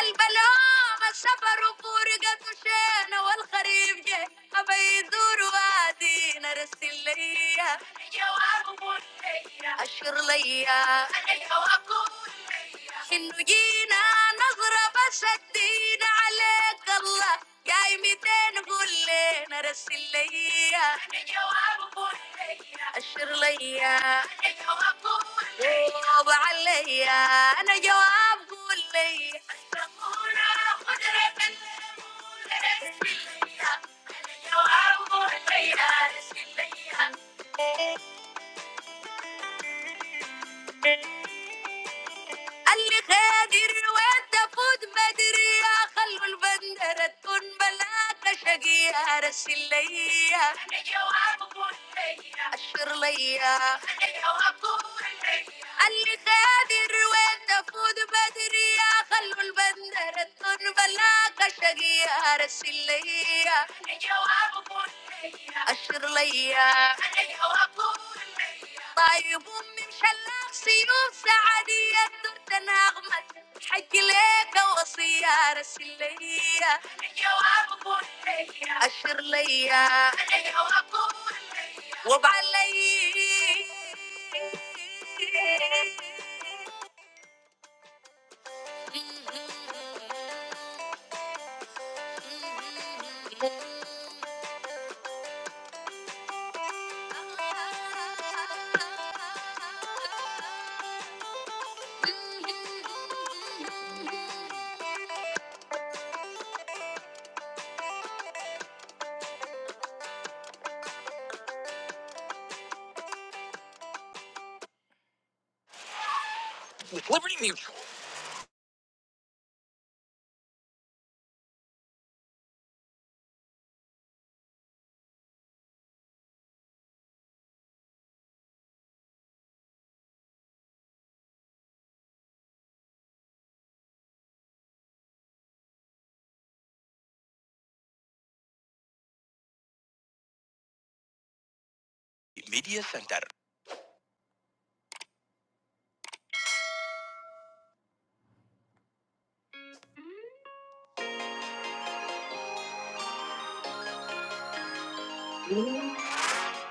Speaker 2: البلوم السفر وفرقة الشين والقريب جه أبي يزور وادي نرس الليا أشر ليا. إنه جينا نظرة فشدينا عليك الله جاي 200 قول لنا رسل ليا أنا جواب قول أشر ليا أنا جواب قول ليا عليا أنا جواب قول ليا الصبورة خضرة الليمون رسل ليا أنا جواب قول ليا قال لي خادر وانت فوت بدري يا خلو البندرة تكون بلاك شقية رسل ليا جوابك وليا أشر ليا جوابك وليا قال لي خادر وين and yo I'm a born liar, a liar. And yo I'm a born liar, a liar. Taibum imshalaq siyob zahdiya, durna agmat. I'll tell you a story, a liar. And yo I'm a born liar, a liar. And yo I'm a born liar, a liar. سنتر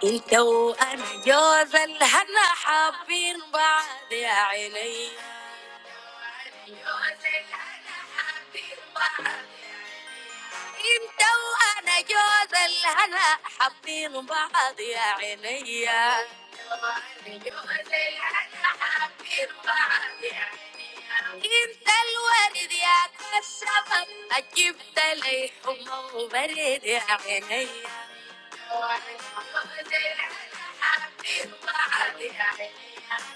Speaker 2: انت وانا جوز الهنا حابين بعض يا عيني انت وانا جوز الهنا حابين بعض يا عيني حابين بعض يا عيني. انت الورد يا كالسبب اجبت لي حمى وبرد يا عيني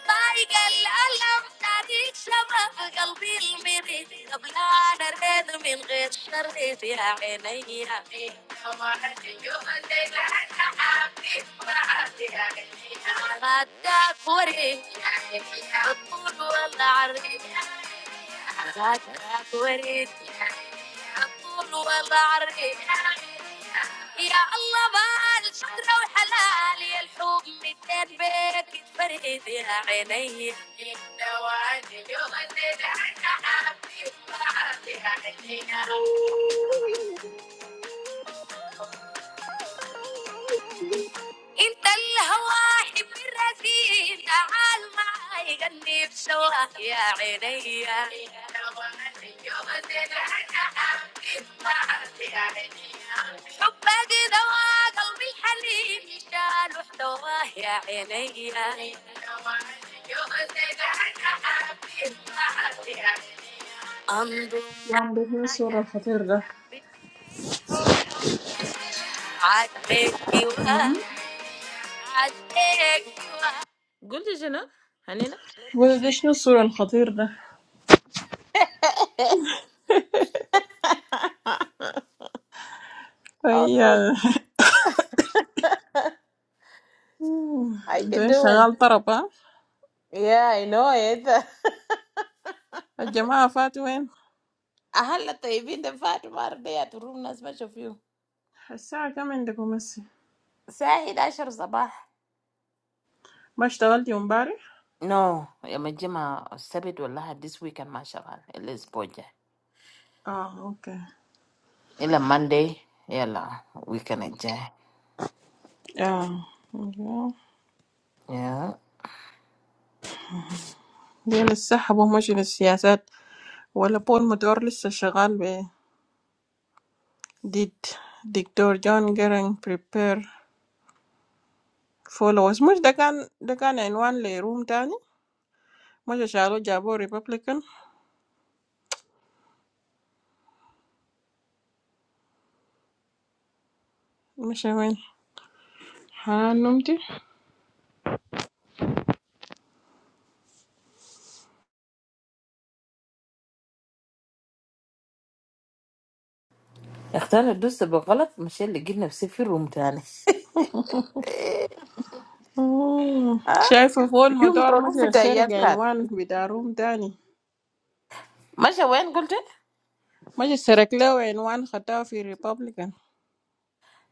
Speaker 2: طايق الألم تعطيك شباب قلبي المريض قبل أنا ريت من غير شريت يا عيني. يا الله بالشجرة وحلال الحب متين بيك تفريد يا عيني الدواني يوم اللي دعنا عبدي وعبدي عينينا
Speaker 9: يا عم ده شنو الصورة الخطير ده
Speaker 2: Guldejana, Hanina.
Speaker 9: وده شنو الصورة الخطير ده
Speaker 2: Oh,
Speaker 9: أي
Speaker 2: no. how you
Speaker 9: ده
Speaker 2: doing?
Speaker 9: شغال طرب ها
Speaker 2: Yeah, I know it.
Speaker 9: الجماعة فاتوا وين
Speaker 2: I had to even the fact Monday at room as much of you.
Speaker 9: الساعة كم عندكم هسه
Speaker 2: Say I had a show this morning.
Speaker 9: ما اشتغلتي امبارح
Speaker 2: No, I'm a Jama. I said to Allah this weekend, Mashallah. It's project.
Speaker 9: اه اوكي
Speaker 2: It's a Monday. Yeah, lah. Weekend aja.
Speaker 9: اه أوكي.
Speaker 2: Yeah.
Speaker 9: دي لسه حبوا ماشي للسياسات ولا بول مدور لسه شغال ب ديد دكتور جون جيرنج بريبير فولوز مش ده كان ده كان عنوان لروم تاني مش شالوه جابوه ريبابليكان مش وين حنان نمتي
Speaker 2: I thought I do something wrong. Mashallah, give me a safe room. Then. Eh?
Speaker 9: مم.
Speaker 2: Huh?
Speaker 9: شايفة فوق
Speaker 2: You a
Speaker 9: المدار
Speaker 2: room
Speaker 9: مجر
Speaker 2: today?
Speaker 9: سرق
Speaker 2: What?
Speaker 9: عنوان بتاع روم تاني
Speaker 2: Mashawen? Gulden?
Speaker 9: مجر سرق له عنوان خطاه في ريبابليكان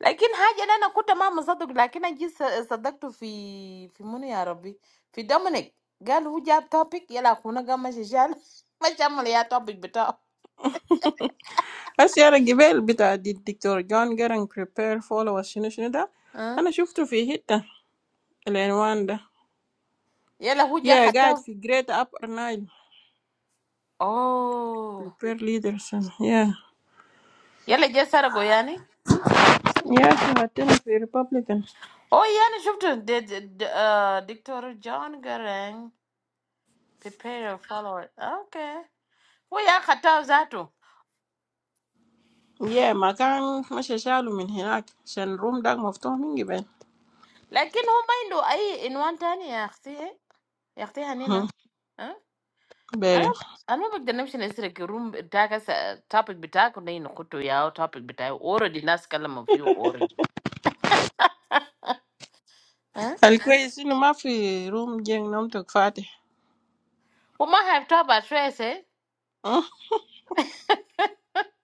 Speaker 2: لكن حاجة اللي أنا كنت ما مصدق لكن أنا جيت ص- صدقته في في منو يا ربي في دومينيك قال هو جاب توبيك يلا أخونا قام مشي شال مشى عمل يا توبيك بتاعه
Speaker 9: هسي أنا جبال بتاع دي- الدكتور جون جيرن prepare فولو شنو شنو ده
Speaker 2: أه؟
Speaker 9: أنا شفته في حتة العنوان ده
Speaker 2: يلا هو جا
Speaker 9: يا قاعد
Speaker 2: خطاب
Speaker 9: في جريت أبر نايل
Speaker 2: أوه
Speaker 9: prepare leaders and- يا
Speaker 2: يلا جا سرقه يعني
Speaker 9: يا أخي حاطينه في ريبابليكان
Speaker 2: أوه يعني شفته د- د- د- آه، دكتور جون جارين prepare a follower أوكي هو يا خطاب ذاته
Speaker 9: يا مكان مش شالوا من هناك عشان الروم ده مفتوح من جبال
Speaker 2: لكن هو ما عنده أي عنوان تاني يا أختي يا أختي
Speaker 9: هم،
Speaker 2: هنينة I
Speaker 9: باري
Speaker 2: don't. I don't think the name is the same. Because room, topic, topic, topic, topic. Already last call. I'm a few orange. Oh
Speaker 9: الكويس إنه ما في روم جين نومتك فاتح
Speaker 2: my! I have trouble. I say. I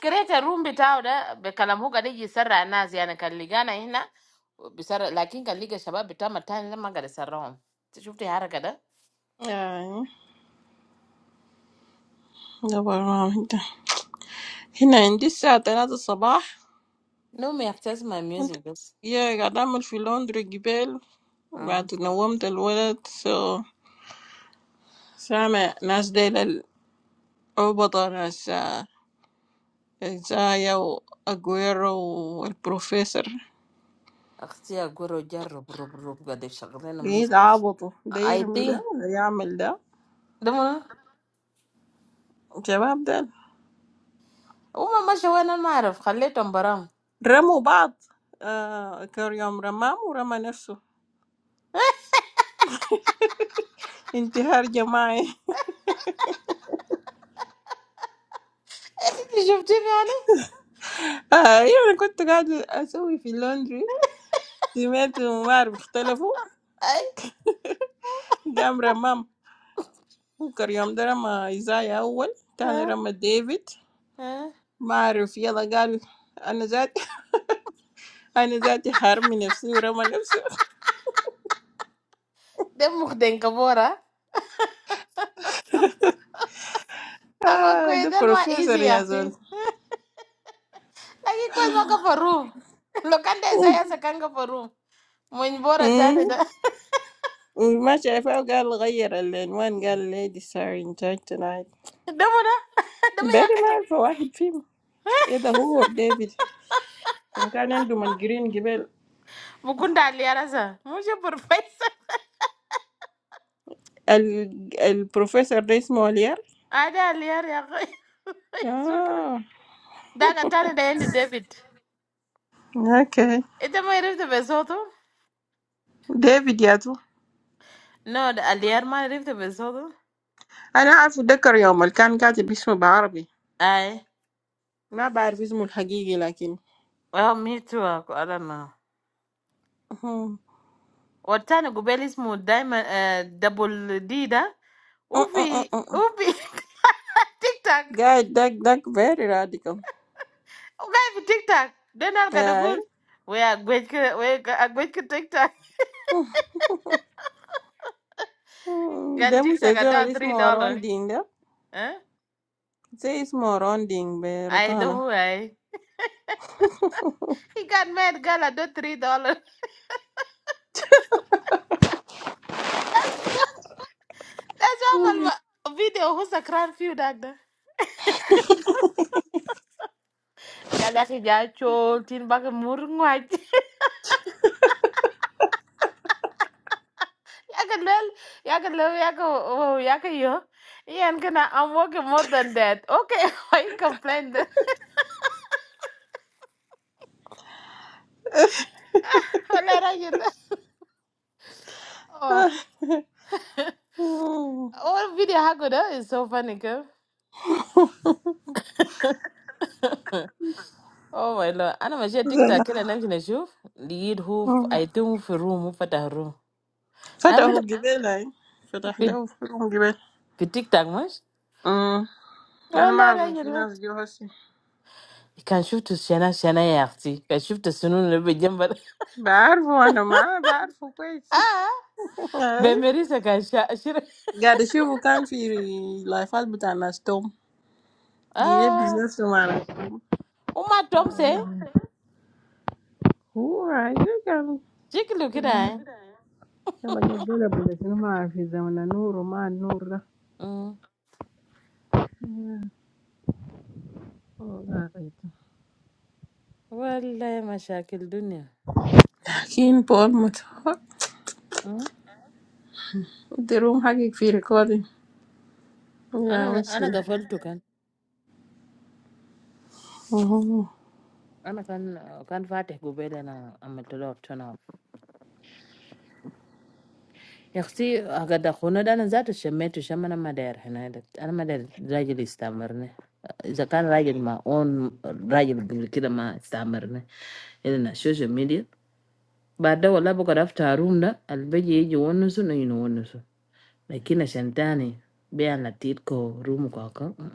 Speaker 2: don't think the name is the same. Because room, topic, topic, topic. But I'm not going to the wrong. You have to hear it.
Speaker 9: آه، دبر ما ده هنا عندي الساعة تلاتة الصباح
Speaker 2: No, I can't access my
Speaker 9: كنت
Speaker 2: music.
Speaker 9: يا قاعد أعمل في لندري جبال
Speaker 2: Ah,
Speaker 9: وبعد نومت الولد سو سامع ناس ديل العبطة ناس آه، إزايا وأجويرو والبروفيسور
Speaker 2: I see you're going to rob, rob, rob, rob the shelves. I don't have
Speaker 9: لقيت
Speaker 2: music.
Speaker 9: عبطوا ده
Speaker 2: I did. Do
Speaker 9: يرمي ده
Speaker 2: you
Speaker 9: وده يعمل ده
Speaker 2: know?
Speaker 9: الشباب ده
Speaker 2: Oh my! I'm so annoying. I don't know. I'm going to the wrong.
Speaker 9: رموا بعض آه كان يوم رمام ورمى نفسه انتحار جماعي
Speaker 2: You just give me.
Speaker 9: آه يعني كنت قاعدة أسوي في اللندري سمعت ومعرف اختلفوا
Speaker 2: Hey,
Speaker 9: قام رمام بكر يوم ده رمى إيزاي أول تاني
Speaker 2: huh?
Speaker 9: رمى ديفيد
Speaker 2: Huh?
Speaker 9: ما أعرف يلا قال أنا ذاتي أنا ذاتي حارمي نفسي ورمى نفسه
Speaker 2: Don't you think I'm boring? I'm
Speaker 9: آه
Speaker 2: quite
Speaker 9: ده
Speaker 2: delma easy,
Speaker 9: بروفيسور
Speaker 2: yah.
Speaker 9: يا زول
Speaker 2: Like you quite makaparu. Lokanda Isaiah sekan kaparu. Mo njvora tana
Speaker 9: مم.
Speaker 2: tana.
Speaker 9: ما شايفاه قال غير العنوان قال ladies are in charge tonight
Speaker 2: Don't you?
Speaker 9: بيري
Speaker 2: Don't
Speaker 9: ما
Speaker 2: you?
Speaker 9: أعرف واحد فيهم إيه ده هو or ديفيد عشان كان عندهم الجرين جبال
Speaker 2: Bukunda aliara sa. Moje purface.
Speaker 9: ال... البروفيسور ده اسمه وليار
Speaker 2: Ada aliara yah. Thank you.
Speaker 9: آه
Speaker 2: Da katana da yand David.
Speaker 9: أوكي
Speaker 2: Ita mo iriftu besoto.
Speaker 9: ديفيد يا زول
Speaker 2: No, the aliara mo iriftu besoto.
Speaker 9: أنا أعرف أتذكر يوم اللي كان كاتب اسمه بعربي
Speaker 2: I.
Speaker 9: ما بعرف اسمه الحقيقي لكن
Speaker 2: Well, me too. I don't know.
Speaker 9: أهم.
Speaker 2: Or tano gubelis mo diamond eh double D da?
Speaker 9: أه أه أه
Speaker 2: Ufi
Speaker 9: أه.
Speaker 2: ufi TikTok.
Speaker 9: قاعد داك داك very radical
Speaker 2: Uga fi TikTok. Denar ka dugu?
Speaker 9: ياي
Speaker 2: We agwech ka we agwech ka TikTok.
Speaker 9: أه.
Speaker 2: Gal
Speaker 9: ده مش
Speaker 2: TikTok
Speaker 9: الزول
Speaker 2: adao
Speaker 9: اللي
Speaker 2: three
Speaker 9: اسمه
Speaker 2: dollars.
Speaker 9: روندين ده
Speaker 2: Huh?
Speaker 9: زي اسمه روندين
Speaker 2: I don't
Speaker 9: برطانة
Speaker 2: know. I he got mad. Gal adao three dollars. That's that's normal. Video who sa crowd feel that da? Galasy jachol tin bago murno ati. Yeah, well, yeah, well, yeah, oh, yaka yo. yeah, you. I'm gonna. I'm working more than that. Okay, why you complain? Then? Wala ra yun na. Oh, that's
Speaker 9: أه.
Speaker 2: all. Oh, video I got is so funny. girl. Oh my lord, I'm on my
Speaker 9: زول
Speaker 2: TikTok.
Speaker 9: ده.
Speaker 2: Can I actually show? Lead hoof.
Speaker 9: أه.
Speaker 2: I don't move a room. Move a taro. I'm
Speaker 9: فتحه
Speaker 2: gonna
Speaker 9: قبيل هاي فتح له
Speaker 2: be
Speaker 9: فتحه قبيل
Speaker 2: TikTok much.
Speaker 9: أه. أنا
Speaker 2: Oh,
Speaker 9: ما
Speaker 2: that's
Speaker 9: أعرف لو في
Speaker 2: all.
Speaker 9: ناس جو هسي
Speaker 2: You can show to Shana. Shana yesterday. Can show to Sununu. Be jammed.
Speaker 9: بعرفه أنا ما بعرفه كويس
Speaker 2: Ah, be married to Kashia.
Speaker 9: Gadu, she bukan file lafad butanas tom dia
Speaker 2: Ah.
Speaker 9: business tomana tom.
Speaker 2: Uma Tom say,
Speaker 9: Oh right, you can.
Speaker 2: "Jikiluki daen."
Speaker 9: Kamu jadi bela bela. Kamu mahfizamana nuru ma nuru. Oh, dah.
Speaker 2: Well, la mashakil dunia.
Speaker 9: Kini Paul matur. Di rumah kita file kodi. Ya,
Speaker 2: Ana ana
Speaker 9: musti.
Speaker 2: gafoluto kan.
Speaker 9: Hmm.
Speaker 2: Ana kan kan fatih gubela na ametolotona. Yaxsi agadakuna da na zato sheme tu shama na madarhana. Ana madarja listamarni. Zaka kan rajen ma on rajen bunguki da Ana ma listamarni. Yena shoshe media. Baada walla boka daf taroom na albaye jo onosu na yino onosu. Na kina shanta ni bayan latit ko roomo kaakon.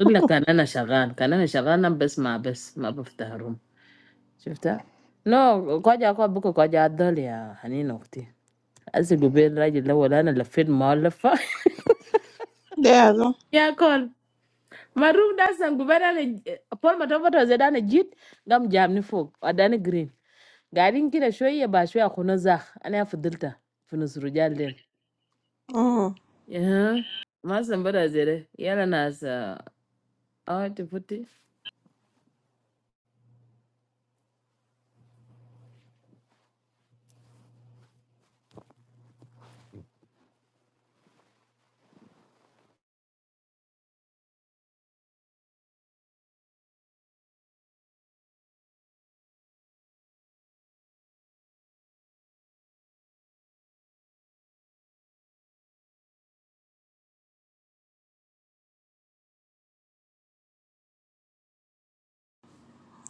Speaker 2: Ola, kanana shagani, kanana shagani, nam bes ma bes ma bafta harum. Shifter? No, kwa jia kwa boko kwa jia adali ya hani nokti. Asi gubele raji la wala na la fed malafa.
Speaker 9: Dah ado.
Speaker 2: Ya kwa, marum daa sam gubele na apol matovuto zeda na jit gamja amni fuk wadana green. Gari niki na shwe ya ba shwe akunoza. Ani ya fudulta fuso rujali.
Speaker 9: Hmm.
Speaker 2: Yeah, ma sambo da zere ya la nas ah teputi.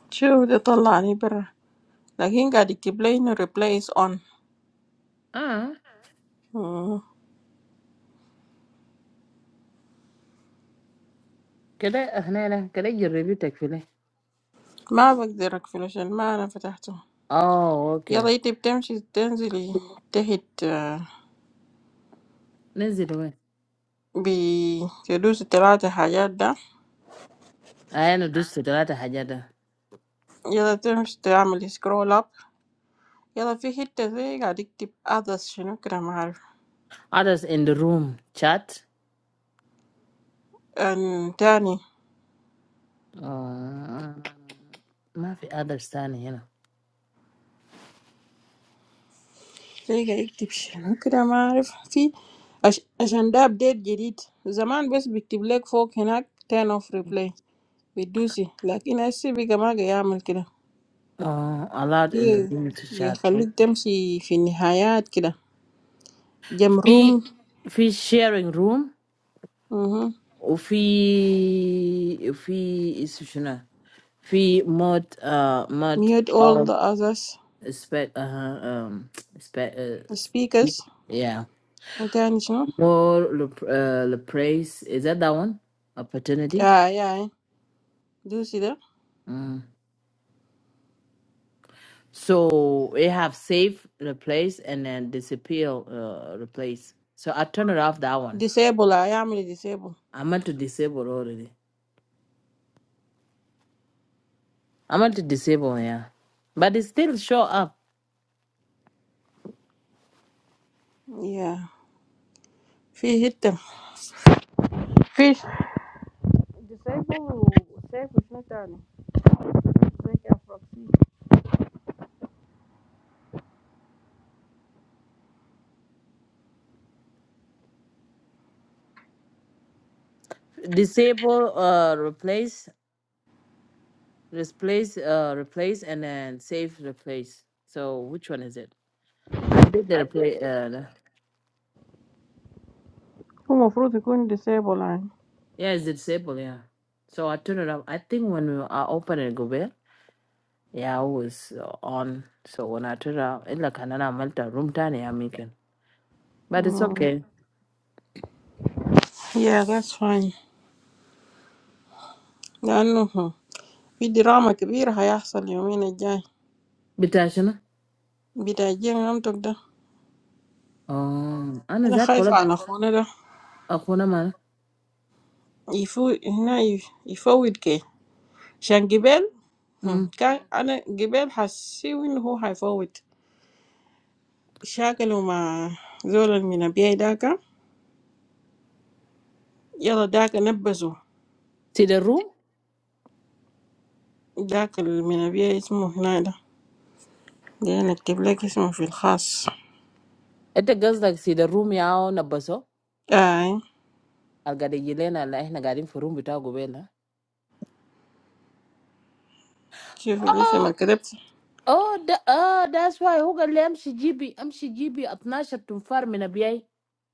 Speaker 9: Cio, dia taulah ni pera. Lagiin, gadik reply nu reply is on.
Speaker 2: Ah,
Speaker 9: Hmm.
Speaker 2: keda hanela keda girevi tekule.
Speaker 9: Maaf, aku tidak flosion. Maaf, aku takh tahu.
Speaker 2: Oh,
Speaker 9: Ya,
Speaker 2: okay.
Speaker 9: dia tip tems dia dengeli terhit.
Speaker 2: Niziliwe.
Speaker 9: بتدوس التلاتة حاجات ده
Speaker 2: Ayana dusu da wata hajada.
Speaker 9: يلا تمشي تعمل سكرول اب يلا في حتة زي قاعد يكتب others شنو كده ما أعرف
Speaker 2: Others in the room chat.
Speaker 9: أن تاني
Speaker 2: Uh, mafi others standing, you know.
Speaker 9: زي قاعد يكتب شنو كده ما أعرف في عش... عشان ده أبديت جديد زمان بس بيكتب لك فوق هناك turn off replay بتدوسي لكن هسي بقى ما قاعد يعمل كده
Speaker 2: Uh, allowed in the
Speaker 9: بي-
Speaker 2: room to chat. right?
Speaker 9: بيخليك تمشي في النهايات كده جم
Speaker 2: Fi,
Speaker 9: روم
Speaker 2: fi sharing room.
Speaker 9: مهم.
Speaker 2: Fi, fi institutional. Fi mod, uh, mod.
Speaker 9: mute all
Speaker 2: all
Speaker 9: the others
Speaker 2: Spe, uh, um, spe, uh, spe,
Speaker 9: speakers
Speaker 2: yeah.
Speaker 9: وتاني شنو
Speaker 2: More, uh, the praise. Is that that one? Opportunity?
Speaker 9: آه يا إيه. Do you see them?
Speaker 2: Mm. So it have save replace and then disappear uh, replace. So I turn it off that one.
Speaker 9: Disabled, I amly disabled.
Speaker 2: I meant to disable already. I meant to disable, yeah. But it still show up.
Speaker 9: Yeah, fish hit them. Fish. Disabled, disabled, not done. Take a proper.
Speaker 2: Disable uh replace replace uh replace and then save replace. So which one is it? I did the replace uh the-
Speaker 9: Some of those are going disabled,
Speaker 2: yeah it's disable, yeah. So I turn it off. I think when we, I open it go back, yeah, I was uh, on. So when I turn it off, it's like another room time I'm making. But it's
Speaker 9: aren't
Speaker 2: okay,
Speaker 9: they? Yeah, that's fine. I know him. We drama big. I have to leave me in a jail.
Speaker 2: isn't it?
Speaker 9: We da jail. I'm talking to.
Speaker 2: Oh, and
Speaker 9: I'm
Speaker 2: is that all
Speaker 9: afraid
Speaker 2: of
Speaker 9: I'm not gonna do.
Speaker 2: our own? Mah,
Speaker 9: If you, now, if if forward, can. She an gibel? Hm. Can? An gibel has seen who have forward. She alone ma. Zola mina beida ka. يلا داك نبزه
Speaker 2: see the room.
Speaker 9: داك من أبيه اسمه هنا ده ده نكتب لك اسمه في الخاص
Speaker 2: Ette girls like see the room. Yaw na buso.
Speaker 9: آي
Speaker 2: Alga de yilena lai na garin for room bitta govela.
Speaker 9: شوف الاسم
Speaker 2: Oh,
Speaker 9: اللي كتبت
Speaker 2: oh, oh, that's why. Hoga le amsi gbi amsi gbi atna shab tum farm na biay.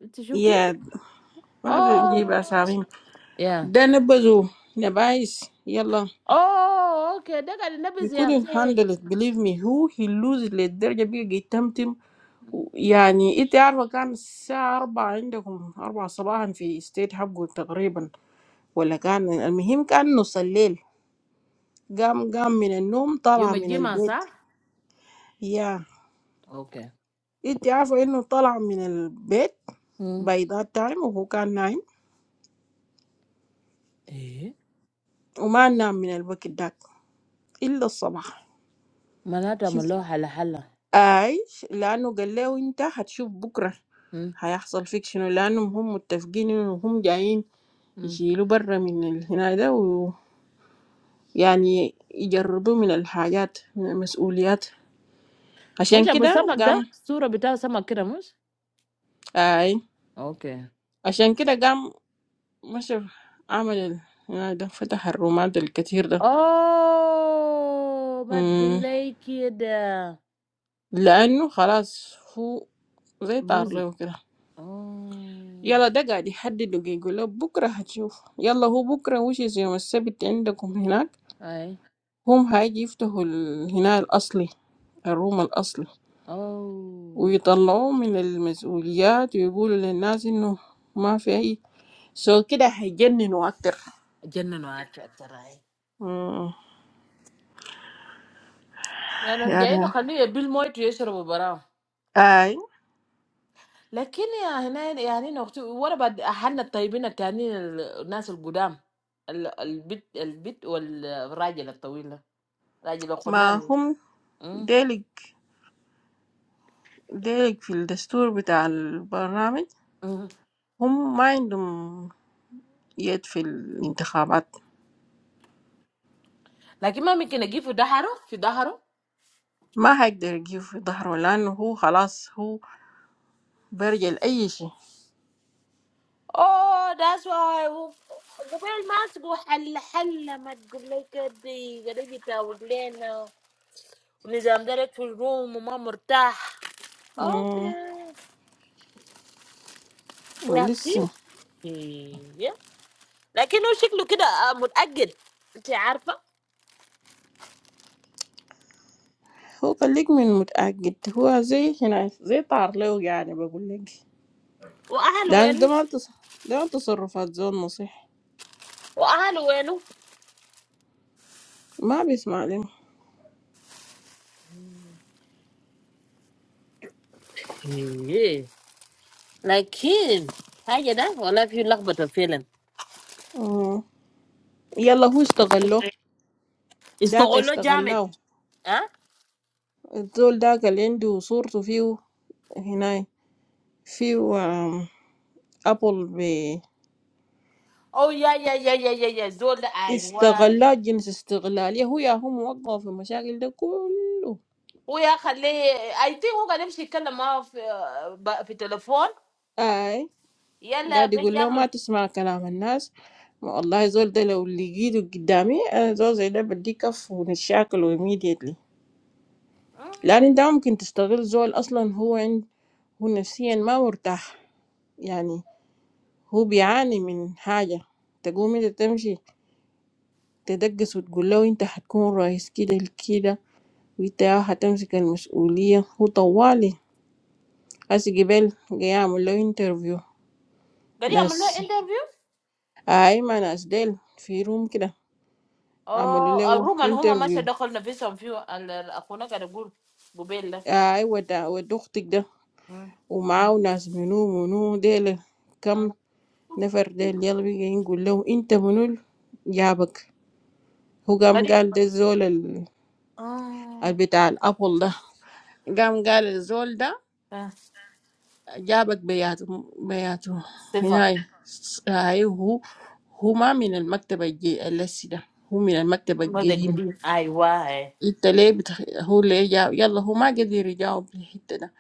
Speaker 2: Tishupi?
Speaker 9: يا د- ما
Speaker 2: Oh.
Speaker 9: تجيب أسامي
Speaker 2: Yeah.
Speaker 9: ده نبزه نبايس يلا
Speaker 2: Oh, okay. De garin na
Speaker 9: he
Speaker 2: busya.
Speaker 9: couldn't
Speaker 2: Hey.
Speaker 9: handle it believe me who he lose للدرجة بيجي يتمتم يعني انت عارفة كان الساعة أربعة عندكم أربعة صباحا في ستيت حقه تقريبا ولا كان المهم كان نص الليل قام قام من النوم
Speaker 2: You
Speaker 9: طلع من
Speaker 2: majima
Speaker 9: البيت
Speaker 2: sa?
Speaker 9: يا
Speaker 2: Okay.
Speaker 9: انت عارفة انه طلع من البيت
Speaker 2: Hmm.
Speaker 9: باي ذات تايم وهو كان نايم
Speaker 2: Eh?
Speaker 9: وما نام من الوقت داك الا الصباح
Speaker 2: Manada
Speaker 9: شوف
Speaker 2: amaloh hala hala.
Speaker 9: اي لانه قال له انت هتشوف بكره
Speaker 2: Hmm.
Speaker 9: هيحصل فيك شنو لانهم هم متفقين انه هم جايين
Speaker 2: Hmm.
Speaker 9: يشيلوا برا من ال- هنا ده ويعني يجربوا من الحاجات من المسؤوليات عشان
Speaker 2: Mujahabu
Speaker 9: كده
Speaker 2: sama da,
Speaker 9: قام
Speaker 2: surabita sama kiramush.
Speaker 9: اي
Speaker 2: Okay.
Speaker 9: عشان كده قام مشى عمل ال- هنا ده فتح الرومات الكتير
Speaker 2: Oh, mad
Speaker 9: ده
Speaker 2: gunday kida,
Speaker 9: لأنه خلاص هو زي طار
Speaker 2: bruzi.
Speaker 9: له كده
Speaker 2: Oh,
Speaker 9: يلا ده قاعد يحدده يقول له بكرة هتشوف يلا هو بكرة وش يوم السبت عندكم هناك
Speaker 2: ay,
Speaker 9: هم هيجي يفتحوا ال- هنا الأصلي الروم الأصلي
Speaker 2: oh,
Speaker 9: ويطلعوه من المسؤوليات ويقولوا للناس إنه ما في أي سو كده هيجننوا أكتر
Speaker 2: jenna no ati atarai.
Speaker 9: مم.
Speaker 2: Ano jai no
Speaker 9: يعني
Speaker 2: khalu e bill moi tu eseru bara.
Speaker 9: أي
Speaker 2: Lekin ya hine ya hine noqto, wala bad ahna taibina taanin al nasul budam, al al bit al bit wal raji la tuila, raji la
Speaker 9: ما
Speaker 2: kudani.
Speaker 9: هم
Speaker 2: Hmm.
Speaker 9: ديلك ديلك في الدستور بتاع البرنامج هم ما عندهم يد في الانتخابات
Speaker 2: Lekin mama kena giveu daharo, giveu daharo.
Speaker 9: ما هيقدر يجيب في ظهره لأنه هو خلاص هو برجع لأي شيء
Speaker 2: Oh, that's why we we buy masks to go. Hella, hella, not just like a day. We don't get to wear them. We're not even direct from the room, and we're not comfortable.
Speaker 9: مم،
Speaker 2: Okay. What?
Speaker 9: ولسه
Speaker 2: Yeah. But he looks like a mad kid. You know?
Speaker 9: هو خليك من متأكد هو زي هنا زي طار له يعني بقول لك لأن
Speaker 2: And
Speaker 9: ده
Speaker 2: he's
Speaker 9: ما تص... ده ما تصرفات زول نصيح
Speaker 2: handsome. And he's handsome.
Speaker 9: ما بيسمع لهم
Speaker 2: Yeah. But he's, yeah, yeah,
Speaker 9: مم، يلا هو استغله داك استغلاه الزول داك اللي عنده صورته فيه هنا فيه آم، أبل
Speaker 2: yeah, yeah, yeah, yeah. He's old.
Speaker 9: استغلال جنس استغلال يا هو يا هو موظف في المشاكل ده كله
Speaker 2: Wey I kalle I think we gade him she call him off uh by telephone.
Speaker 9: اي
Speaker 2: Yeah,
Speaker 9: قاعد يقول له
Speaker 2: blackyamul.
Speaker 9: ما تسمع كلام الناس والله زول ده لو لقيته قدامي انا زول زي ده بدي كف ونتشاكل immediately لان انت ممكن تستغل زول اصلا هو عند هو نفسيا ما مرتاح يعني هو بيعاني من حاجة تقوم انت تمشي تدقس وتقول له انت هتكون رئيس كده لكده وانت هتمسك المسؤولية هو طوالي As جبال جاي يعمل له انترفيو
Speaker 2: Gade himul
Speaker 9: ناس
Speaker 2: interview.
Speaker 9: أيمن ناس ديل في روم كده عملوا
Speaker 2: Oh, the
Speaker 9: له
Speaker 2: Roman, hima ma she
Speaker 9: انترفيو
Speaker 2: dakhel na visa and view. Al, akuna gade gule. Gubela.
Speaker 9: أيوة ده ودوختك ده
Speaker 2: Hmm.
Speaker 9: ومعاه ناس منو منو ديل
Speaker 2: Hmm.
Speaker 9: كم نفر ديل يلا بيجي نقول له انت منو جابك هو قام
Speaker 2: Gade.
Speaker 9: قال ده الزول ال- ال-
Speaker 2: Oh.
Speaker 9: بتاع الأبل ده قام قال الزول ده
Speaker 2: Ah.
Speaker 9: جابك بياته بياته
Speaker 2: Safea.
Speaker 9: هاي هاي هو هو ما من المكتب الجي- اللسي ده هو من المكتب
Speaker 2: Ma the
Speaker 9: القديم
Speaker 2: gade. Aiywa.
Speaker 9: انت ليه بتخ... هو ليه جاوب يلا هو ما قدر يجاوب في الحتة ده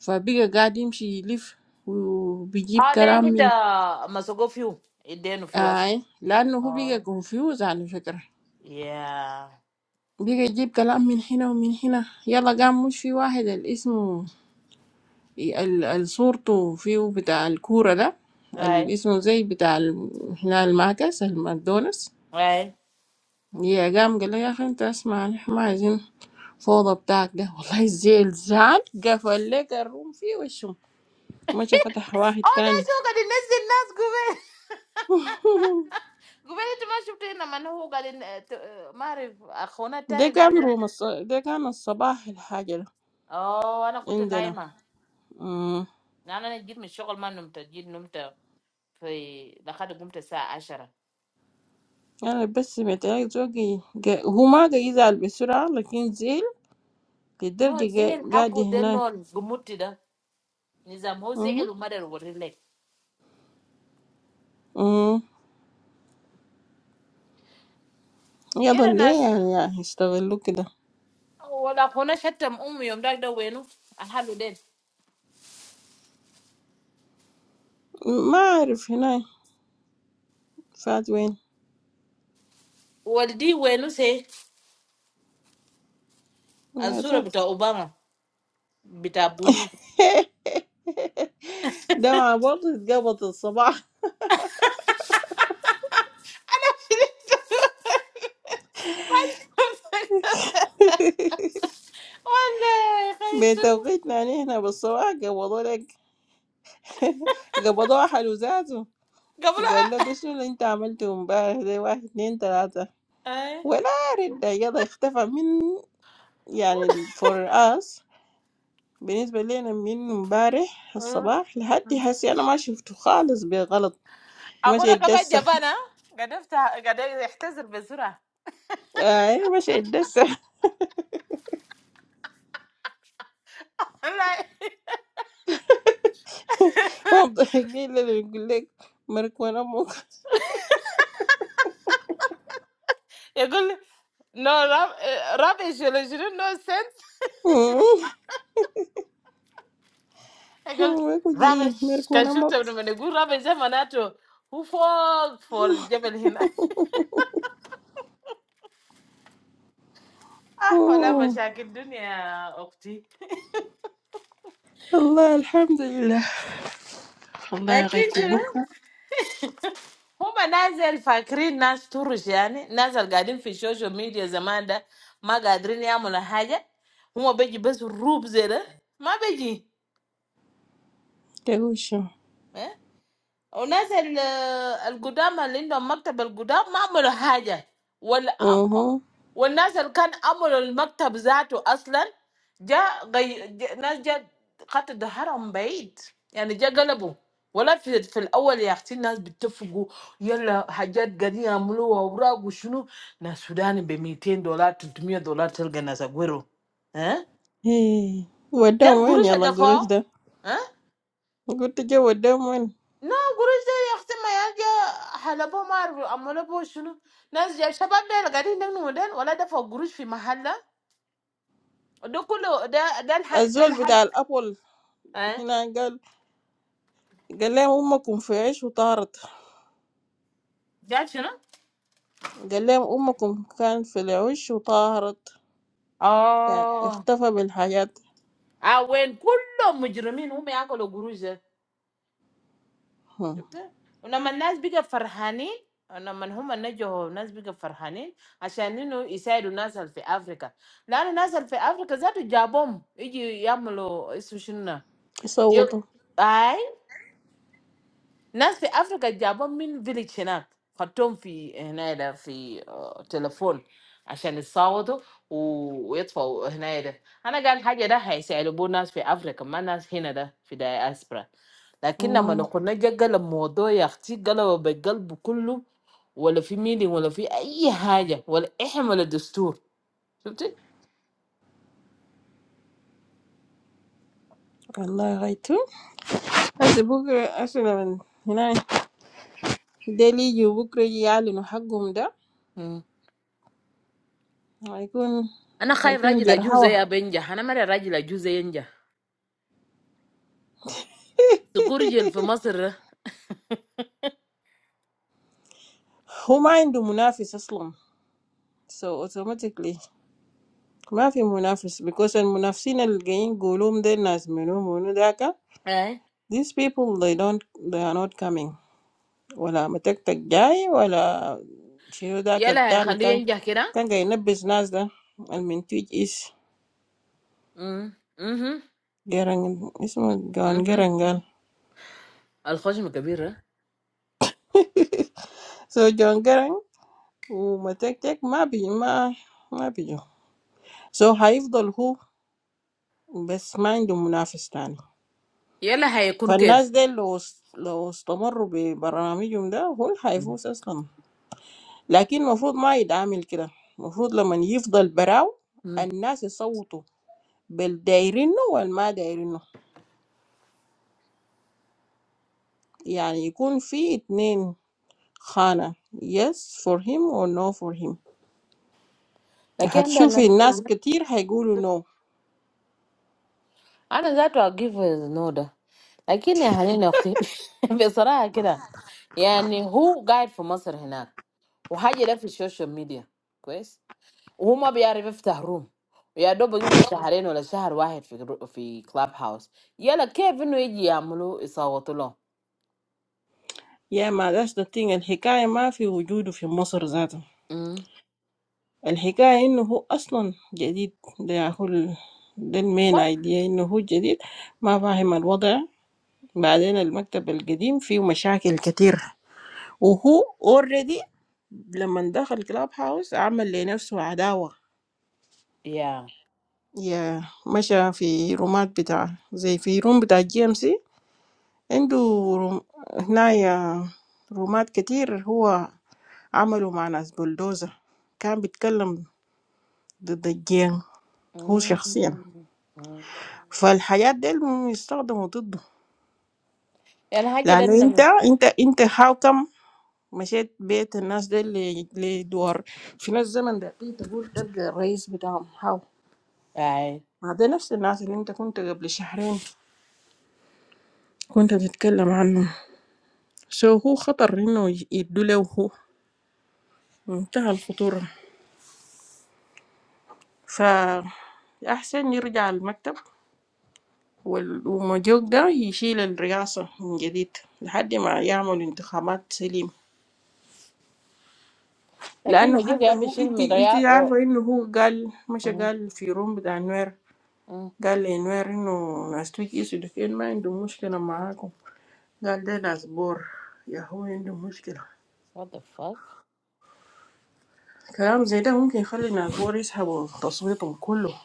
Speaker 9: فبقى قاعد يمشي يلف وبيجيب
Speaker 2: Ah, dey
Speaker 9: كلام
Speaker 2: hit
Speaker 9: من
Speaker 2: uh masuko view. Idey no view
Speaker 9: آه
Speaker 2: as.
Speaker 9: إيه؟ لأنه هو بقى
Speaker 2: Oh.
Speaker 9: كونفيوز على فكرة
Speaker 2: Yeah.
Speaker 9: بقى يجيب كلام من هنا ومن هنا يلا قام مش في واحد الاسم صورته فيه بتاع الكورة ده
Speaker 2: Right.
Speaker 9: الاسم زي بتاع ال- هنا المعكس الماكدونالدز
Speaker 2: Right.
Speaker 9: يا قام قال له يا أخي أنت اسمع نحن ما عايزين فوضى بتاعك ده والله زي الزعل زعل قفل لك الروم فيه وشه مشى فتح واحد
Speaker 2: Oh, dey
Speaker 9: تاني
Speaker 2: show gade the next dance gube.
Speaker 9: ده كان روم الص... ده كان الصباح الحاجة ده عندنا مم. أنا بس سمعت عيال زوجي جا... هو ما قاعد يزعل بسرعة لكن زعل للدرجة جا... قاعد هناك
Speaker 2: Gumuti da nizamu
Speaker 9: مم.
Speaker 2: zilu madaru wuri le.
Speaker 9: مم. يضل ليه يعني, يعني يستغلوا كده ما أعرف هناك فات وين يا ده ده مع برضه اتقبض الصباح
Speaker 2: Olay, kaijim.
Speaker 9: بتوقيتنا يعني هنا بالصباح قبضوا لك قبضوها حلو ذاته
Speaker 2: Gbole a.
Speaker 9: قال له ده شنو اللي انت عملته امبارح ده واحد اتنين تلاتة
Speaker 2: Aye.
Speaker 9: ولا رد يلا اختفى من يعني فور اس بالنسبة لنا من امبارح
Speaker 2: Uh.
Speaker 9: الصباح لحد هسي انا ما شفته خالص بغلط مشي
Speaker 2: Agora kabe
Speaker 9: يتدسى
Speaker 2: jaba na. Gadefte, gadey, heptezir bezura.
Speaker 9: اي مشي يتدسى
Speaker 2: Olay.
Speaker 9: ما
Speaker 2: Hehehe.
Speaker 9: مضايقين لنا يقول لك مرك وانا امك
Speaker 2: Yagul. No rab. Rab ishele, she don't know sense. I gull. Rab
Speaker 9: وجي
Speaker 2: is.
Speaker 9: مرك
Speaker 2: Kan
Speaker 9: وانا
Speaker 2: shoot
Speaker 9: امك
Speaker 2: abro, mane guru rab ishe manato. Who fall for jebel hina? Ah, hola machakinduniya, okti.
Speaker 9: الله الحمد لله والله
Speaker 2: But she
Speaker 9: غيت
Speaker 2: don't.
Speaker 9: بكره
Speaker 2: Huma Nazal Fakri Naz Tourgeani Nazal Gadim Fijojo Media Zamanda Magadri niya molo haya Huma beji bezu rubzela Magaji.
Speaker 9: تقول شنو
Speaker 2: وناس ال- القدامى اللي عندهم مكتب القدام ما عملوا حاجة وال...
Speaker 9: اها
Speaker 2: والناس اللي كان عملوا المكتب ذاته أصلا جاء غي... جاء... ناس جاء خط ظهرهم بعيد يعني جاء قلبوا ولا في, في الأول يا أختي الناس بيتفقوا يلا حاجات قاعدين يعملوها أوراق وشنو ناس سوداني ب 200 دولار 300 دولار تلقى ناس أقوله ها
Speaker 9: إيه.
Speaker 2: ده
Speaker 9: وداهم وين
Speaker 2: القروش
Speaker 9: يلا
Speaker 2: اللي
Speaker 9: القروش ده
Speaker 2: دفعوه
Speaker 9: قلت جو وداهم وين
Speaker 2: No, Guruji, I asked him, "May I get halabomar? Will I be able to do it?" Now, as the shop is very modern, the old-fashioned Guruji in the locality, all of them, they are all Haj, they are
Speaker 9: الزول
Speaker 2: Haj,
Speaker 9: بتاع الأبل
Speaker 2: eh?
Speaker 9: هنا قال قال لهم أمكم في عيش وطارت
Speaker 2: What is it?
Speaker 9: قال لهم أمكم كان في العيش وطارت يعني
Speaker 2: Oh,
Speaker 9: اختفى بالحاجات
Speaker 2: ah, when all the criminals come here, all the Guruji,
Speaker 9: هم.
Speaker 2: okay? And now, many people are coming. And now, many people are coming. Because now, Israel is now in Africa. Now, Israel is in Africa. What is it? Halabom? Is it Yamalo? Is it what? You,
Speaker 9: يصوتوا
Speaker 2: aye? ناس في افريقيا جابهم من فيليج هناك خدتهم في هنا ده في آه، تليفون عشان يصوتوا و- ويطفوا هنا ده انا قال حاجه ده هيسالبوا ناس في افريقيا ما ناس هنا ده في دايسبرا لكن لما
Speaker 9: مم.
Speaker 2: نكون جا قلب الموضوع يا اختي قلب بقلبه كله ولا في ميدي ولا في اي حاجه ولا احنا ولا دستور شفتي
Speaker 9: والله غايتو هسه بكرة أصلا من هنا ديل يجوا بكرة يعلنوا حقهم ده
Speaker 2: مم.
Speaker 9: هيكون
Speaker 2: انا خايف
Speaker 9: هيكون
Speaker 2: راجل اجوز
Speaker 9: جرهوة
Speaker 2: يا بنجح انا مرة راجل اجوز ينجح تقول رجل في مصر ده،
Speaker 9: هو ما عنده منافس أصلا so automatically ما في منافس Because in Munafsin el Geyn golum de nas Menou Munudaka,
Speaker 2: اي
Speaker 9: these people they don't they are not coming. Well, Mattek Tekjai, well, Chiruda
Speaker 2: يلا
Speaker 9: Ketan,
Speaker 2: هيخليه
Speaker 9: can
Speaker 2: ينجح كده
Speaker 9: can Geynab Bes Nasda al Mintwich is
Speaker 2: Mm mm
Speaker 9: Gereng is Mun
Speaker 2: mm.
Speaker 9: Gangerengal.
Speaker 2: Al Khajmukabirah.
Speaker 9: So Gangereng, U Mattek Tek Ma Bi Ma Ma Biyo. So Haifdolhu Bes Main do Munafistan.
Speaker 2: Yalla, how it will
Speaker 9: Van
Speaker 2: be?
Speaker 9: Nasda los los Tomarube Baranamiyumda whole Haifu says come. لكن المفروض ما يتعامل كده المفروض لما يفضل براو الناس يصوتوا بالدايرينه والما دايرينه يعني يكون في اتنين خانة yes for him or no for him
Speaker 2: Like I don't
Speaker 9: هتشوفي
Speaker 2: know.
Speaker 9: الناس كتير هيقولوا no
Speaker 2: I know that will give no da. Like in the whole night, we saw like that. I mean, who guide from Masr here? And he is in social media, guys. And he will be in the hotel room. He is doing for two months or one month in the club house. Yalla, how will he make money?
Speaker 9: يا ما ذاش ده thing الحكاية ما في وجوده في مصر ذاته الحكاية انه هو اصلا جديد ده هو ال- ده المين
Speaker 2: What?
Speaker 9: ايديا انه هو جديد ما فاهم الوضع بعدين المكتب القديم فيه مشاكل كتير وهو اوريدي لما دخل كلاب هاوس عمل لنفسه عداوة
Speaker 2: Yeah.
Speaker 9: يا مشى في رومات بتاع زي في روم بتاع جي ام سي عنده روم هنايا رومات كتير هو عمله مع ناس بلدوزة كان بيتكلم ضد الجين هو شخصيا فالحياة دي يستخدموا ضده
Speaker 2: Yana haja dani
Speaker 9: لأنه أنت
Speaker 2: na
Speaker 9: أنت أنت هاو كم مشيت بيت الناس دي ل- لدور في ناس زمن دقيق تقول تلقى الرئيس بتاعهم هاو
Speaker 2: ai.
Speaker 9: ما ده نفس الناس اللي انت كنت قبل شهرين كنت تتكلم عنه سو هو خطر انه ي- يدوا له هو منتهى الخطورة فأحسن يرجع المكتب وال- ومجوك ده يشيل الرئاسة من جديد لحد ما يعمل انتخابات سليم
Speaker 2: Lakini
Speaker 9: لأنه
Speaker 2: majoga
Speaker 9: حتى
Speaker 2: ya
Speaker 9: هو
Speaker 2: bishil
Speaker 9: انت
Speaker 2: mira
Speaker 9: انت
Speaker 2: ya oh,
Speaker 9: عارفة انه هو قال مش
Speaker 2: mm,
Speaker 9: قال في روم بتاع نوير
Speaker 2: mm.
Speaker 9: قال لنوير انه ناس تويت يسدك ما عندهم مشكلة معاكم قال ده ناس بور يا هو عندهم مشكلة
Speaker 2: What the fuck?
Speaker 9: كلام زي ده ممكن يخلي النافور يسحبوا تصويتهم كله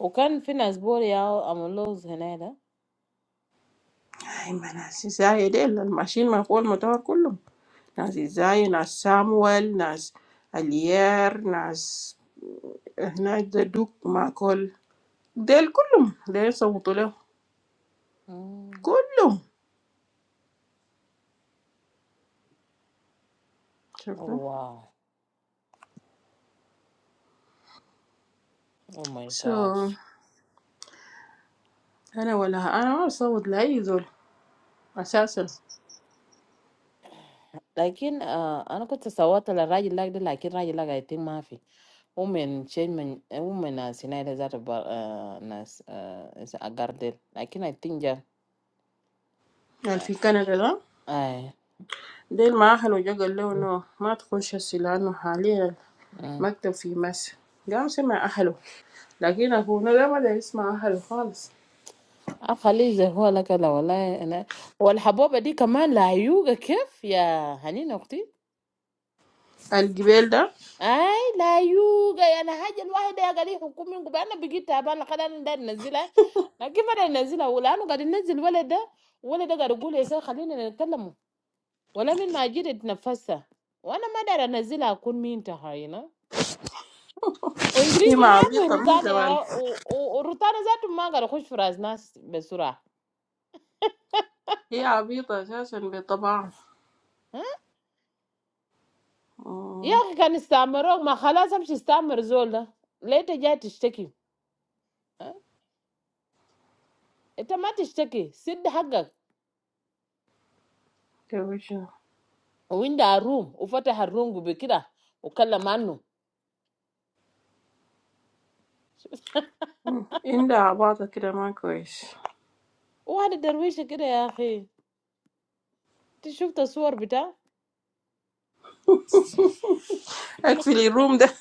Speaker 2: Ukan finance board yao amuloz henada.
Speaker 9: هاي ما ناس زي ديل ماشيين ما فوق المطار كلهم ناس زي ناس سامويل ناس اليير ناس هناك ده دوك مع كل ديل كلهم ديل صوتوا له
Speaker 2: Mm.
Speaker 9: كلهم
Speaker 2: Oh,
Speaker 9: شفتوا
Speaker 2: wow. Oh my
Speaker 9: سو so,
Speaker 2: gosh.
Speaker 9: انا ولا انا ما بصوت لاي زول اساسا
Speaker 2: Lakini uh, ana ko tasawata la raji lag de lakini raji lag I think mafi. Women change men eh, women as hinaida zata ba uh, nas uh, is agardel. Lakini I think ja.
Speaker 9: يعني في كندا ده
Speaker 2: Ai.
Speaker 9: ديل ما اهله جو قال له انه ما تخش هسي لانه حاليا المكتب في مصر قام سمع اهله لكن أكون ده ما داير يسمع أهله خالص
Speaker 2: خليه زي هو لك انا والله انا والحبوبه دي كمان لايوقه كيف يا هنينه اختي
Speaker 9: الجبال ده
Speaker 2: اي لايوقه يعني حاجه الواحده يا قال حكومي يقول انا بقيت تعبان لقد انا داير ننزلها لكن ما ننزلها ولانه قاعد ينزل ولد ده ولد ده قاعد يقول يا سيدي خلينا نتكلم ولا من ما جيت اتنفسها وانا ما دار انزلها اكون مين تهاينا
Speaker 9: هي
Speaker 2: وانجليزي
Speaker 9: ما
Speaker 2: ما في
Speaker 9: عبيطة من
Speaker 2: روتانا يا
Speaker 9: زمان
Speaker 2: و- و- وروتانا ذاته ما قاعد اخش في راس ناس بسرعه
Speaker 9: هي عبيطة أساسا بطبعها أوه،
Speaker 2: Yaki canisteramrong, ma chalasam chisteram rozola. Later jai tishakee. Etamatishakee. Sid hagg.
Speaker 9: ده وش ده؟
Speaker 2: Oinda harum. Ufate harum gubekida. Ukala manu.
Speaker 9: مم، عندها عباطة كده ما كويس
Speaker 2: Oha nideruishakida yaki. Tishukta suarbita.
Speaker 9: أقفل الروم ده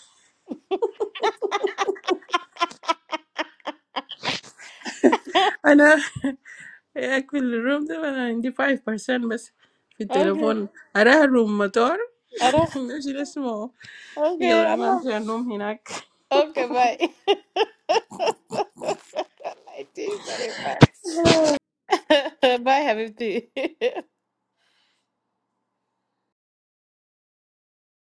Speaker 9: أنا أقفل الروم ده أنا عندي 5% بس في
Speaker 2: Okay.
Speaker 9: التليفون أراها روم مطار
Speaker 2: Aras.
Speaker 9: ماشي اسمه
Speaker 2: Okay.
Speaker 9: يلا أنا
Speaker 2: Anu.
Speaker 9: أمشي أنوم هناك
Speaker 2: Okay. Bye. Bye. Have it.